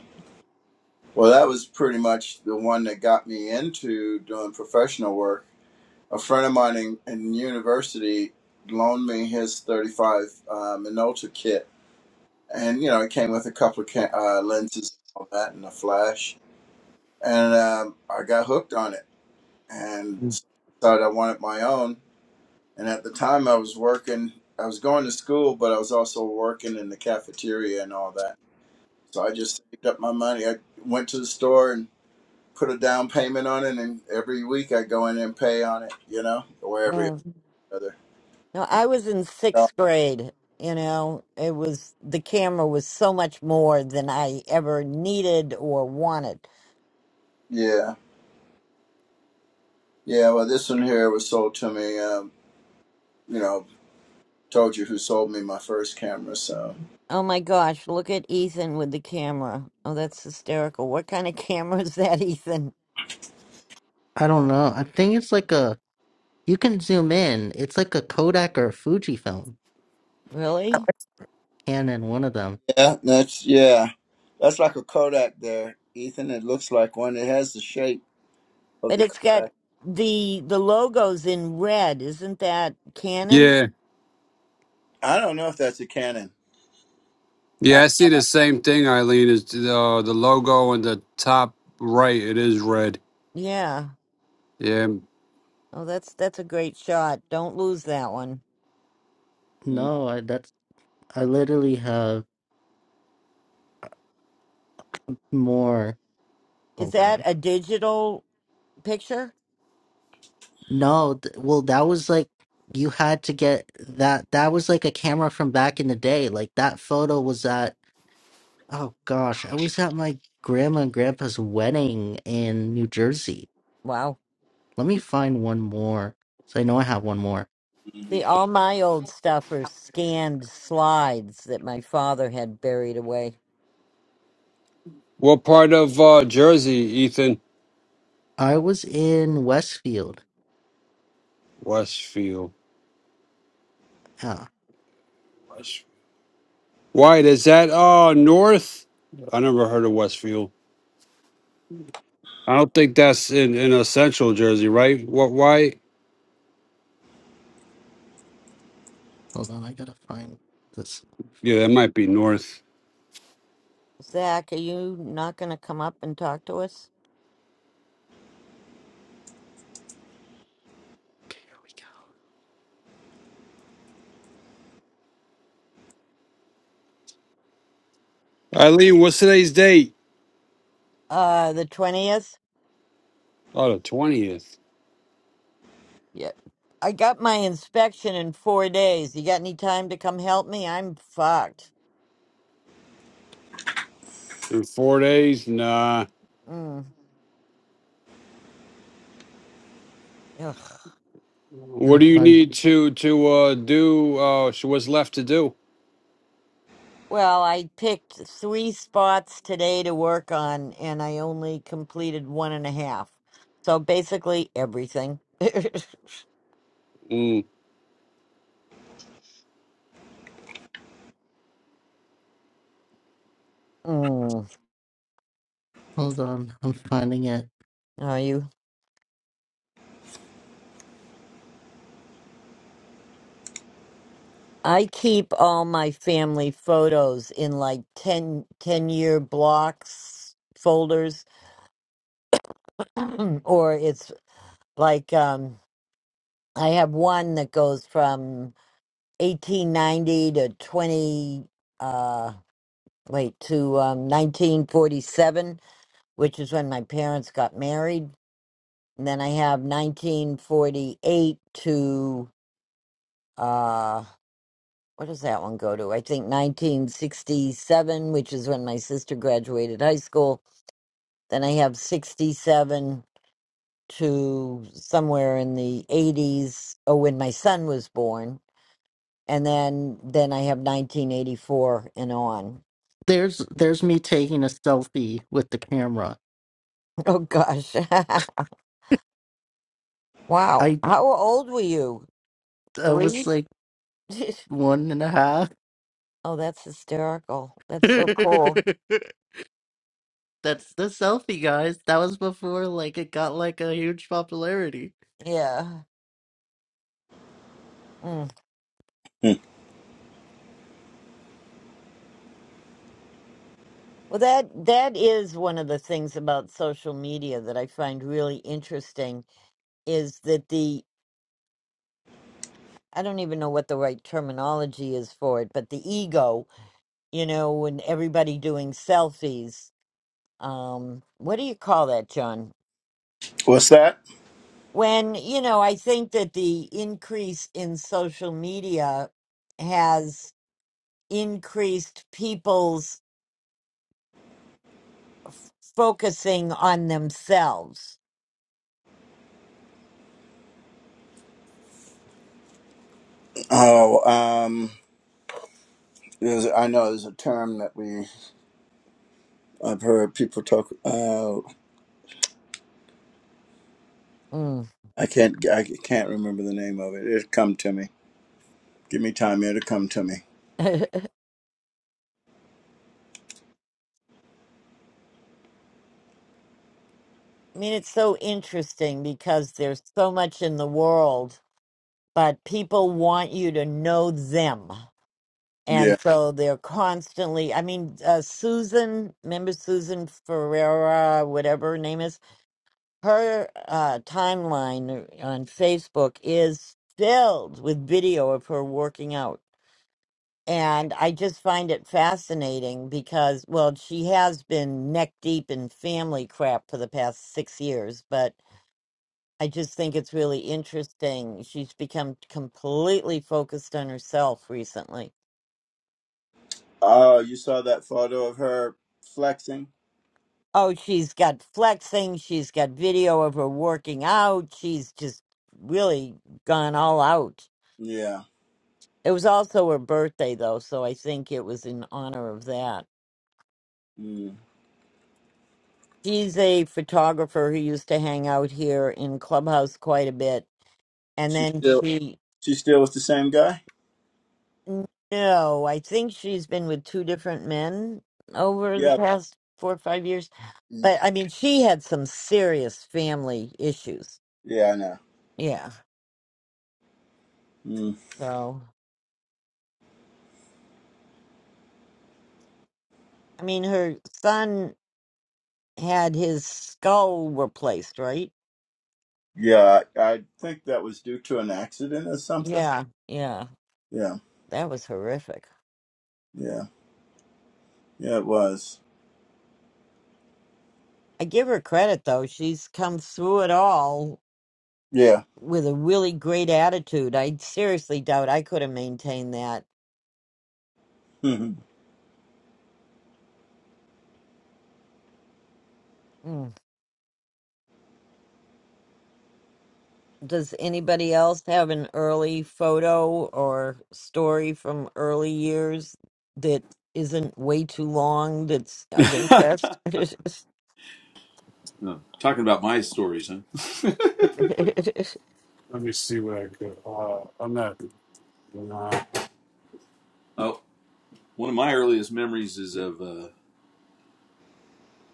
S5: Well, that was pretty much the one that got me into doing professional work. A friend of mine in, in university loaned me his 35 uh, Minolta kit. And, you know, it came with a couple of ca- uh, lenses and all that and a flash and um, I got hooked on it and thought I wanted my own. And at the time, I was working, I was going to school, but I was also working in the cafeteria and all that. So I just saved up my money. I went to the store and put a down payment on it, and every week I go in and pay on it, you know, or every
S1: Mm.
S5: other.
S1: No, I was in
S5: So,
S1: sixth grade. You know, it was the camera was so much more than I ever needed or wanted
S5: Yeah, yeah. Well, this one here was sold to me. Um, you know, told you who sold me my first camera, so.
S1: Oh my gosh, look at Ethan with the camera. Oh, that's hysterical. What kind of camera is that, Ethan?
S7: I don't know. I think it's like a. You can zoom in. It's like a Kodak or a Fujifilm.
S1: Really?
S7: Canon, one of them.
S5: Yeah, that's yeah. That's like a Kodak there, Ethan. It looks like one. It has the shape of
S1: But
S5: the
S1: it's got
S5: Kodak.
S1: the the logo's in red. Isn't that Canon?
S2: Yeah,
S5: I don't know if that's a Canon.
S2: yeah,
S5: I,
S2: I see the same thing, Eileen. Is the uh, the logo in the top right? It is red.
S1: Yeah.
S2: Yeah.
S1: Oh, that's that's a great shot. Don't lose that one.
S7: No, I, that's. I literally have more.
S1: Is
S7: Hold
S1: that
S7: on.
S1: a digital picture?
S7: No, th- well, that was like. You had to get that. That was like a camera from back in the day. Like that photo was at. Oh gosh, I was at my grandma and grandpa's wedding in New Jersey.
S1: Wow.
S7: Let me find one more. So I know I have one more.
S1: See,
S5: Mhm.
S1: all my old stuff are scanned slides that my father had buried away.
S2: What part of uh, Jersey, Ethan?
S7: I was in Westfield.
S2: Westfield.
S7: Ah,
S2: Westfield. White is that? Uh, north. I never heard of Westfield. I don't think that's in in a central Jersey, right? What? Why?
S7: hold on, I gotta find this
S2: Yeah,
S7: photo.
S2: that might be north.
S1: Zach, are you not going to come up and talk to us?
S7: There we go.
S2: Eileen, what's today's date?
S1: Uh, the 20th?
S2: Oh, the twentieth.
S1: Yeah. I got my inspection in four days. You got any time to come help me? I'm fucked.
S2: In four days, nah.
S1: Mm. Ugh.
S2: What
S7: Gotta
S2: do you
S7: find.
S2: need to to uh do? Uh, sh- what's left to do?
S1: Well, I picked three spots today to work on, and I only completed one and a half. So basically, everything.
S2: Mm.
S1: mm.
S7: Hold on, I'm finding it.
S1: Are you? I keep all my family photos in like ten ten year blocks folders, or it's like um, I have one that goes from 1890 to 20 uh wait to um 1947 which is when my parents got married and then i have 1948 to uh what does that one go to i think 1967 which is when my sister graduated high school then i have 67 to somewhere in the 80s oh when my son was born and then then i have 1984 and on
S7: There's there's me taking a selfie with the camera.
S1: Oh gosh. wow.
S7: I
S1: How old were you?
S7: I was
S1: Three?
S7: like one and a half.
S1: oh, that's hysterical. That's so cool.
S7: That's the selfie, guys. That was before like it got like a huge popularity.
S1: Yeah. Mm.
S5: Hmm.
S1: Well, that that is one of the things about social media that I find really interesting is that the I don't even know what the right terminology is for it, but the ego, you know, and everybody doing selfies. Um, what do you call that, John?
S5: What's that?
S1: when you know i think that the increase in social media has increased people's focusing on themselves
S5: Oh, um, there's, I know there's a term that we I've heard people talk. Uh,
S1: Mm.
S5: I can't I can't remember the name of it. It'll come to me. Give me time. It'll come to me.
S1: i mean it's so interesting because there's so much in the world but people want you to know them
S5: Yeah.
S1: and so they're constantly i mean uh, susan remember susan ferreira whatever her name is her uh, timeline on Facebook is filled with video of her working out. And I just find it fascinating because, well, she has been neck deep in family crap for the past six years, but I just think it's really interesting. She's become completely focused on herself recently.
S5: Oh, you saw that photo of her flexing?
S1: Oh, she's got flexing, she's got video of her working out, she's just really gone all out
S5: Yeah.
S1: It was also her birthday, though, so I think it was in honor of that.
S5: Mm.
S1: She's a photographer who used to hang out here in Clubhouse quite a bit. And
S5: She
S1: then
S5: still
S1: she,
S5: she still with the same guy?
S1: no, I think she's been with two different men over the
S5: Yeah.
S1: past four or five years. But I mean, she had some serious family issues.
S5: Yeah, I know.
S1: Yeah.
S5: Mm.
S1: So, I mean, her son had his skull replaced, right?
S5: Yeah, I, I think that was due to an accident or something.
S1: Yeah. Yeah.
S5: Yeah,
S1: That was horrific.
S5: yeah, yeah, it was.
S1: I give her credit though. She's come through it all
S5: Yeah.
S1: with a really great attitude. I seriously doubt I could have maintained that. Mm. Does anybody else have an early photo or story from early years that isn't way too long that's of interest?
S6: Hmm. Oh, talking about my stories, huh?
S2: Let me see what I could. Uh, I'm not. Nah.
S6: Oh. One of my earliest memories is of uh,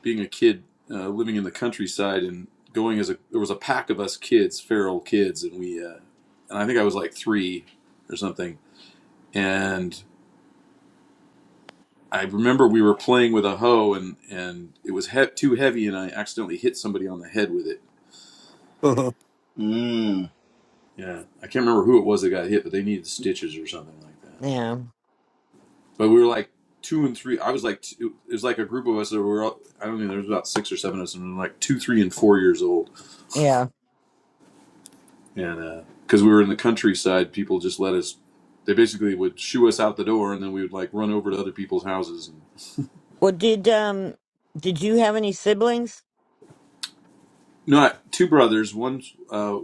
S6: being a kid uh, living in the countryside and going as a there was a pack of us kids, feral kids, and we uh, and I think I was like three or something. And I remember we were playing with a hoe and and it was he- too heavy, and I accidentally hit somebody on the head with it.
S5: Mm-hmm. Mm.
S6: Yeah, I can't remember who it was that got hit, but they needed stitches or something like that.
S1: yeah.
S6: But we were like two and three. I was like, two, it was like a group of us that were all, I don't know, there was about six or seven of us, and we were like two, three, and four years old
S1: Yeah.
S6: and because uh, we were in the countryside, people just let us. They basically would shoo us out the door, and then we would like run over to other people's houses. And,
S1: Well, did um did you have any siblings?
S6: no, I, two brothers. One, uh,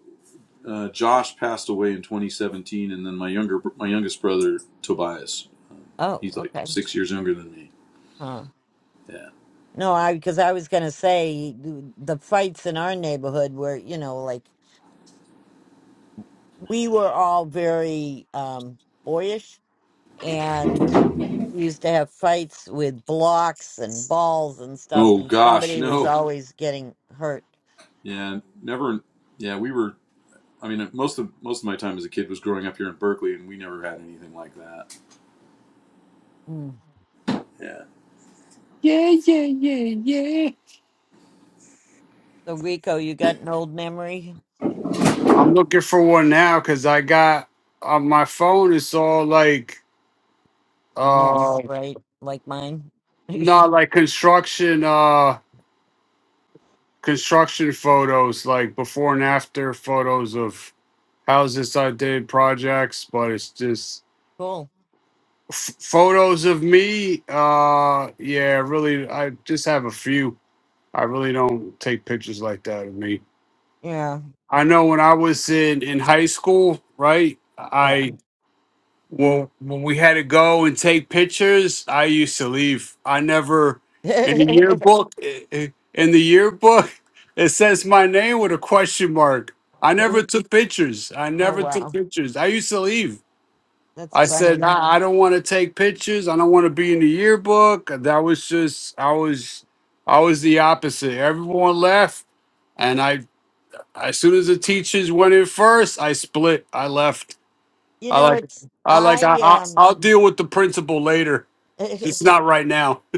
S6: uh, Josh passed away in 2017, and then my younger, my youngest brother Tobias.
S1: Oh,
S6: He's like
S1: okay.
S6: six years younger than me. Yeah.
S1: No, I because I was gonna say the the fights in our neighborhood were, you know, like we were all very um boyish and we used to have fights with blocks and balls and stuff
S6: Oh
S1: and
S6: gosh,
S1: somebody was
S6: no.
S1: always getting hurt.
S6: Yeah, never. Yeah, we were. I mean, most of most of my time as a kid was growing up here in Berkeley, and we never had anything like that.
S1: Mm.
S6: Yeah,
S2: yeah, yeah, yeah, yeah.
S1: So Rico, you got an old memory?
S2: I'm looking for one now because I got on my phone. It's all like
S1: A
S2: uh,
S1: mess, right? Like mine.
S2: not like construction uh construction photos, like before and after photos of houses I did projects, but it's just
S1: cool.
S2: F- photos of me, uh, yeah, really, I just have a few. I really don't take pictures like that of me.
S1: Yeah.
S2: I know when I was in in high school, right?
S1: Yeah.
S2: I well, when we had to go and take pictures, I used to leave. I never in the yearbook. i- i- In the yearbook, it says my name with a question mark. I
S1: oh
S2: never took pictures. I never took
S1: wow.
S2: pictures. I used to leave.
S1: That's
S2: I said,
S1: funny.
S2: I, I don't want to take pictures. I don't want to be in the yearbook. That was just, I was, I was the opposite. Everyone left, and I, as soon as the teachers went in first, I split. I left.
S1: You
S2: I
S1: know,
S2: like,
S1: it's
S2: I like, I, I
S1: I
S2: I'll deal with the principal later.
S1: um
S2: Just not right now.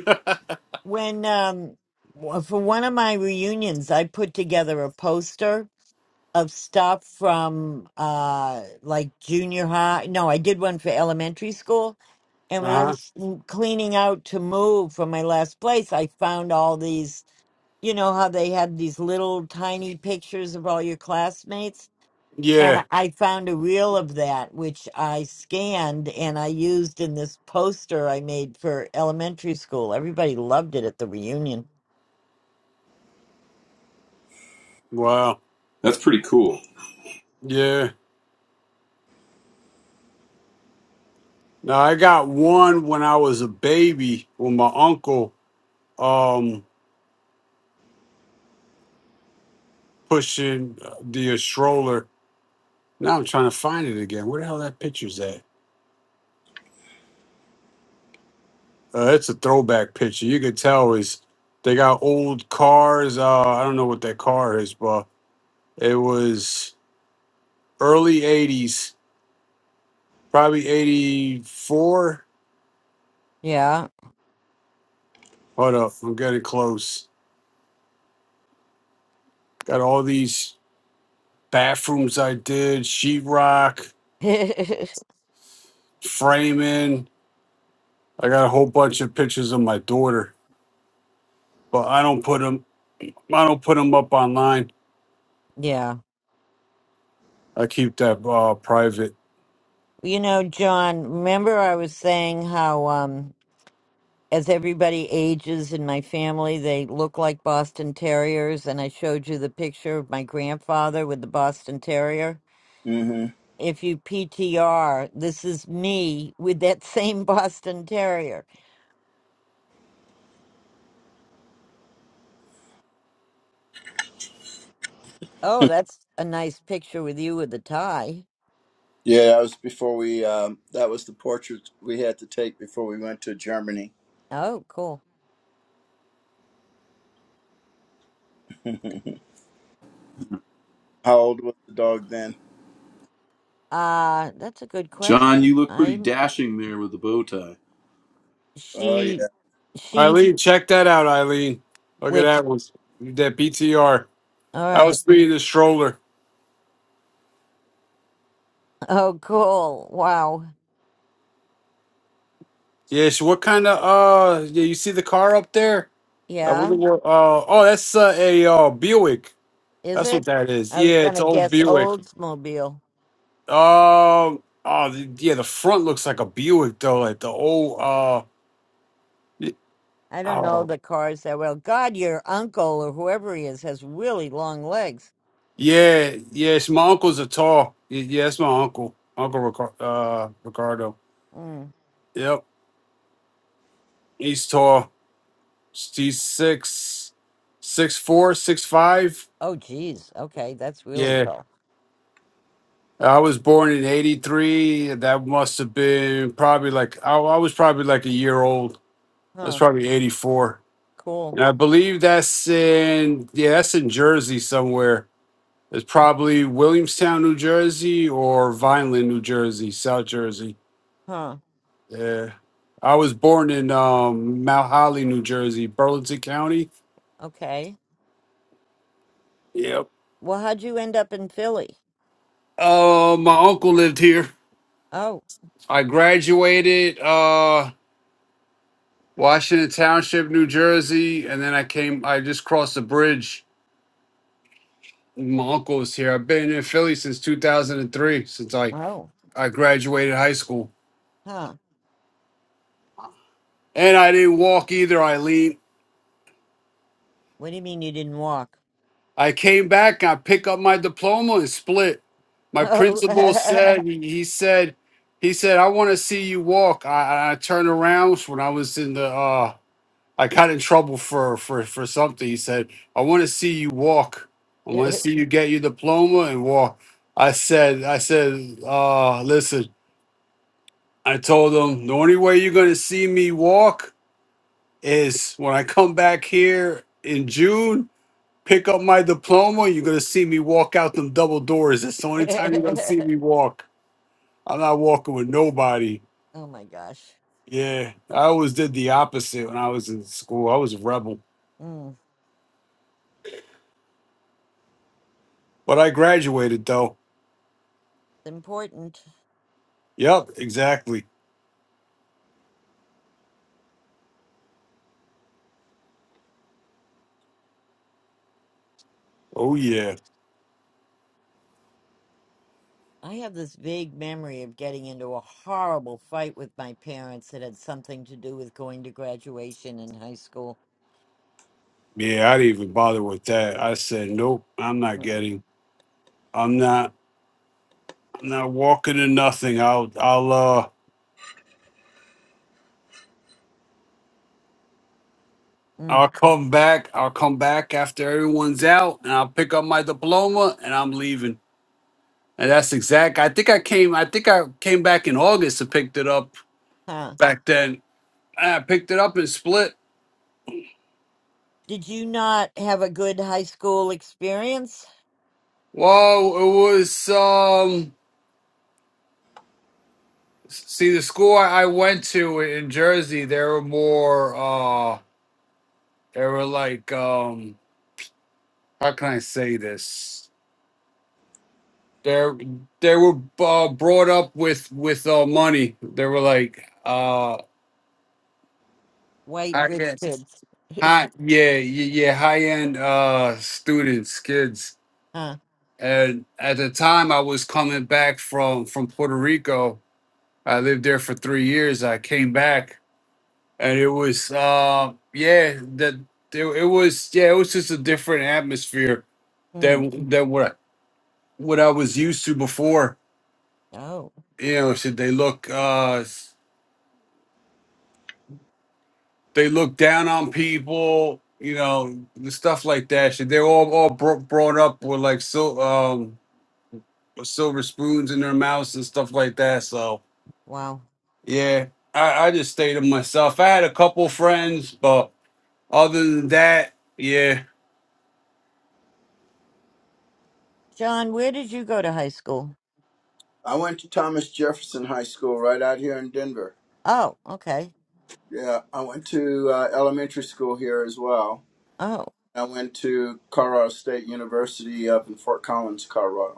S1: When um w- for one of my reunions, I put together a poster of stuff from uh like junior high. No, I did one for elementary school. And when
S2: Uh
S1: I
S2: huh.
S1: was m- cleaning out to move from my last place, I found all these, you know, how they had these little tiny pictures of all your classmates. And
S2: Yeah.
S1: I I found a reel of that, which I scanned and I used in this poster I made for elementary school. Everybody loved it at the reunion.
S2: Wow.
S6: that's pretty cool.
S2: Yeah. Now I got one when I was a baby with my uncle um pushing the uh, stroller. Now I'm trying to find it again. Where the hell that picture's at? Uh, it's a throwback picture. You could tell is they got old cars. Uh, I don't know what that car is, but it was early '80s, probably '84.
S1: Yeah.
S2: Hold up, I'm getting close. Got all these bathrooms I did, sheetrock, framing. I got a whole bunch of pictures of my daughter, but I don't put them. I don't put them up online.
S1: yeah.
S2: I keep that uh, private.
S1: You know, John, remember I was saying how um as everybody ages in my family, they look like Boston Terriers and I showed you the picture of my grandfather with the Boston Terrier.
S5: hmm
S1: If you PTR, this is me with that same Boston Terrier. Oh, that's a nice picture with you with the tie.
S5: Yeah, that was before we, um, that was the portrait we had to take before we went to Germany.
S1: Oh, cool.
S5: How old was the dog then?
S1: Uh, that's a good
S6: John, you
S1: question.
S6: look pretty
S1: I'm
S6: dashing there with the bow tie.
S5: Oh, yeah.
S1: she she
S2: Eileen, check that out, Eileen. Look at
S1: which
S2: that one. That BTR.
S1: all
S2: I
S1: right
S2: was speeding the stroller.
S1: Oh, cool. Wow.
S2: Yes. what kind of uh yeah, you see the car up there? I
S1: Yeah.
S2: wonder what uh oh that's uh, a uh Buick.
S1: Is
S2: That's what
S1: it?
S2: that is.
S1: I was
S2: Yeah,
S1: going
S2: it's
S1: to
S2: an old
S1: guess
S2: Buick.
S1: Oldsmobile.
S2: Um oh the, yeah, the front looks like a Buick though, like the old uh y-
S1: I don't know
S2: oh
S1: the cars that well. God, your uncle or whoever he is has really long legs.
S2: yeah, Yes. my uncle's a tall. y- Yeah, it's my uncle. Uncle Ricar- uh Ricardo.
S1: Mm.
S2: Yep. He's tall. He's six six four, six five.
S1: Oh, geez. Okay. That's
S2: Yeah.
S1: really tall.
S2: I was born in 83. That must have been probably like, I, I was probably like a year old. I was
S1: Huh.
S2: probably 84.
S1: Cool.
S2: And I believe that's in, yeah, that's in Jersey somewhere. It's probably Williamstown, New Jersey or Vineland, New Jersey, South Jersey.
S1: Huh.
S2: Yeah. I was born in um, Mount Holly, New Jersey, Burlington County.
S1: Okay.
S2: Yep.
S1: Well, how'd you end up in Philly?
S2: Uh, my uncle lived here.
S1: Oh,
S2: I graduated. Uh, Washington Township, New Jersey, and then I came. I just crossed the bridge. My uncle was here. I've been in Philly since 2003, since I
S1: oh.
S2: I graduated high school,
S1: Huh.
S2: and I didn't walk either. I leaned.
S1: What do you mean you didn't walk?
S2: I came back. I picked up my diploma and split. My principal
S1: Oh.
S2: said he he said he said I want to see you walk. I, I I turned around when I was in the uh I got in trouble for for for something. He said, "I want to see you walk. I want to see you get your diploma and walk." I said, "I said, uh, listen." I told him the only way you're gonna see me walk is when I come back here in June, pick up my diploma. You're gonna see me walk out them double doors. That's the only time you're gonna see me walk. I'm not walking with nobody.
S1: oh, my gosh.
S2: Yeah, I always did the opposite when I was in school. I was a rebel,
S1: Mm. It's
S2: but I graduated though.
S1: important.
S2: Yep, exactly. Oh yeah.
S1: I have this vague memory of getting into a horrible fight with my parents that had something to do with going to graduation in high school.
S2: Yeah, I didn't even bother with that. I said, Nope, I'm not
S1: Mm.
S2: getting I'm not I'm not walking to nothing. I'll I'll uh
S1: Mm.
S2: I'll come back. I'll come back after everyone's out and I'll pick up my diploma and I'm leaving. And that's exact I think I came I think I came back in August and picked it up
S1: Huh.
S2: back then. I picked it up and split.
S1: Did you not have a good high school experience?
S2: Well, it was um see the school I I went to in Jersey, they were more uh, They were like, um, how can I say this? They're they were uh, brought up with with uh, money. They were like uh,
S1: White
S2: high
S1: rich
S2: end,
S1: kids.
S2: high yeah yeah, yeah high end uh, students, kids.
S1: huh.
S2: And at the time, I was coming back from from Puerto Rico. I lived there for three years. I came back, and it was uh, yeah that it, it was yeah it was just a different atmosphere
S1: Mm.
S2: than than what I, what I was used to before
S1: Oh,
S2: you know should they look uh they look down on people you know the stuff like that should they're all all bro- brought up with like so um with silver spoons in their mouths and stuff like that so
S1: wow.
S2: yeah i i just stay to myself i had a couple friends but other than that yeah
S1: John, where did you go to high school?
S5: I went to Thomas Jefferson High School right out here in Denver.
S1: Oh, okay.
S5: Yeah, I went to uh, elementary school here as well.
S1: Oh,
S5: I went to Colorado State University up in Fort Collins, Colorado.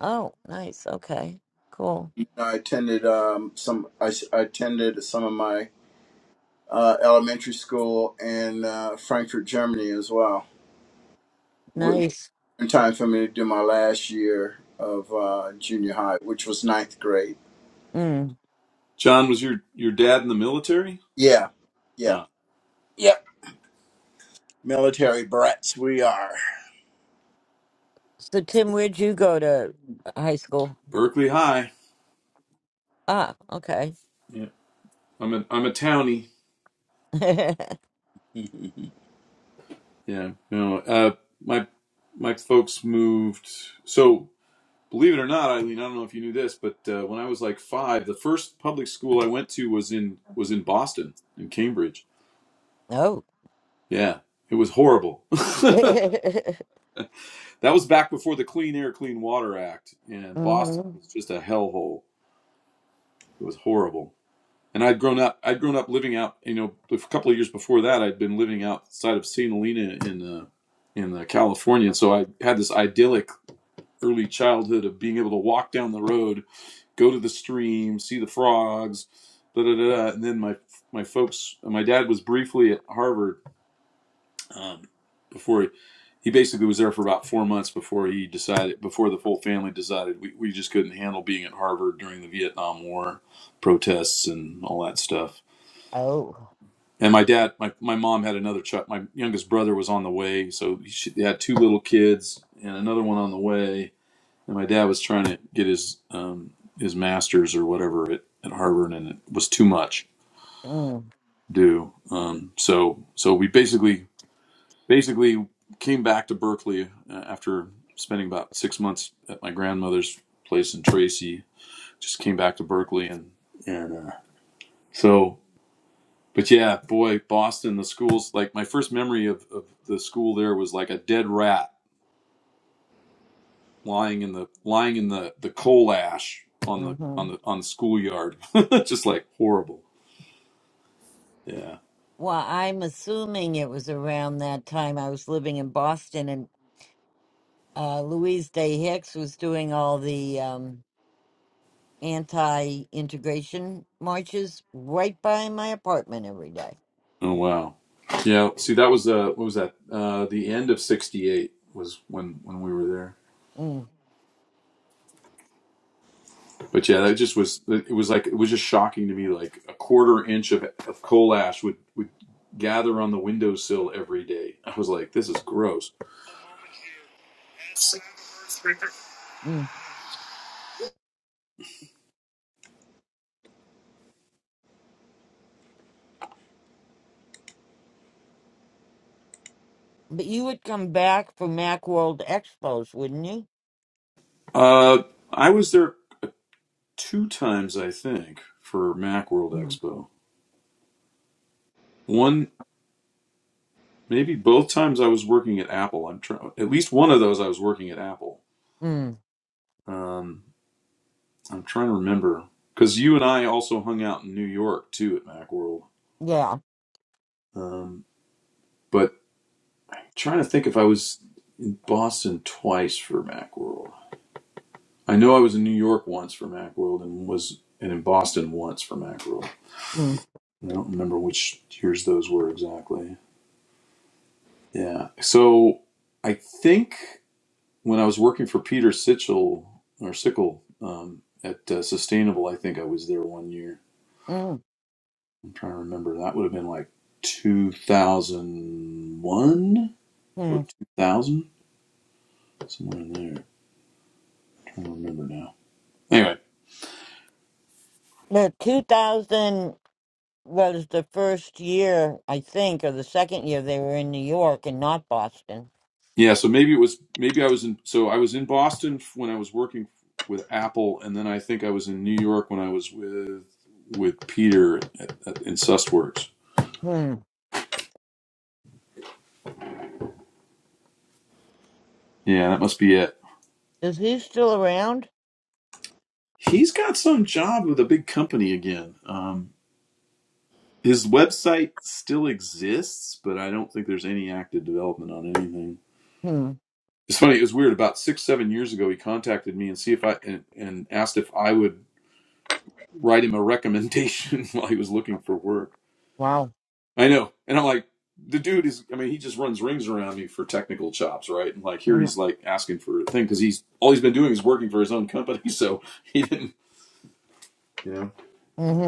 S1: oh, nice. Okay, cool.
S5: I attended um, some. I I attended some of my uh, elementary school in uh, Frankfurt, Germany, as well. W-
S1: Nice.
S5: In time for me to do my last year of uh, junior high, which was ninth grade.
S1: Mm.
S6: John, was your your dad in the military?
S5: Yeah, yeah,
S6: Uh,
S5: yep. Military brats, we are.
S1: So, Tim, where'd you go to uh, high school?
S6: Berkeley High.
S1: Ah, okay.
S6: Yeah, I'm a I'm a townie. Yeah, no. Uh, my my folks moved. So believe it or not, Eileen, I don't know if you knew this, but uh, when I was like five, the first public school I went to was in was in Boston, in Cambridge.
S1: Oh.
S6: Yeah, it was horrible. that
S1: mm
S6: was back before the Clean Air, Clean Water Act, and Boston
S1: hmm
S6: was just a hellhole. It was horrible. and I'd grown up. I'd grown up living out. You know, a couple of years before that, I'd been living outside of St. Helena in uh, in uh, California. And So I had this idyllic early childhood of being able to walk down the road, go to the stream, see the frogs, da da da. da. And then my my folks, my dad was briefly at Harvard um, before he, he basically was there for about four months before he decided before the whole family decided we, we just couldn't handle being at Harvard during the Vietnam War protests and all that stuff.
S1: Oh.
S6: And my dad, my, my mom had another child. My youngest brother was on the way, so she they had two little kids and another one on the way. And my dad was trying to get his um, his master's or whatever at, at Harvard, and it was too much
S1: Mm.
S6: to do. Um, so so we basically basically came back to Berkeley uh, after spending about six months at my grandmother's place in Tracy. Just came back to Berkeley, and and uh, so. but yeah, boy, Boston, the schools. Like my first memory of, of the school there was like a dead rat lying in the lying in the the coal ash on the
S1: hmm
S6: on the on the schoolyard, just like horrible. Yeah.
S1: Well, I'm assuming it was around that time I was living in Boston and uh, Louise Day Hicks was doing all the um, anti integration marches right by my apartment every day.
S6: Oh wow. Yeah. See, that was uh, what was that? Uh, the end of '68 was when when we were there.
S1: Mm,
S6: But yeah, that just was. It was like it was just shocking to me. Like a quarter inch of of coal ash would would gather on the windowsill every day. I was like, this is gross
S1: mm. But you would come back for Macworld Expos, wouldn't you?
S6: Uh, I was there two times, I think, for MacWorld
S1: Mm,
S6: Expo. One, maybe both times I was working at Apple. I'm trying. At least one of those I was working at Apple.
S1: mm,
S6: Um, I'm trying to remember because you and I also hung out in New York too at MacWorld.
S1: yeah.
S6: Um, but I'm trying to think if I was in Boston twice for MacWorld. I know I was in New York once for MacWorld and was and in Boston once for MacWorld.
S1: Mm,
S6: I don't remember which years those were exactly. Yeah. So I think when I was working for Peter Sichel or Sickle um, at uh, Sustainable, I think I was there one year.
S1: mm,
S6: I'm trying to remember. That would have been like 2001 or
S1: mm.
S6: 2000, somewhere in there. I'm trying to remember now. Anyway,
S1: The 2000 was the first year, I think, or the second year they were in New York and not Boston.
S6: yeah. So maybe it was maybe I was in. So I was in Boston f- when I was working with Apple, and then I think I was in New York when I was with with Peter at, at, in SustWorks.
S1: Hmm.
S6: Yeah, that must be it.
S1: Is he still around?
S6: He's got some job with a big company again. Um, his website still exists, but I don't think there's any active development on anything.
S1: Hmm.
S6: It's funny. It was weird. About six, seven years ago, he contacted me and see if I and, and asked if I would write him a recommendation while he was looking for work.
S1: Wow.
S6: I know, and I'm like, the dude is. I mean, he just runs rings around me for technical chops, right? And like here, he's like asking for a thing because he's all he's been doing is working for his own company, so he didn't, you know,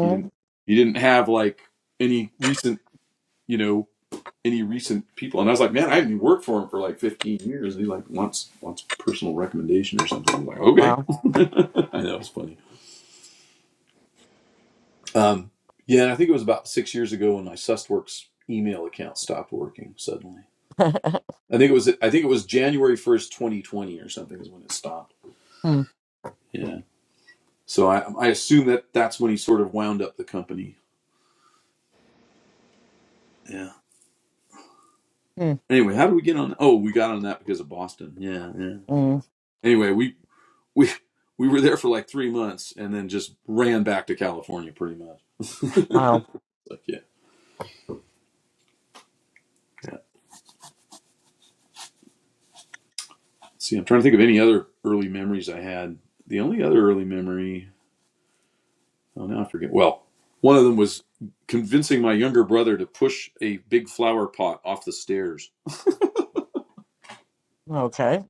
S6: he didn't, he didn't have like any recent you know, any recent people. And I was like, man, I haven't worked for him for like 15 years. And he like wants wants personal recommendation or something. I'm like, okay.
S1: Wow.
S6: I know it's funny. Um, yeah, and I think it was about six years ago when my SustWorks email account stopped working suddenly. I think it was I think it was January first, 2020 or something is when it stopped.
S1: Hmm.
S6: Yeah. So I I assume that that's when he sort of wound up the company. Yeah.
S1: Hmm.
S6: Anyway, how did we get on? Oh, we got on that because of Boston. Yeah, yeah.
S1: Mm.
S6: Anyway, we we we were there for like three months and then just ran back to California pretty much.
S1: Wow.
S6: But yeah, yeah. See, I'm trying to think of any other early memories I had. The only other early memory, oh now I forget. Well, one of them was convincing my younger brother to push a big flower pot off the stairs.
S1: Okay.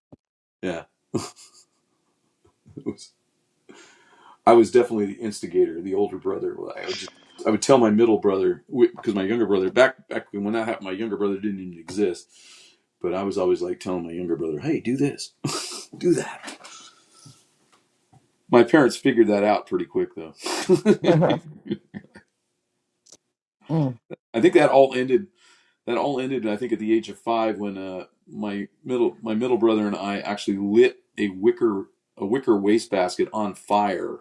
S6: Yeah, it was, I was definitely the instigator, the older brother. I would just, I would tell my middle brother because my younger brother back back when that happened, my younger brother didn't even exist. But I was always like telling my younger brother, "Hey, do this, do that." My parents figured that out pretty quick, though.
S1: mm.
S6: I think that all ended. That all ended. I think at the age of five, when uh, my middle my middle brother and I actually lit a wicker a wicker wastebasket on fire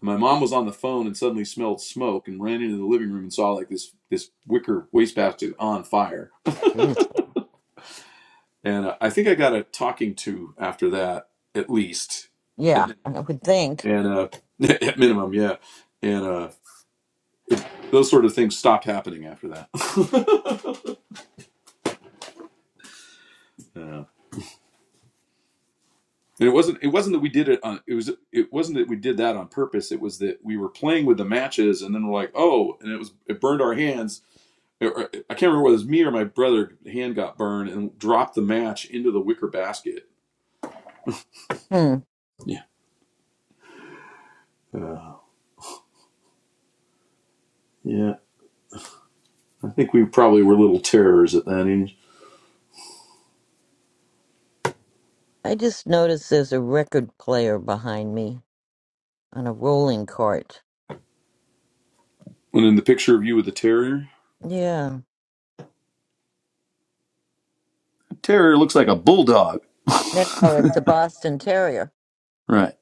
S6: My mom was on the phone and suddenly smelled smoke and ran into the living room and saw like this this wicker wastebasket on fire.
S1: geez.
S6: And uh, I think I got a talking to after that, at least,
S1: Yeah, I would think.
S6: and uh, at minimum, yeah. And uh, it, those sort of things stopped happening after that. yeah. And it wasn't it wasn't that we did it on it was it wasn't that we did that on purpose. It was that we were playing with the matches and then we're like, oh, and it was it burned our hands or- uh, I can't remember whether it was me or my brother hand got burned and dropped the match into the wicker basket.
S1: Hmm.
S6: Yeah, uh, yeah. I think we probably were little terrors at that age.
S1: I just noticed there's a record player behind me. on a rolling cart.
S6: And in the picture of you with the terrier,
S1: Yeah.
S6: The Terrier looks like a bulldog.
S1: No, no, it's a Boston Terrier.
S6: right.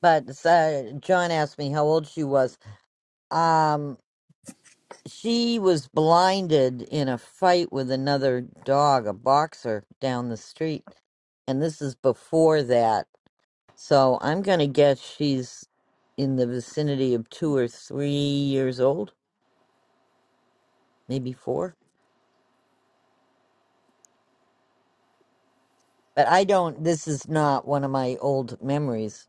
S1: But uh, John asked me how old she was. Um, she was blinded in a fight with another dog, a boxer, down the street. And this is before that. So I'm going to guess she's in the vicinity of two or three years old, maybe four. But I don't, this is not one of my old memories.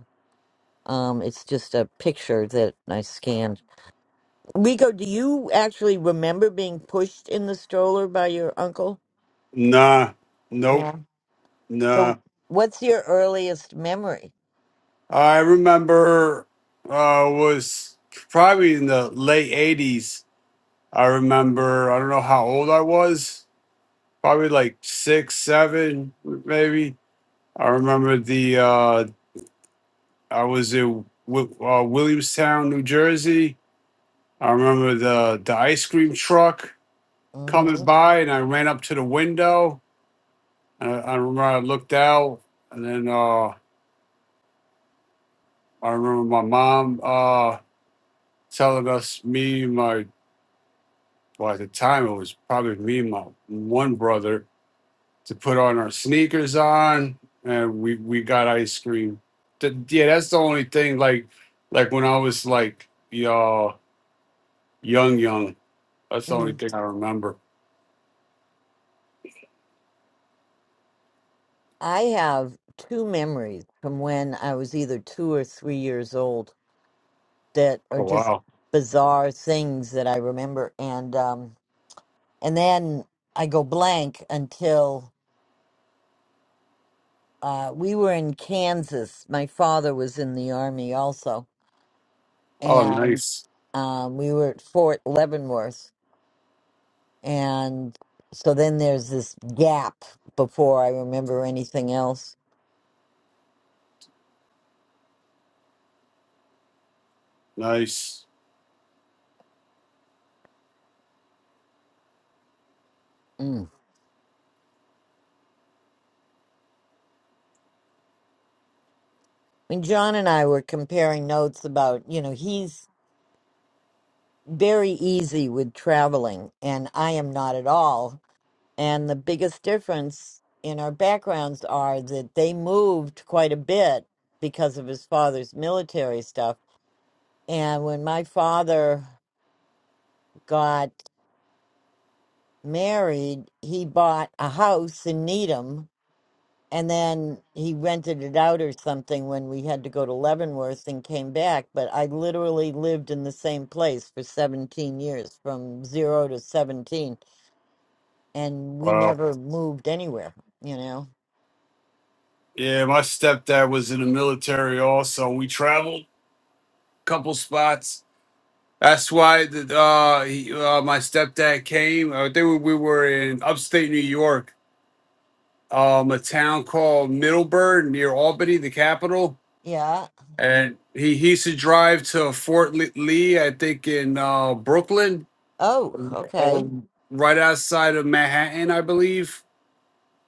S1: Um, it's just a picture that I scanned. Rico, do you actually remember being pushed in the stroller by your uncle?
S2: nah nope
S1: Yeah.
S2: nah
S1: So, what's your earliest memory?
S2: i remember uh was probably in the late 80s i remember i don't know how old i was probably like six, seven, maybe. I remember the uh, I was in Wi- uh, Williamstown, New Jersey. I remember the the ice cream truck coming
S1: hmm
S2: by, and I ran up to the window. And I, I remember I looked out, and then uh, I remember my mom uh, telling us me my well at the time it was probably me and my one brother to put on our sneakers on and we we got ice cream Th- yeah that's the only thing like like when i was like y'all young young that's the only
S1: Mm.
S2: thing i remember
S1: I have two memories from when I was either two or three years old that are
S2: oh
S1: just
S2: wow
S1: bizarre things that I remember, and um, and then I go blank until uh, we were in Kansas. My father was in the army also,
S2: oh
S1: and
S2: nice
S1: um, we were at Fort Leavenworth And so then there's this gap before I remember anything else.
S2: nice
S1: Mm. I mean, John and I were comparing notes about, you know, he's very easy with traveling, and I am not at all. And the biggest difference in our backgrounds are that they moved quite a bit because of his father's military stuff. And when my father got married, he bought a house in Needham and then he rented it out or something when we had to go to Leavenworth and came back. But I literally lived in the same place for 17 years, from zero to 17, and we
S2: wow
S1: never moved anywhere, you know?
S2: yeah my stepdad was in the military also we traveled a couple spots that's why the, uh, he, uh, my stepdad came. I think we we were in upstate New York, um, a town called Middleburg near Albany, the capital
S1: Yeah.
S2: and he, he used to drive to Fort Lee, Lee, I think in uh, Brooklyn
S1: Oh, okay.
S2: or right outside of Manhattan, I believe.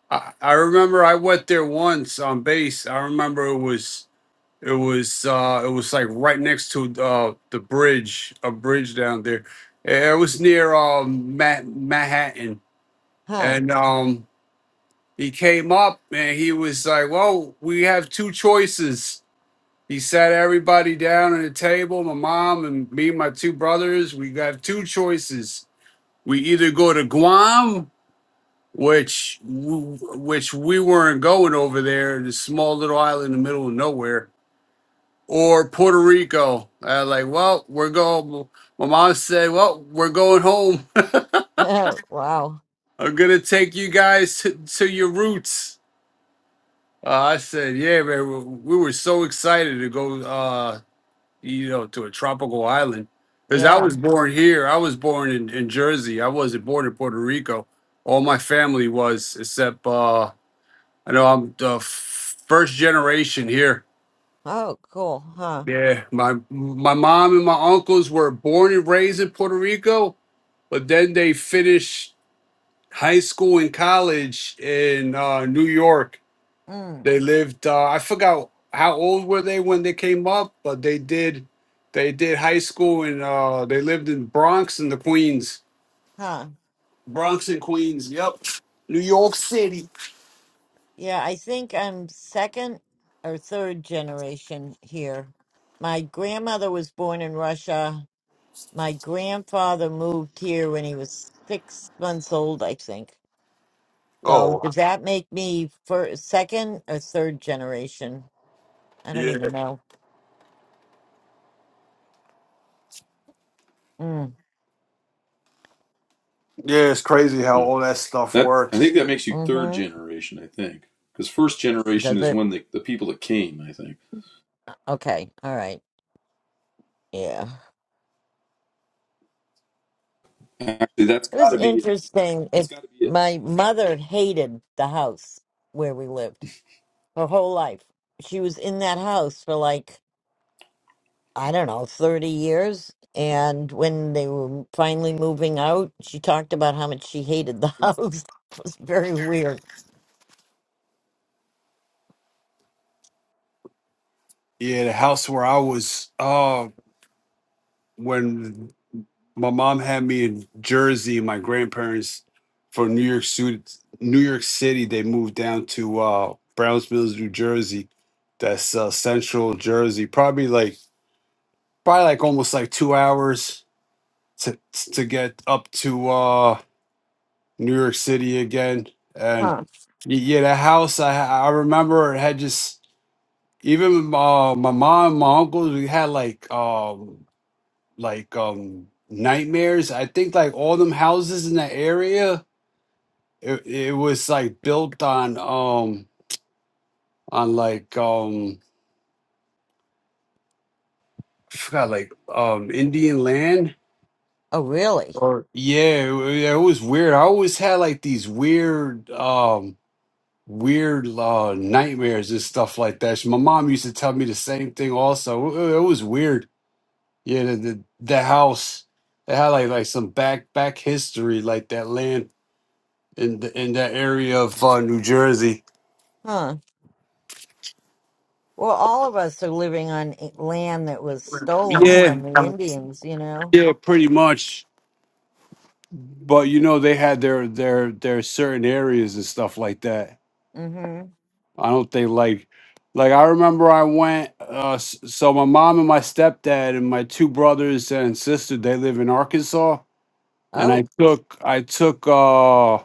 S2: I, I remember I went there once on base. I remember it was it was uh, it was like right next to uh, the bridge, a bridge down there. Eh, It was near um, Ma- Manhattan,
S1: Huh.
S2: and um, he came up and he was like, "Well, we have two choices." He sat everybody down at a table, my mom and me my two brothers. We got two choices. We either go to Guam, which which we weren't going over there, this small little island in the middle of nowhere, or Puerto Rico. I was like, well, we're going. My mom said, well, we're going home.
S1: Oh, wow.
S2: I'm gonna take you guys to, to your roots. Uh, I said, yeah, man. We we were so excited to go. Uh, you know, to a tropical island. Because I
S1: Yeah.
S2: was born here. I was born in, in Jersey. I wasn't born in Puerto Rico. All my family was, except uh, I know I'm the f- first generation here.
S1: Oh, cool. Huh.
S2: Yeah, my my mom and my uncles were born and raised in Puerto Rico, but then they finished high school and college in uh, New York
S1: Mm.
S2: They lived. Uh, I forgot how old were they when they came up, but they did. They did high school and uh, they lived in Bronx and the Queens.
S1: Huh.
S2: Bronx and Queens. Yep, New York City.
S1: Yeah, I think I'm second or third generation here. My grandmother was born in Russia My grandfather moved here when he was six months old, I think. So
S2: Oh
S1: does that make me for second or third generation? I don't
S2: yeah,
S1: even know. Mm,
S2: yeah. It's crazy how
S6: yeah.
S2: all that stuff
S6: that I
S2: works.
S6: think that makes you third
S1: mm-hmm.
S6: generation. I think because first generation
S1: Does
S6: is
S1: it?
S6: when the the people that came. I think
S1: Okay. All right. Yeah.
S6: actually that's
S1: It
S6: got
S1: was
S6: to be it.
S1: interesting.
S6: That's
S1: It
S6: got to be it.
S1: my mother hated the house where we lived her whole life. She was in that house for like I don't know, 30 years. And when they were finally moving out, she talked about how much she hated the house. It was very weird.
S2: Yeah, the house where I was uh, when my mom had me in Jersey, my grandparents from New York City, New York City, they moved down to uh, Browns Mills, New Jersey That's uh, Central Jersey. Probably like probably like almost like two hours to to get up to uh, New York City again. And
S1: Huh.
S2: y- yeah, the house I I remember it had just even uh, my mom, my uncles, we had like um like um nightmares. I think like all them houses in that area, it, it was like built on um on like um I forgot like um Indian land
S1: Oh, really?
S2: Or yeah, it, wa- yeah, it was weird. I always had like these weird, um, weird uh, nightmares and stuff like that. She- My mom used to tell me the same thing. Also, it, it was weird. Yeah, the, the the house it had like like some back back history, like that land in the, in that area of uh, New Jersey.
S1: Huh. Well, all of us are living on i- land that was stolen
S2: Yeah,
S1: from the Indians, you know?
S2: yeah, pretty much. But you know, they had their their their certain areas and stuff like that.
S1: Mm hmm.
S2: I don't think like like I remember I went uh s- so my mom and my stepdad and my two brothers and sister they live in Arkansas and I
S1: Oh,
S2: took I took uh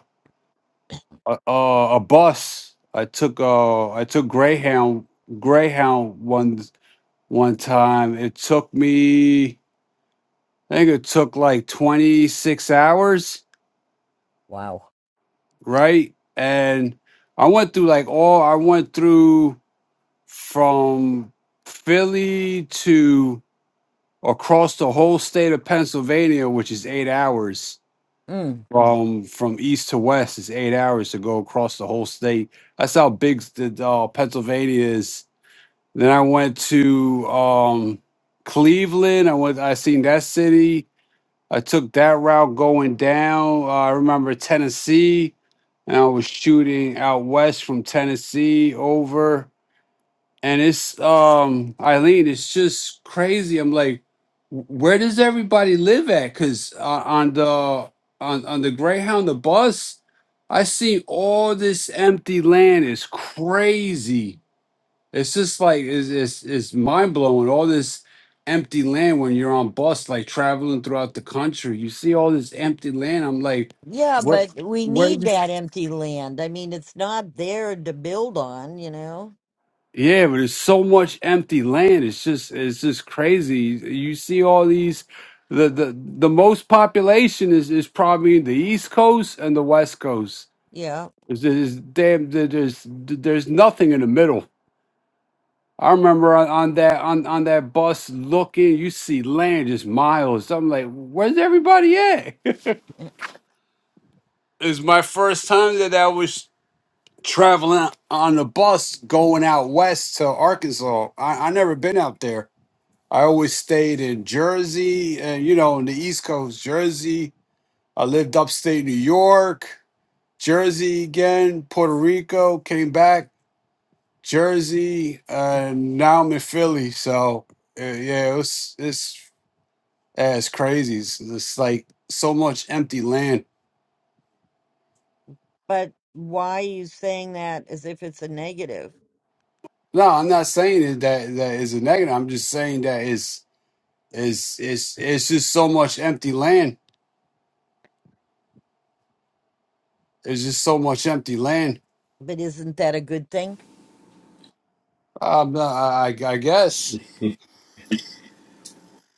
S2: a, a, a bus I took uh I took Greyhound Greyhound one one time it took me I think it took like 26 hours
S1: wow.
S2: right and I went through like all I went through from Philly to across the whole state of Pennsylvania, which is eight hours
S1: Mm.
S2: from from east to west. It's eight hours to go across the whole state. That's how big the uh, Pennsylvania is. Then I went to um, Cleveland. I went. I seen that city. I took that route going down. Uh, I remember Tennessee, and I was shooting out west from Tennessee over and it's um Eileen, it's just crazy. I'm like, where does everybody live at? Cause uh, on the on on the Greyhound, the bus, I see all this empty land. It's crazy. It's just like it's it's, it's mind blowing. All this empty land when you're on bus, like traveling throughout the country, you see all this empty land. I'm like,
S1: Yeah,
S2: where
S1: but we
S2: where?
S1: need that empty land. I mean, it's not there to build on, you know?
S2: Yeah, but there's so much empty land. It's just it's just crazy. You see all these the the, the most population is, is probably the East Coast and the West Coast.
S1: Yeah.
S2: There's, there's damn there- there's there's nothing in the middle. I remember on, on that on, on that bus looking, you see land just miles. I'm like, where's everybody at? it's my first time that I was traveling on a bus going out west to Arkansas. I, I never been out there I always stayed in Jersey and, you know, in the East Coast, Jersey. I lived upstate New York, Jersey again, Puerto Rico, came back, Jersey, and now I'm in Philly. So, uh, yeah, it was, it's, yeah, it's crazy. It's, it's like so much empty land.
S1: But why are you saying that as if it's a negative?
S2: No, I'm not saying it that that is a negative. I'm just saying that it's, it's, it's, it's just so much empty land. There's just so much empty land.
S1: But isn't that a good thing?
S2: Um, I, I I guess.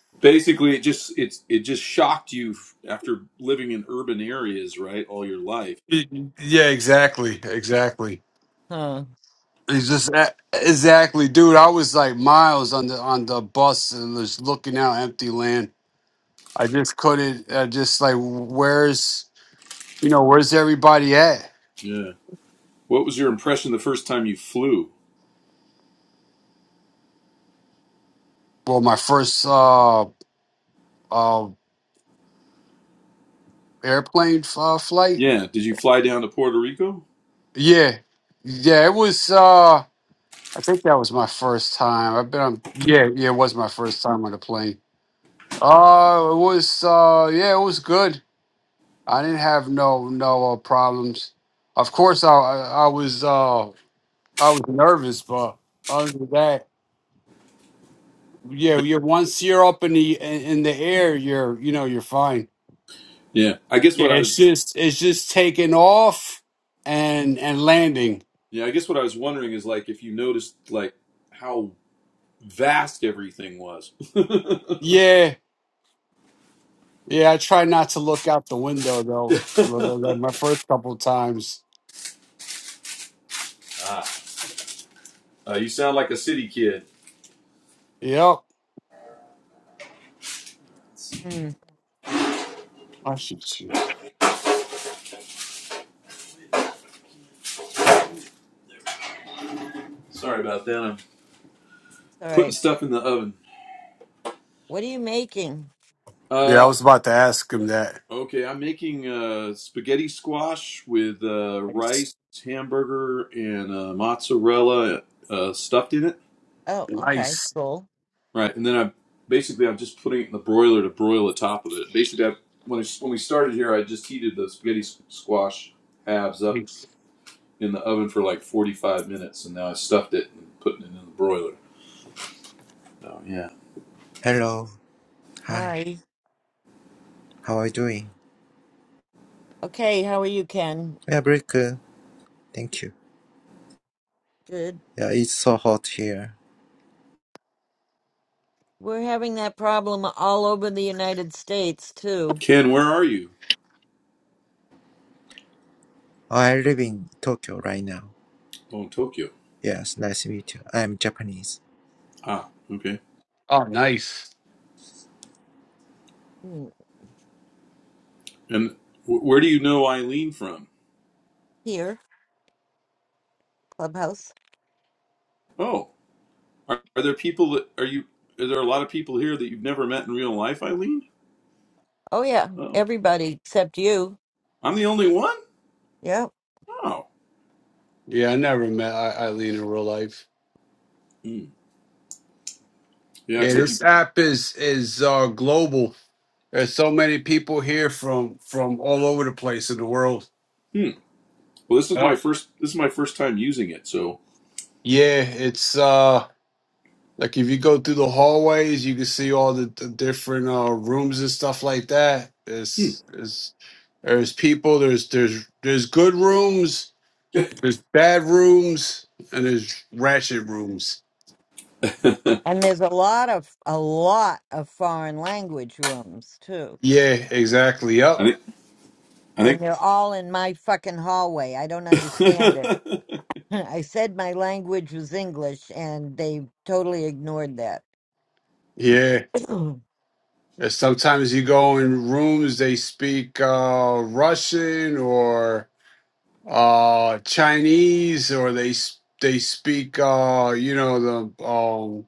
S6: Basically, it just it's it just shocked you after living in urban areas, right, all your life.
S2: Yeah, exactly, exactly.
S1: Huh.
S2: He's just exactly, dude. I was like miles on the on the bus and just looking out empty land. I just couldn't. I just like, where's you know, where's everybody at?
S6: Yeah. What was your impression the first time you flew?
S2: Well, my first uh uh airplane uh, flight.
S6: Yeah. Did you fly down to Puerto Rico?
S2: Yeah, yeah. It was. uh I think that was my first time. I've been on. Yeah, yeah. It was my first time on a plane. Uh, it was. uh Yeah, it was good. I didn't have no no uh, problems. Of course, I I I was uh I was nervous, but other than that, yeah,
S6: I-
S2: you're once you're up in the in, in the air, you're you know you're fine.
S6: Yeah. I guess
S2: Yeah,
S6: what I
S2: it's
S6: was
S2: just it's just taking off and and landing.
S6: yeah, I guess what I was wondering is like if you noticed like how vast everything was.
S2: Yeah, yeah. I try not to look out the window though. Like like my first couple times.
S6: ah, uh, you sound like a city kid.
S2: Yep.
S1: Hmm.
S2: I should choose.
S6: Sorry about that. I'm
S1: All
S6: putting
S1: right.
S6: stuff in the oven.
S1: What are you making?
S2: Yeah, I
S6: Uh
S2: was about to ask him that.
S6: okay, I'm making uh spaghetti squash with uh
S2: Nice,
S6: rice, hamburger and uh, mozzarella uh, stuffed in it.
S1: Oh, okay.
S2: nice,
S1: Cool.
S6: Right, and then I basically I'm just putting it in the broiler to broil the top of it. Basically, I, when I, when we started here, I just heated the spaghetti squash halves up
S2: nice.
S6: in the oven for like 45 minutes, and now I stuffed it and putting it in the broiler. Oh yeah,
S9: Hello. Hi.
S1: Hi.
S9: How are you doing?
S1: Okay. How are you, Ken?
S9: Yeah, very good. Thank you.
S1: Good.
S9: Yeah, it's so hot here.
S1: We're having that problem all over the United States, too.
S6: Ken, where are you?
S9: Oh, I live in Tokyo right now.
S6: Oh, in Tokyo.
S9: Yes, nice to meet you. I'm Japanese.
S6: Ah, okay.
S2: Oh, nice.
S1: Hmm.
S6: And wh- where do you know Eileen from?
S1: Here, Clubhouse.
S6: Oh, are, are there people that are you? Are there a lot of people here that you've never met in real life, Eileen?
S1: Oh, yeah.
S6: Oh,
S1: Everybody except you.
S6: I'm the only one.
S1: Yep.
S6: Oh,
S2: Yeah, I never met I- Eileen in real life.
S6: Hmm. yeah,
S2: Yeah,
S6: except you.
S2: this app is is uh, global. There's so many people here from from all over the place in the world.
S6: hmm. Well, this is
S2: Yeah,
S6: my first. This is my first time using it, so
S2: yeah. It's uh like if you go through the hallways, you can see all the, the different uh, rooms and stuff like that.
S6: hmm.
S2: It's it's there's people. There's there's there's good rooms. There's bad rooms and there's ratchet rooms.
S6: I
S1: And there's a lot of, a lot of foreign language rooms, too.
S2: Yeah, exactly. Yep.
S6: think. I
S1: And they're all in my fucking hallway. I
S6: think.
S1: don't understand it. I said my language was English, and they totally ignored that.
S2: Yeah. And sometimes you go in rooms, they speak uh, Russian or uh, Chinese, or they s- they speak, uh, you know, the um,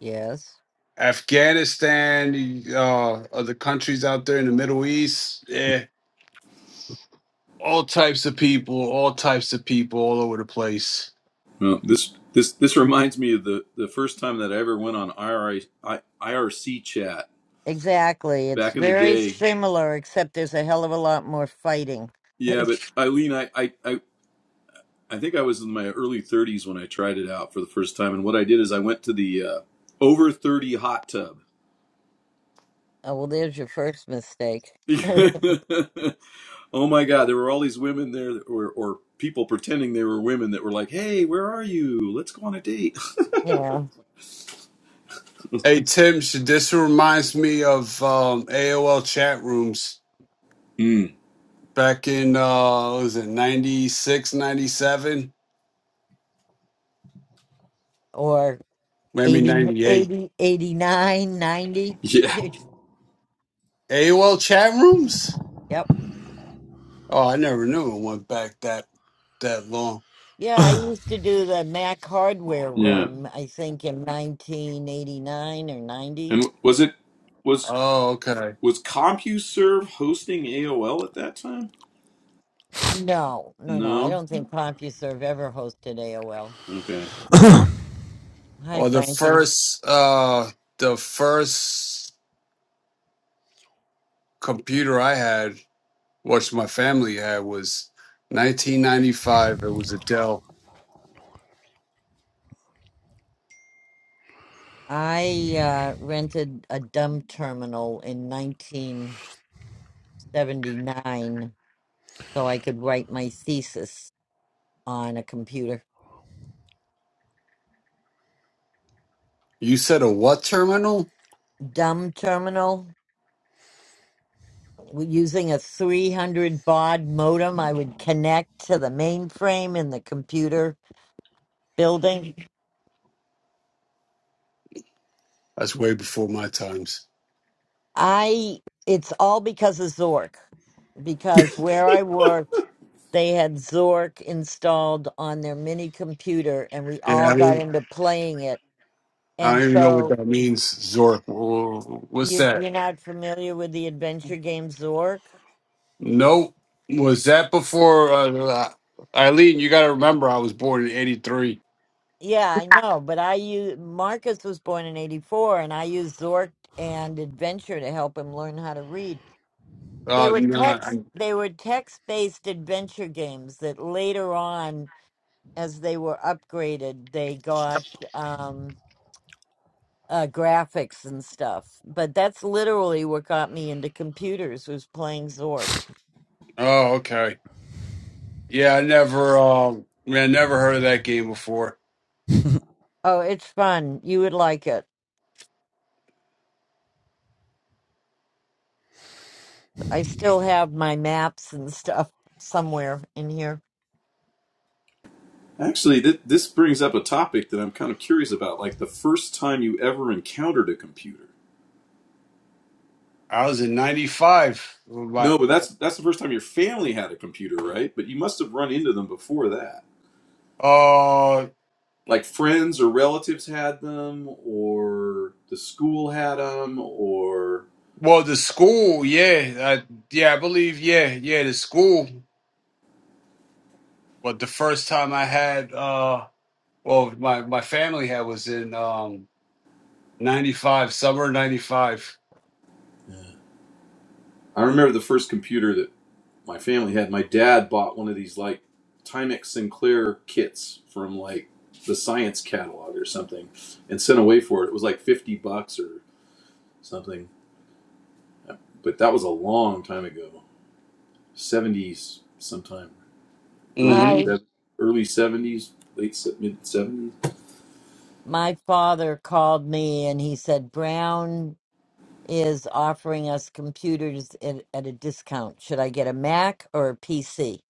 S1: yes,
S2: Afghanistan, uh, other countries out there in the Middle East. Yeah, all types of people, all types of people, all over the place.
S6: well, this this this reminds me of the the first time that I ever went on IRC chat
S1: exactly. It's
S6: back in the
S1: very
S6: day.
S1: similar, except there's a hell of a lot more fighting. oh,
S6: Yeah, but Eileen, I I. I I think I was in my early 30s when I tried it out for the first time, and what I did is I went to the uh, over 30 hot tub.
S1: well, there's your first mistake.
S6: Oh my God, there were all these women there, that were, or people pretending they were women that were like, "Hey, where are you? Let's go on a date."
S1: yeah,
S2: Hey Tim, sh- this reminds me of um, AOL chat rooms
S6: Mm,
S2: back in uh, what was it 96, 97,
S1: or
S2: maybe
S1: 80,
S2: 98
S1: 80, 89, 90.
S6: yeah,
S2: AOL chat rooms?
S1: yep.
S2: Oh, I never knew it went back that that long.
S1: Yeah, I used to do the Mac hardware
S6: yeah.
S1: room, I think in 1989 or 90.
S6: And was it was
S2: Oh, okay.
S6: was CompuServe hosting AOL at that time?
S1: No, no, no. I
S6: No.
S1: don't think CompuServe ever hosted AOL.
S6: Okay.
S1: Hi,
S2: Well, the
S1: Frankie.
S2: first uh the first computer I had, which my family had, was 1995. It was a Dell.
S1: I uh, rented a dumb terminal in 1979 so I could write my thesis on a computer.
S2: You said a what terminal?
S1: Dumb terminal w- using a 300 baud modem, I would connect to the mainframe in the computer building.
S2: That's way before my times.
S1: I it's all because of Zork. Because where I worked, they had Zork installed on their mini computer and we
S2: Yeah,
S1: all
S2: I
S1: got
S2: mean,
S1: into playing it.
S2: I don't
S1: And
S2: even know what
S1: so
S2: that means, Zork. Wh- What's
S1: you
S2: that?
S1: you're not familiar with the adventure game Zork?
S2: Nope. Was that before? Uh, Eileen, you got to remember, I was born in '83.
S1: Yeah, I know, but I use Marcus was born in 84 and I used Zork and Adventure to help him learn how to read. They
S2: Uh,
S1: were
S2: no, I,
S1: text they were text-based adventure games that later on as they were upgraded, they got um, uh, graphics and stuff. But that's literally what got me into computers was playing Zork.
S2: oh, okay. Yeah, I never, um, man, never heard of that game before.
S1: Oh, it's fun. You would like it. I still have my maps and stuff somewhere in here.
S6: Actually, th- this brings up a topic that I'm kind of curious about, like the first time you ever encountered a computer.
S2: I was in '95. My,
S6: No, but that's that's the first time your family had a computer, right? But you must have run into them before that.
S2: uh,
S6: like friends or relatives had them or the school had them or
S2: well, the school, yeah, I, yeah, I believe, yeah, yeah, the school. But the first time I had, uh, well, my my family had was in um '95, summer '95.
S6: i remember the first computer that my family had my dad bought one of these like timex sinclair kits from like the science catalog or something and sent away for it it was like 50 bucks or something but that was a long time ago 70s sometime early
S2: Mm-hmm.
S1: My
S6: sev- early 70s late se- mid 70s
S1: my father called me and he said Brown is offering us computers at, at a discount. Should I get a Mac or a PC?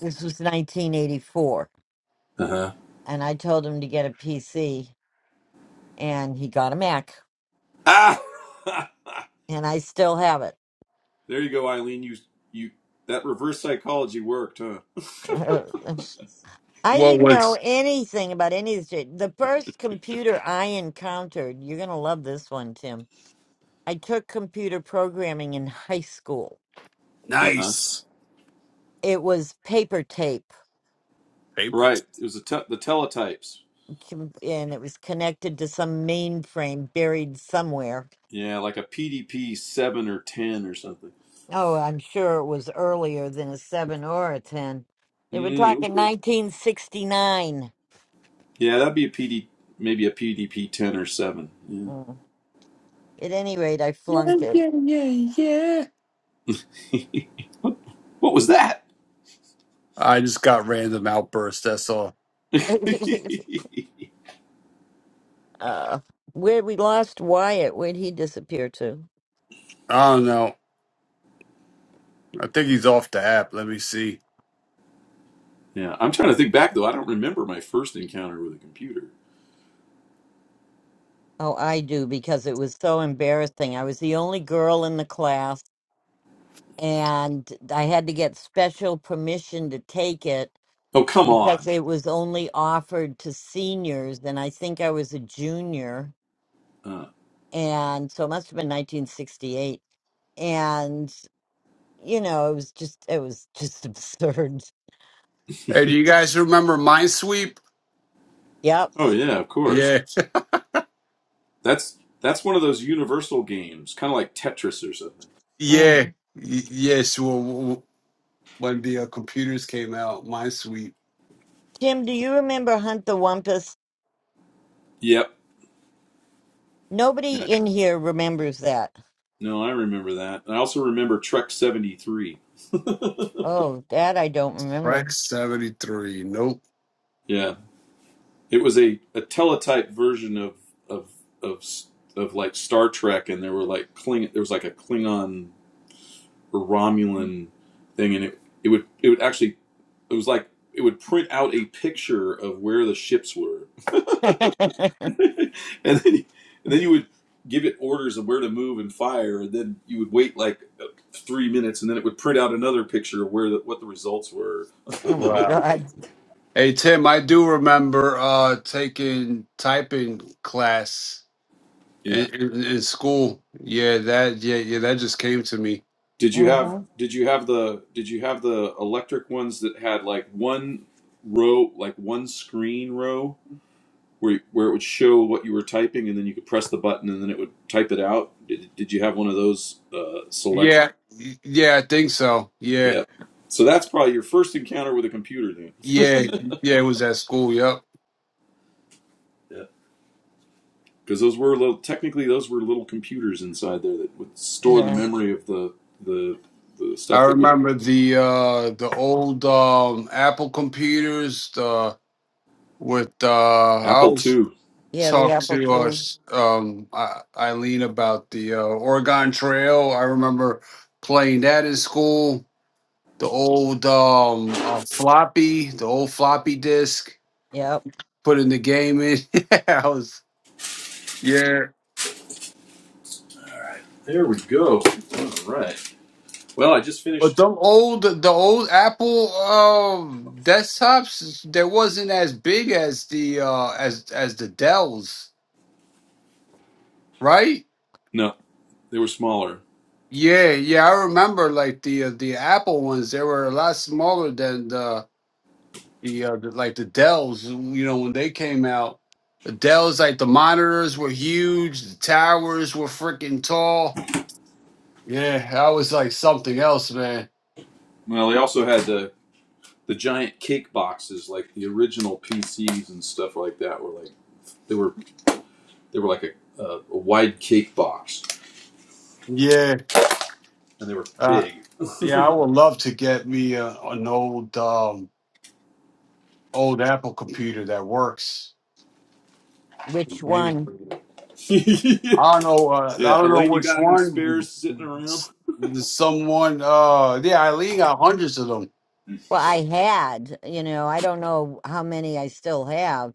S1: This was 1984,
S6: uh-huh
S1: and I told him to get a PC and he got a Mac,
S6: ah
S1: and I still have it.
S6: There you go, Eileen. You you that reverse psychology worked, huh?
S1: I
S2: What
S1: didn't know
S2: was
S1: anything about any of this. shit. The first computer I encountered, you're going to love this one, Tim. I took computer programming in high school.
S6: Uh huh.
S2: nice?
S1: It was paper tape,
S2: Paper.
S6: Right. It was the te- the teletypes.
S1: com- and it was connected to some mainframe buried somewhere.
S6: Yeah, like a PDP seven or ten or something.
S1: Oh, I'm sure it was earlier than a 7 or a 10. They were
S6: Mm,
S1: talking
S6: ooh.
S1: 1969.
S6: yeah, that'd be a PD, maybe a PDP ten or seven. Yeah.
S1: Mm. At any rate, I
S2: Yeah,
S1: flunked it.
S2: yeah, yeah, yeah.
S6: what was that?
S2: I just got random outbursts. That's all.
S6: yeah,
S1: uh where we lost Wyatt, where'd he disappear to?
S2: I don't know. I think he's off the app. Let me see.
S6: I'm trying to think back though. I don't remember my first encounter with a computer.
S1: Oh, I do because it was so embarrassing. I was the only girl in the class and I had to get special permission to take it
S6: Oh come
S1: because
S6: on.
S1: it was only offered to seniors and I think I was a junior
S6: Uh,
S1: and so it must have been 1968 and you know it was just it was just absurd.
S2: Hey, do you guys remember Minesweep?
S1: Yep.
S6: oh yeah, of course.
S2: Yeah,
S6: That's that's one of those universal games, kind of like Tetris or something.
S1: Mm.
S2: yeah, Y- yes. Well, w- w- when the uh, computers came out, Minesweep,
S1: Tim, do you remember Hunt the Wumpus?
S6: Yep.
S1: Nobody
S6: Yeah.
S1: in here remembers that.
S6: No, I remember that. I also remember Trek 73.
S1: Oh, that I don't remember.
S2: Prex seventy three. Nope.
S6: Yeah. It was a, a teletype version of, of, of, of like Star Trek, and there were like Kling, there was like a Klingon or Romulan thing, and it, it would, it would actually, it was like, it would print out a picture of where the ships were.
S1: oh
S6: And then, you- and then you would give it orders of where to move and fire, and then you would wait like uh, three minutes, and then it would print out another picture of where the, what the results were.
S1: my
S2: Wow.
S1: God.
S2: Hey Tim, I do remember uh taking typing class
S6: Yeah.
S2: in, in, in school. Yeah, that yeah yeah that just came to me.
S6: Did you have
S1: hmm
S6: did you have the did you have the electric ones that had like one row like one screen row where where it would show what you were typing and then you could press the button and then it would type it out? Did, did you have one of those uh selector?
S2: Yeah, y- yeah, I think so. Yeah,
S6: Yeah. So that's probably your first encounter with a computer then.
S2: yeah, yeah. It was at school. Yep.
S6: yeah. Cuz those were little technically those were little computers inside there that would store the
S1: Yeah.
S6: memory of the the the
S2: I
S6: stuff that was
S2: remember the uh the old um Apple computers uh with uh I
S6: Apple
S2: always
S6: II.
S1: Yeah, the
S2: talk
S1: Apple
S2: to
S1: II.
S2: us um I- Eileen about the uh, Oregon Trail. I remember playing that in school. The old um uh, floppy, the old floppy disk,
S1: Yep.
S2: putting the game in. I was yeah.
S6: There we go. All right. Well, I just
S2: But
S6: finished.
S2: them old the old Apple um desktops they wasn't as big as the uh as as the Dells, right?
S6: No. They were smaller.
S2: Yeah, yeah, I remember like the uh, the Apple ones they were a lot smaller than the the, uh, the like the Dells, you know, when they came out. The Dells like the monitors were huge, the towers were freaking tall. Yeah, that was like something else, man.
S6: Well, they also had the the giant cake boxes, like the original PCs and stuff like that. Were like they were they were like a, a, a wide cake box,
S2: Yeah.
S6: and they were
S2: Uh
S6: big.
S2: yeah, I would love to get me a, an old um old Apple computer that works.
S1: Which
S2: I
S1: one?
S2: don't know. Uh,
S6: yeah,
S2: I don't know
S6: Elaine, you
S2: which
S6: got any
S2: one.
S6: spares sitting around?
S2: S- Someone. Uh, yeah, Eileen got hundreds of them.
S1: Well, I had, you know, I don't know how many I still have.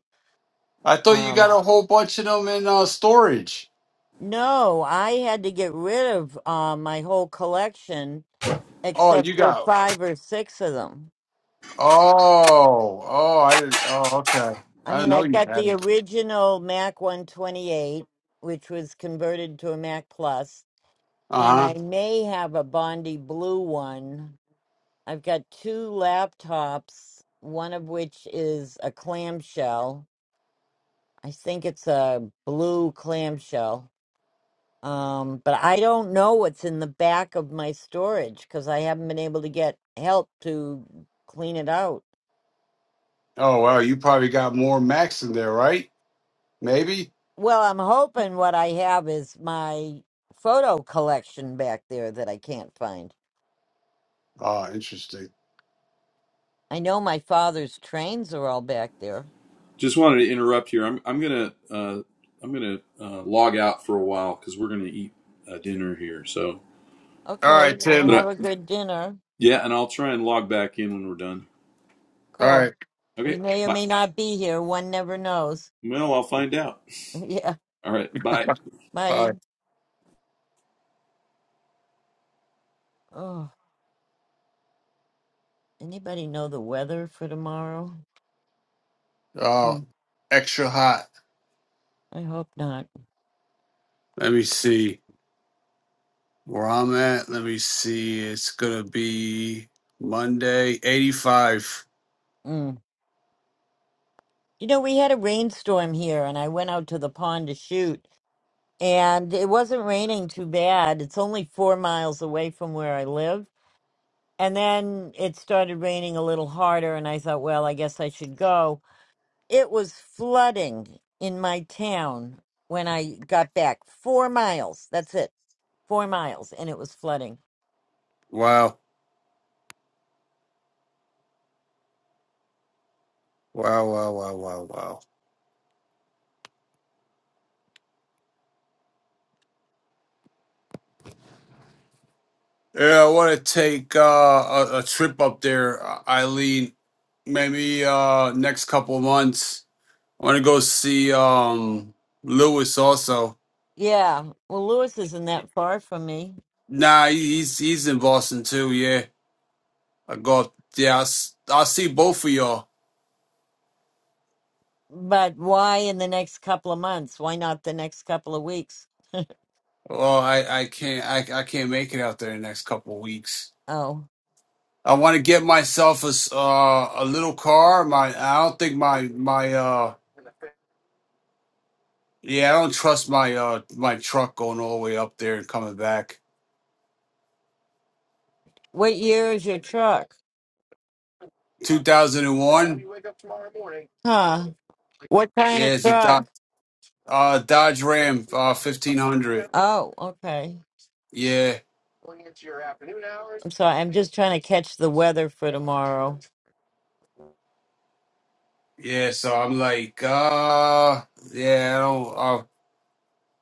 S2: I thought you got
S1: Um,
S2: a whole bunch of them in uh, storage.
S1: no, I had to get rid of uh, my whole collection
S2: Oh, you
S1: except for
S2: got.
S1: five or six of them.
S2: Oh, oh, I didn't. Oh, okay.
S1: I
S2: I didn't
S1: mean,
S2: know
S1: I've
S2: you
S1: got
S2: had
S1: the
S2: them.
S1: original Mac 128, which was converted to a Mac Plus,
S2: Uh
S1: and
S2: huh.
S1: I may have a Bondi Blue one I've got two laptops, one of which is a clamshell. I think it's a blue clamshell. Um, but I don't know what's in the back of my storage because I haven't been able to get help to clean it out.
S2: Oh well, you probably got more Macs in there, right? Maybe.
S1: Well, I'm hoping what I have is my photo collection back there that I can't find.
S2: Oh, interesting.
S1: I know my father's trains are all back there.
S6: Just wanted to interrupt here. I'm I'm gonna uh, I'm gonna uh, log out for a while because we're gonna eat uh, dinner here. So,
S2: All
S1: Okay,
S2: right,
S1: well,
S6: but
S2: Tim.
S6: I,
S1: have a good dinner.
S6: yeah, and I'll try and log back in when we're done.
S2: All
S1: Cool.
S2: right.
S1: We
S6: Okay,
S1: may or
S6: bye.
S1: may not be here. One never knows.
S6: Well, I'll find out.
S1: Yeah.
S6: All right, bye.
S2: All
S1: My,
S2: right.
S1: oh, anybody know the weather for tomorrow?
S2: Uh,
S1: Mm,
S2: extra hot.
S1: I hope not.
S2: Let me see. Where I'm at, let me see. It's gonna be Monday, 85.
S1: Mm. You know, we had a rainstorm here and I went out to the pond to shoot and it wasn't raining too bad. It's only four miles away from where I live. And then it started raining a little harder and I thought, well, I guess I should go. It was flooding in my town when I got back. Four miles. That's it four miles and it was flooding.
S2: Wow. Wow, wow, wow, wow, wow. Yeah, I want to take uh, a, a trip up there, uh, Eileen. Maybe uh, next couple of months. I want to go see um, Lewis also.
S1: Yeah. Well, Lewis isn't that far from me.
S2: Nah, he- he's he's in Boston too. Yeah, I go up. Yeah, I'll, s- I'll see both of y'all.
S1: But why in the next couple of months? Why not the next couple of weeks?
S2: Well, I, I can't I, I can't make it out there in the next couple of weeks.
S1: Oh.
S2: I want to get myself a s- uh, a little car. My I don't think my my uh yeah I don't trust my uh my truck going all the way up there and coming back.
S1: What year is your truck?
S2: Two thousand and one.
S1: Huh. What kind
S2: Yeah,
S1: of
S2: it's a
S1: truck?
S2: Dodge, uh, Dodge Ram uh, fifteen hundred.
S1: Oh, okay.
S2: Yeah,
S1: I'm sorry. I'm just trying to catch the weather for tomorrow.
S2: yeah. So I'm like uh yeah I don't uh,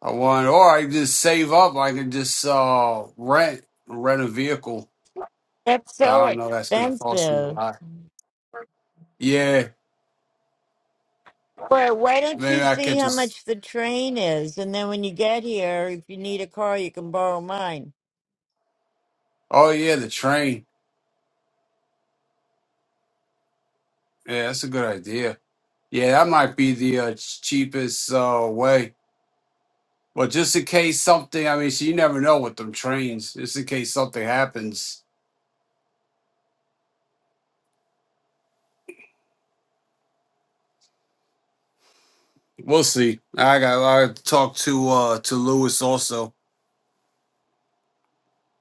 S2: I want or I can just save up. I can just uh rent rent a vehicle.
S1: That's
S2: So
S1: so
S2: I don't know. That's gonna cost me a
S1: expensive.
S2: lot. Yeah,
S1: But why don't you
S2: maybe I
S1: see
S2: catch a
S1: how
S2: s
S1: much the train is? And then when you get here, if you need a car, you can borrow mine.
S2: Oh yeah, the train. Yeah, that's a good idea. Yeah, that might be the uh, cheapest uh, way. But just in case something, I mean, so you never know with them trains. Just in case something happens, we'll see. I got I got to talk to uh to Lewis also.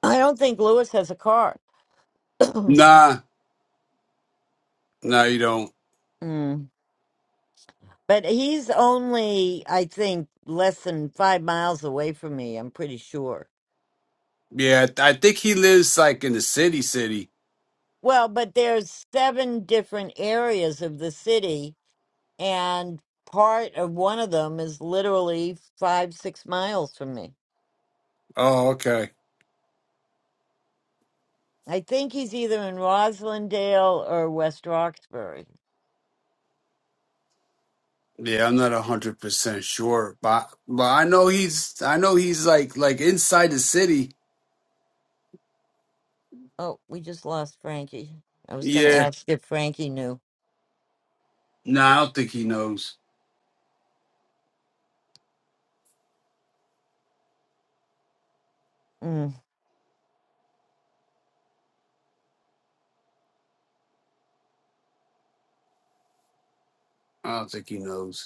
S1: I don't think Lewis has a car. mm.
S2: Nah, no, you don't.
S1: But he's only, I think, less than five miles away from me, I'm pretty sure.
S2: Yeah, I I think he lives like in the city, city.
S1: Well, but there's seven different areas of the city, and part of one of them is literally five, six miles from me.
S2: Oh, okay.
S1: I think he's either in Roslindale or West Roxbury.
S2: Yeah, I'm not a hundred percent sure, but but I know he's I know he's like like inside the city.
S1: Oh, we just lost Frankie. I was going to
S2: Yeah.
S1: ask if Frankie knew.
S2: Nah, I don't think he knows.
S1: Mm.
S2: I don't think he knows.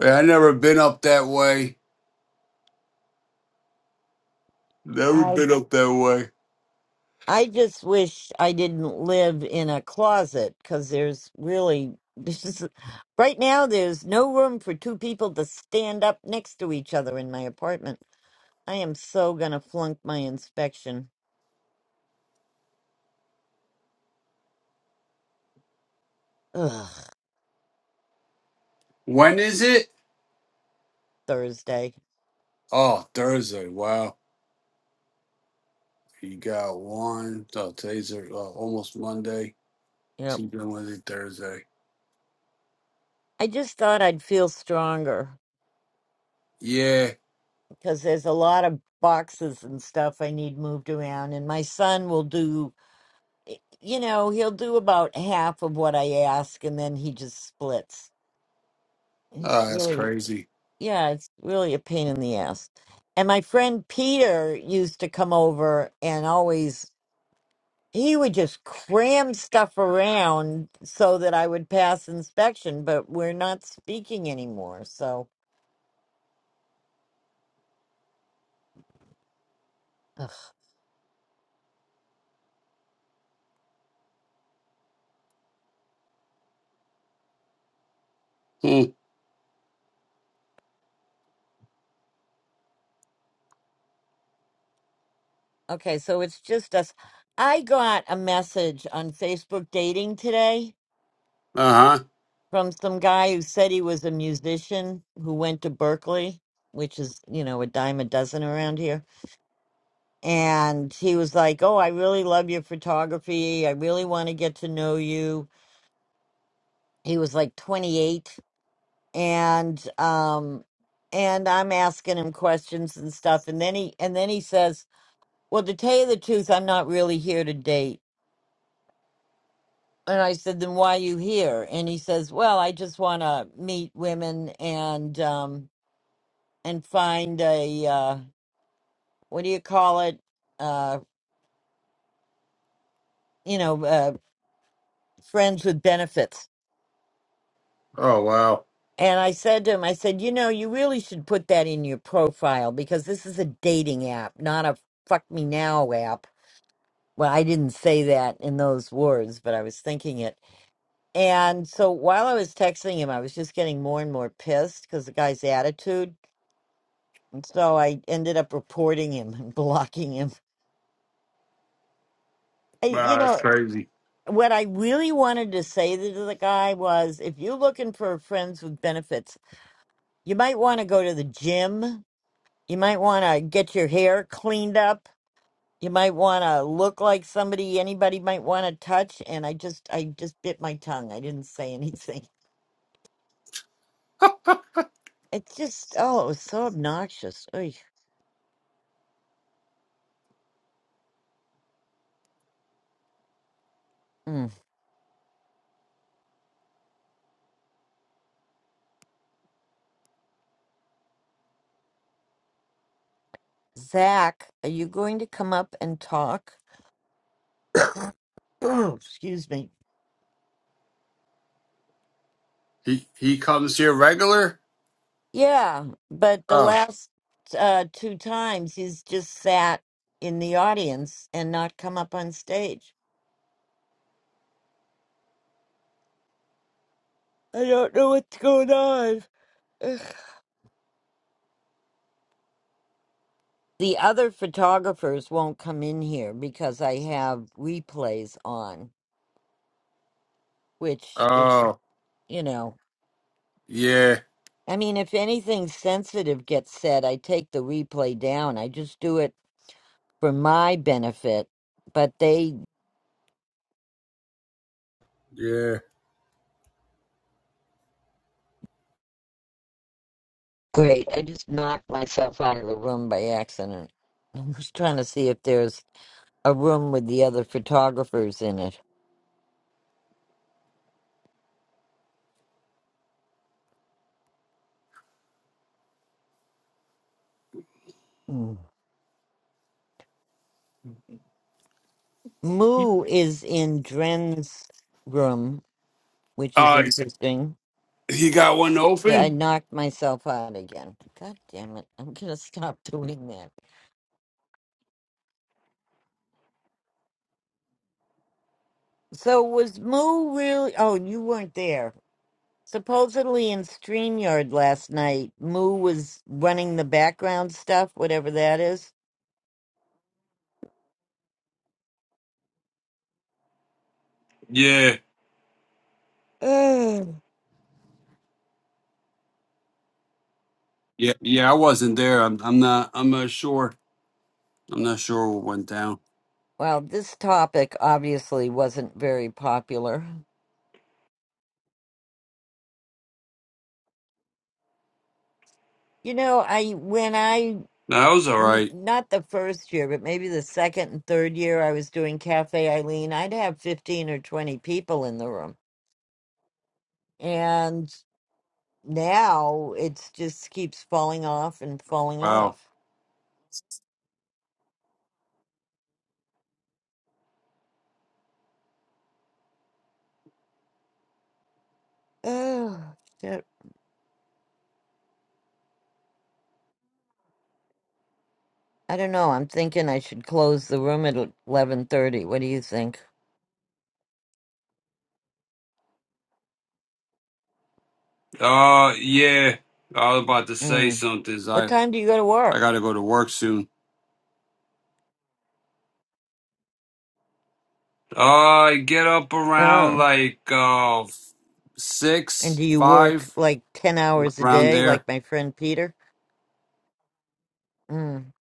S2: Yeah, I never been up that way. Never
S1: I
S2: been up that way.
S1: I just wish I didn't live in a closet because there's really this is right now there's no room for two people to stand up next to each other in my apartment. I am so gonna flunk my inspection. Ugh,
S2: When is it?
S1: Thursday.
S2: Oh, Thursday. Wow. You got one. Oh, today's uh, almost Monday.
S1: Yep.
S2: Tuesday, Wednesday, Thursday.
S1: I just thought I'd feel stronger
S2: Yeah.
S1: because there's a lot of boxes and stuff I need moved around, and my son will do, you know, he'll do about half of what I ask, and then he just splits. He's
S2: Oh, that's
S1: really
S2: crazy.
S1: yeah, it's really a pain in the ass. And my friend Peter used to come over and always he would just cram stuff around so that I would pass inspection, but we're not speaking anymore. So, ugh.
S2: Hmm.
S1: okay, so it's just us. I got a message on Facebook dating today
S2: Uh huh.
S1: from some guy who said he was a musician who went to Berkeley, which is, you know, a dime a dozen around here. and he was like, "Oh, I really love your photography. I really want to get to know you." He was like 28 and um and I'm asking him questions and stuff and then he and then he says, "Well, to tell you the truth, I'm not really here to date." And I said, "Then why are you here?" And he says, "Well, I just want to meet women and um and find a uh what do you call it? Uh you know, uh friends with benefits."
S2: Oh wow.
S1: And I said to him, I said, you know, you really should put that in your profile because this is a dating app, not a fuck me now app. Well, I didn't say that in those words, but I was thinking it. And so while I was texting him, I was just getting more and more pissed because the guy's attitude. And so I ended up reporting him and blocking him. I, you
S2: Wow, that's
S1: know,
S2: crazy.
S1: what I really wanted to say to the guy was if you're looking for friends with benefits, you might want to go to the gym You might want to get your hair cleaned up. You might want to look like somebody anybody might want to touch. And I just, I just bit my tongue. I didn't say anything. It's just, oh, it was so obnoxious. Oy. Mm. Zach, are you going to come up and talk? Excuse me.
S2: He he comes here regular.
S1: Yeah, but the
S2: Oh.
S1: last uh, two times he's just sat in the audience and not come up on stage. I don't know what's going on. Ugh. The other photographers won't come in here because I have replays on, which is,
S2: Oh.
S1: you know,
S2: Yeah.
S1: I mean, if anything sensitive gets said, I take the replay down. I just do it for my benefit, but they,
S2: Yeah.
S1: great. I just knocked myself out of the room by accident. I was trying to see if there's a room with the other photographers in it. Mm. Moo is in Dren's room, which is
S2: Oh, he's-
S1: interesting.
S2: he got one
S1: Yeah, I
S2: open.
S1: knocked myself out again. God damn it. I'm going to stop doing that. So, was Moo really. Oh, you weren't there. Supposedly in StreamYard last night, Moo was running the background stuff, whatever that is.
S2: Yeah.
S1: Ugh.
S2: Yeah. Yeah. I wasn't there. I'm. I'm not. I'm not sure. I'm not sure what went down.
S1: well, this topic obviously wasn't very popular. You know, I. When I.
S2: No, that was all
S1: n-
S2: right.
S1: Not the first year, but maybe the second and third year I was doing Cafe Eileen, I'd have 15 or 20 people in the room. And now it's just keeps falling off and falling
S2: Wow.
S1: off. Oh shit! I don't know. I'm thinking I should close the room at eleven thirty. What do you think?
S2: Uh, yeah. I was about to say
S1: Mm.
S2: something.
S1: What
S2: I
S1: time do you go to
S2: I
S1: work?
S2: gotta go to work soon. Uh, I get up around
S1: Oh,
S2: like uh
S1: and
S2: six,
S1: do you work
S2: five,
S1: like ten hours a
S2: around
S1: day,
S2: there.
S1: like my friend Peter? Mm.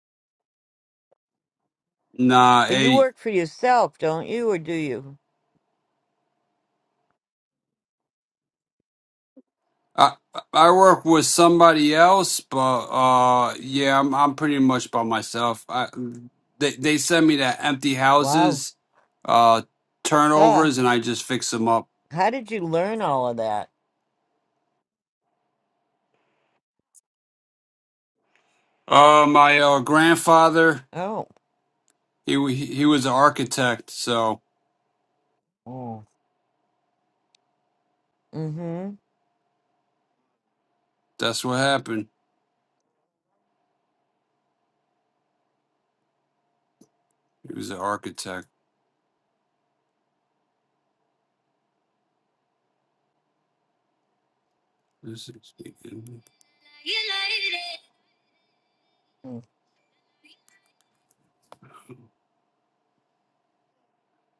S2: Nah,
S1: But you
S2: eight.
S1: work for yourself, don't you, or do you?
S2: I I work with somebody else, but uh, yeah, I'm I'm pretty much by myself. I they they send me to empty
S1: Wow.
S2: houses, uh,
S1: Ah,
S2: turnovers, and I just fix them up.
S1: how did you learn all of that?
S2: Uh, my uh, grandfather.
S1: Oh.
S2: He wa- he he was an architect, so
S1: Mm.
S2: that's what happened. He was an architect. This is-
S1: Hmm.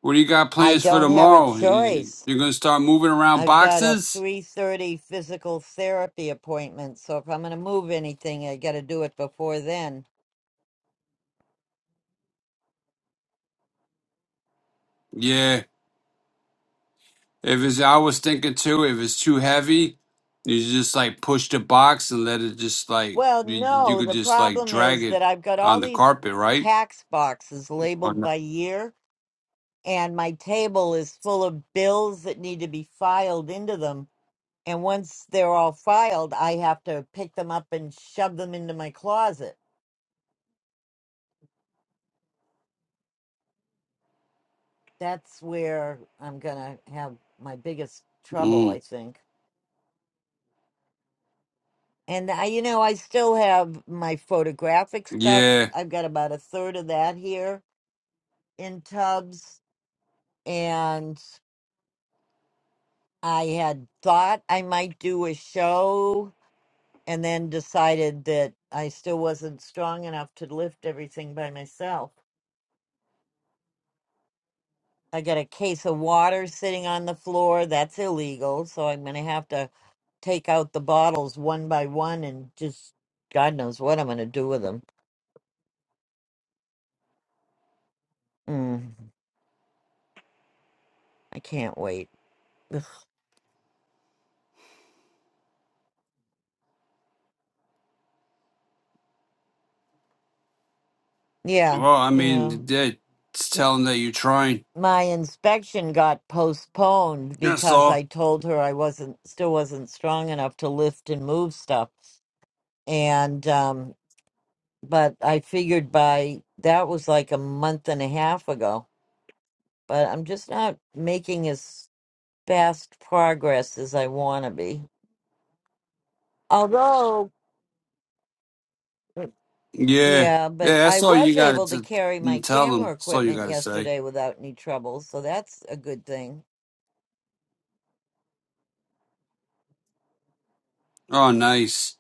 S2: What do you got
S1: I
S2: plans for
S1: don't have a
S2: tomorrow? You-
S1: choice.
S2: You're gonna start moving around
S1: I've got a
S2: boxes?
S1: 3:30 physical therapy appointment, so if I'm going to move anything, I got to do it before then.
S2: Yeah. If it's, I was thinking too. If it's too heavy, you just like push the box and let it just like
S1: Well,
S2: you, you
S1: no,
S2: could
S1: the
S2: just like
S1: problem
S2: drag
S1: is
S2: it
S1: that I've got all
S2: on the
S1: these
S2: carpet, right?
S1: tax boxes
S2: Or
S1: labeled
S2: not?
S1: by year, and my table is full of bills that need to be filed into them. And once they're all filed, I have to pick them up and shove them into my closet. That's where I'm going to have my biggest trouble, I
S2: Mm,
S1: think. And I, you know, I still have my photographic stuff.
S2: yeah.
S1: I've got about a third of that here in tubs. And I had thought I might do a show and then decided that I still wasn't strong enough to lift everything by myself. I got a case of water sitting on the floor. That's illegal. So I'm going to have to take out the bottles one by one and just God knows what I'm going to do with them. Mm, I can't wait. Yeah,
S2: Well, I
S1: yeah.
S2: mean, that- it's telling that you're trying.
S1: My inspection got postponed
S2: That's
S1: because
S2: all.
S1: I told her I wasn't still wasn't strong enough to lift and move stuff. And um but I figured by that was like a month and a half ago. But I'm just not making as fast progress as I want to be. Although mm,
S2: Yeah,
S1: yeah,
S2: yeah,
S1: but I
S2: that's all you
S1: was
S2: got
S1: able to
S2: to
S1: carry my
S2: tell
S1: camera
S2: them. That's all you
S1: equipment
S2: got to say.
S1: yesterday without any trouble, so that's a good thing.
S2: Oh, nice,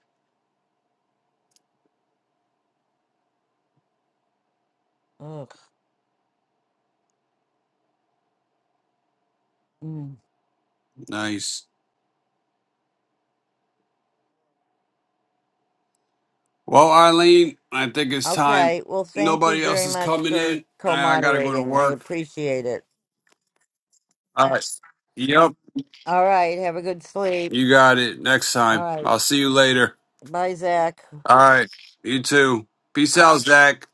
S1: Ugh.
S2: nice. Well, Eileen, I think it's time.
S1: Okay. Well, thank you
S2: Nobody else
S1: very
S2: is
S1: much
S2: coming
S1: for
S2: in. I, I got to go to
S1: co-moderating. I
S2: work.
S1: appreciate it.
S2: All right. Yep,
S1: All right. Have a good sleep.
S2: you got it. Next
S1: All
S2: time.
S1: right.
S2: I'll see you later.
S1: Bye, Zach.
S2: All right. You too. Peace out, Zach.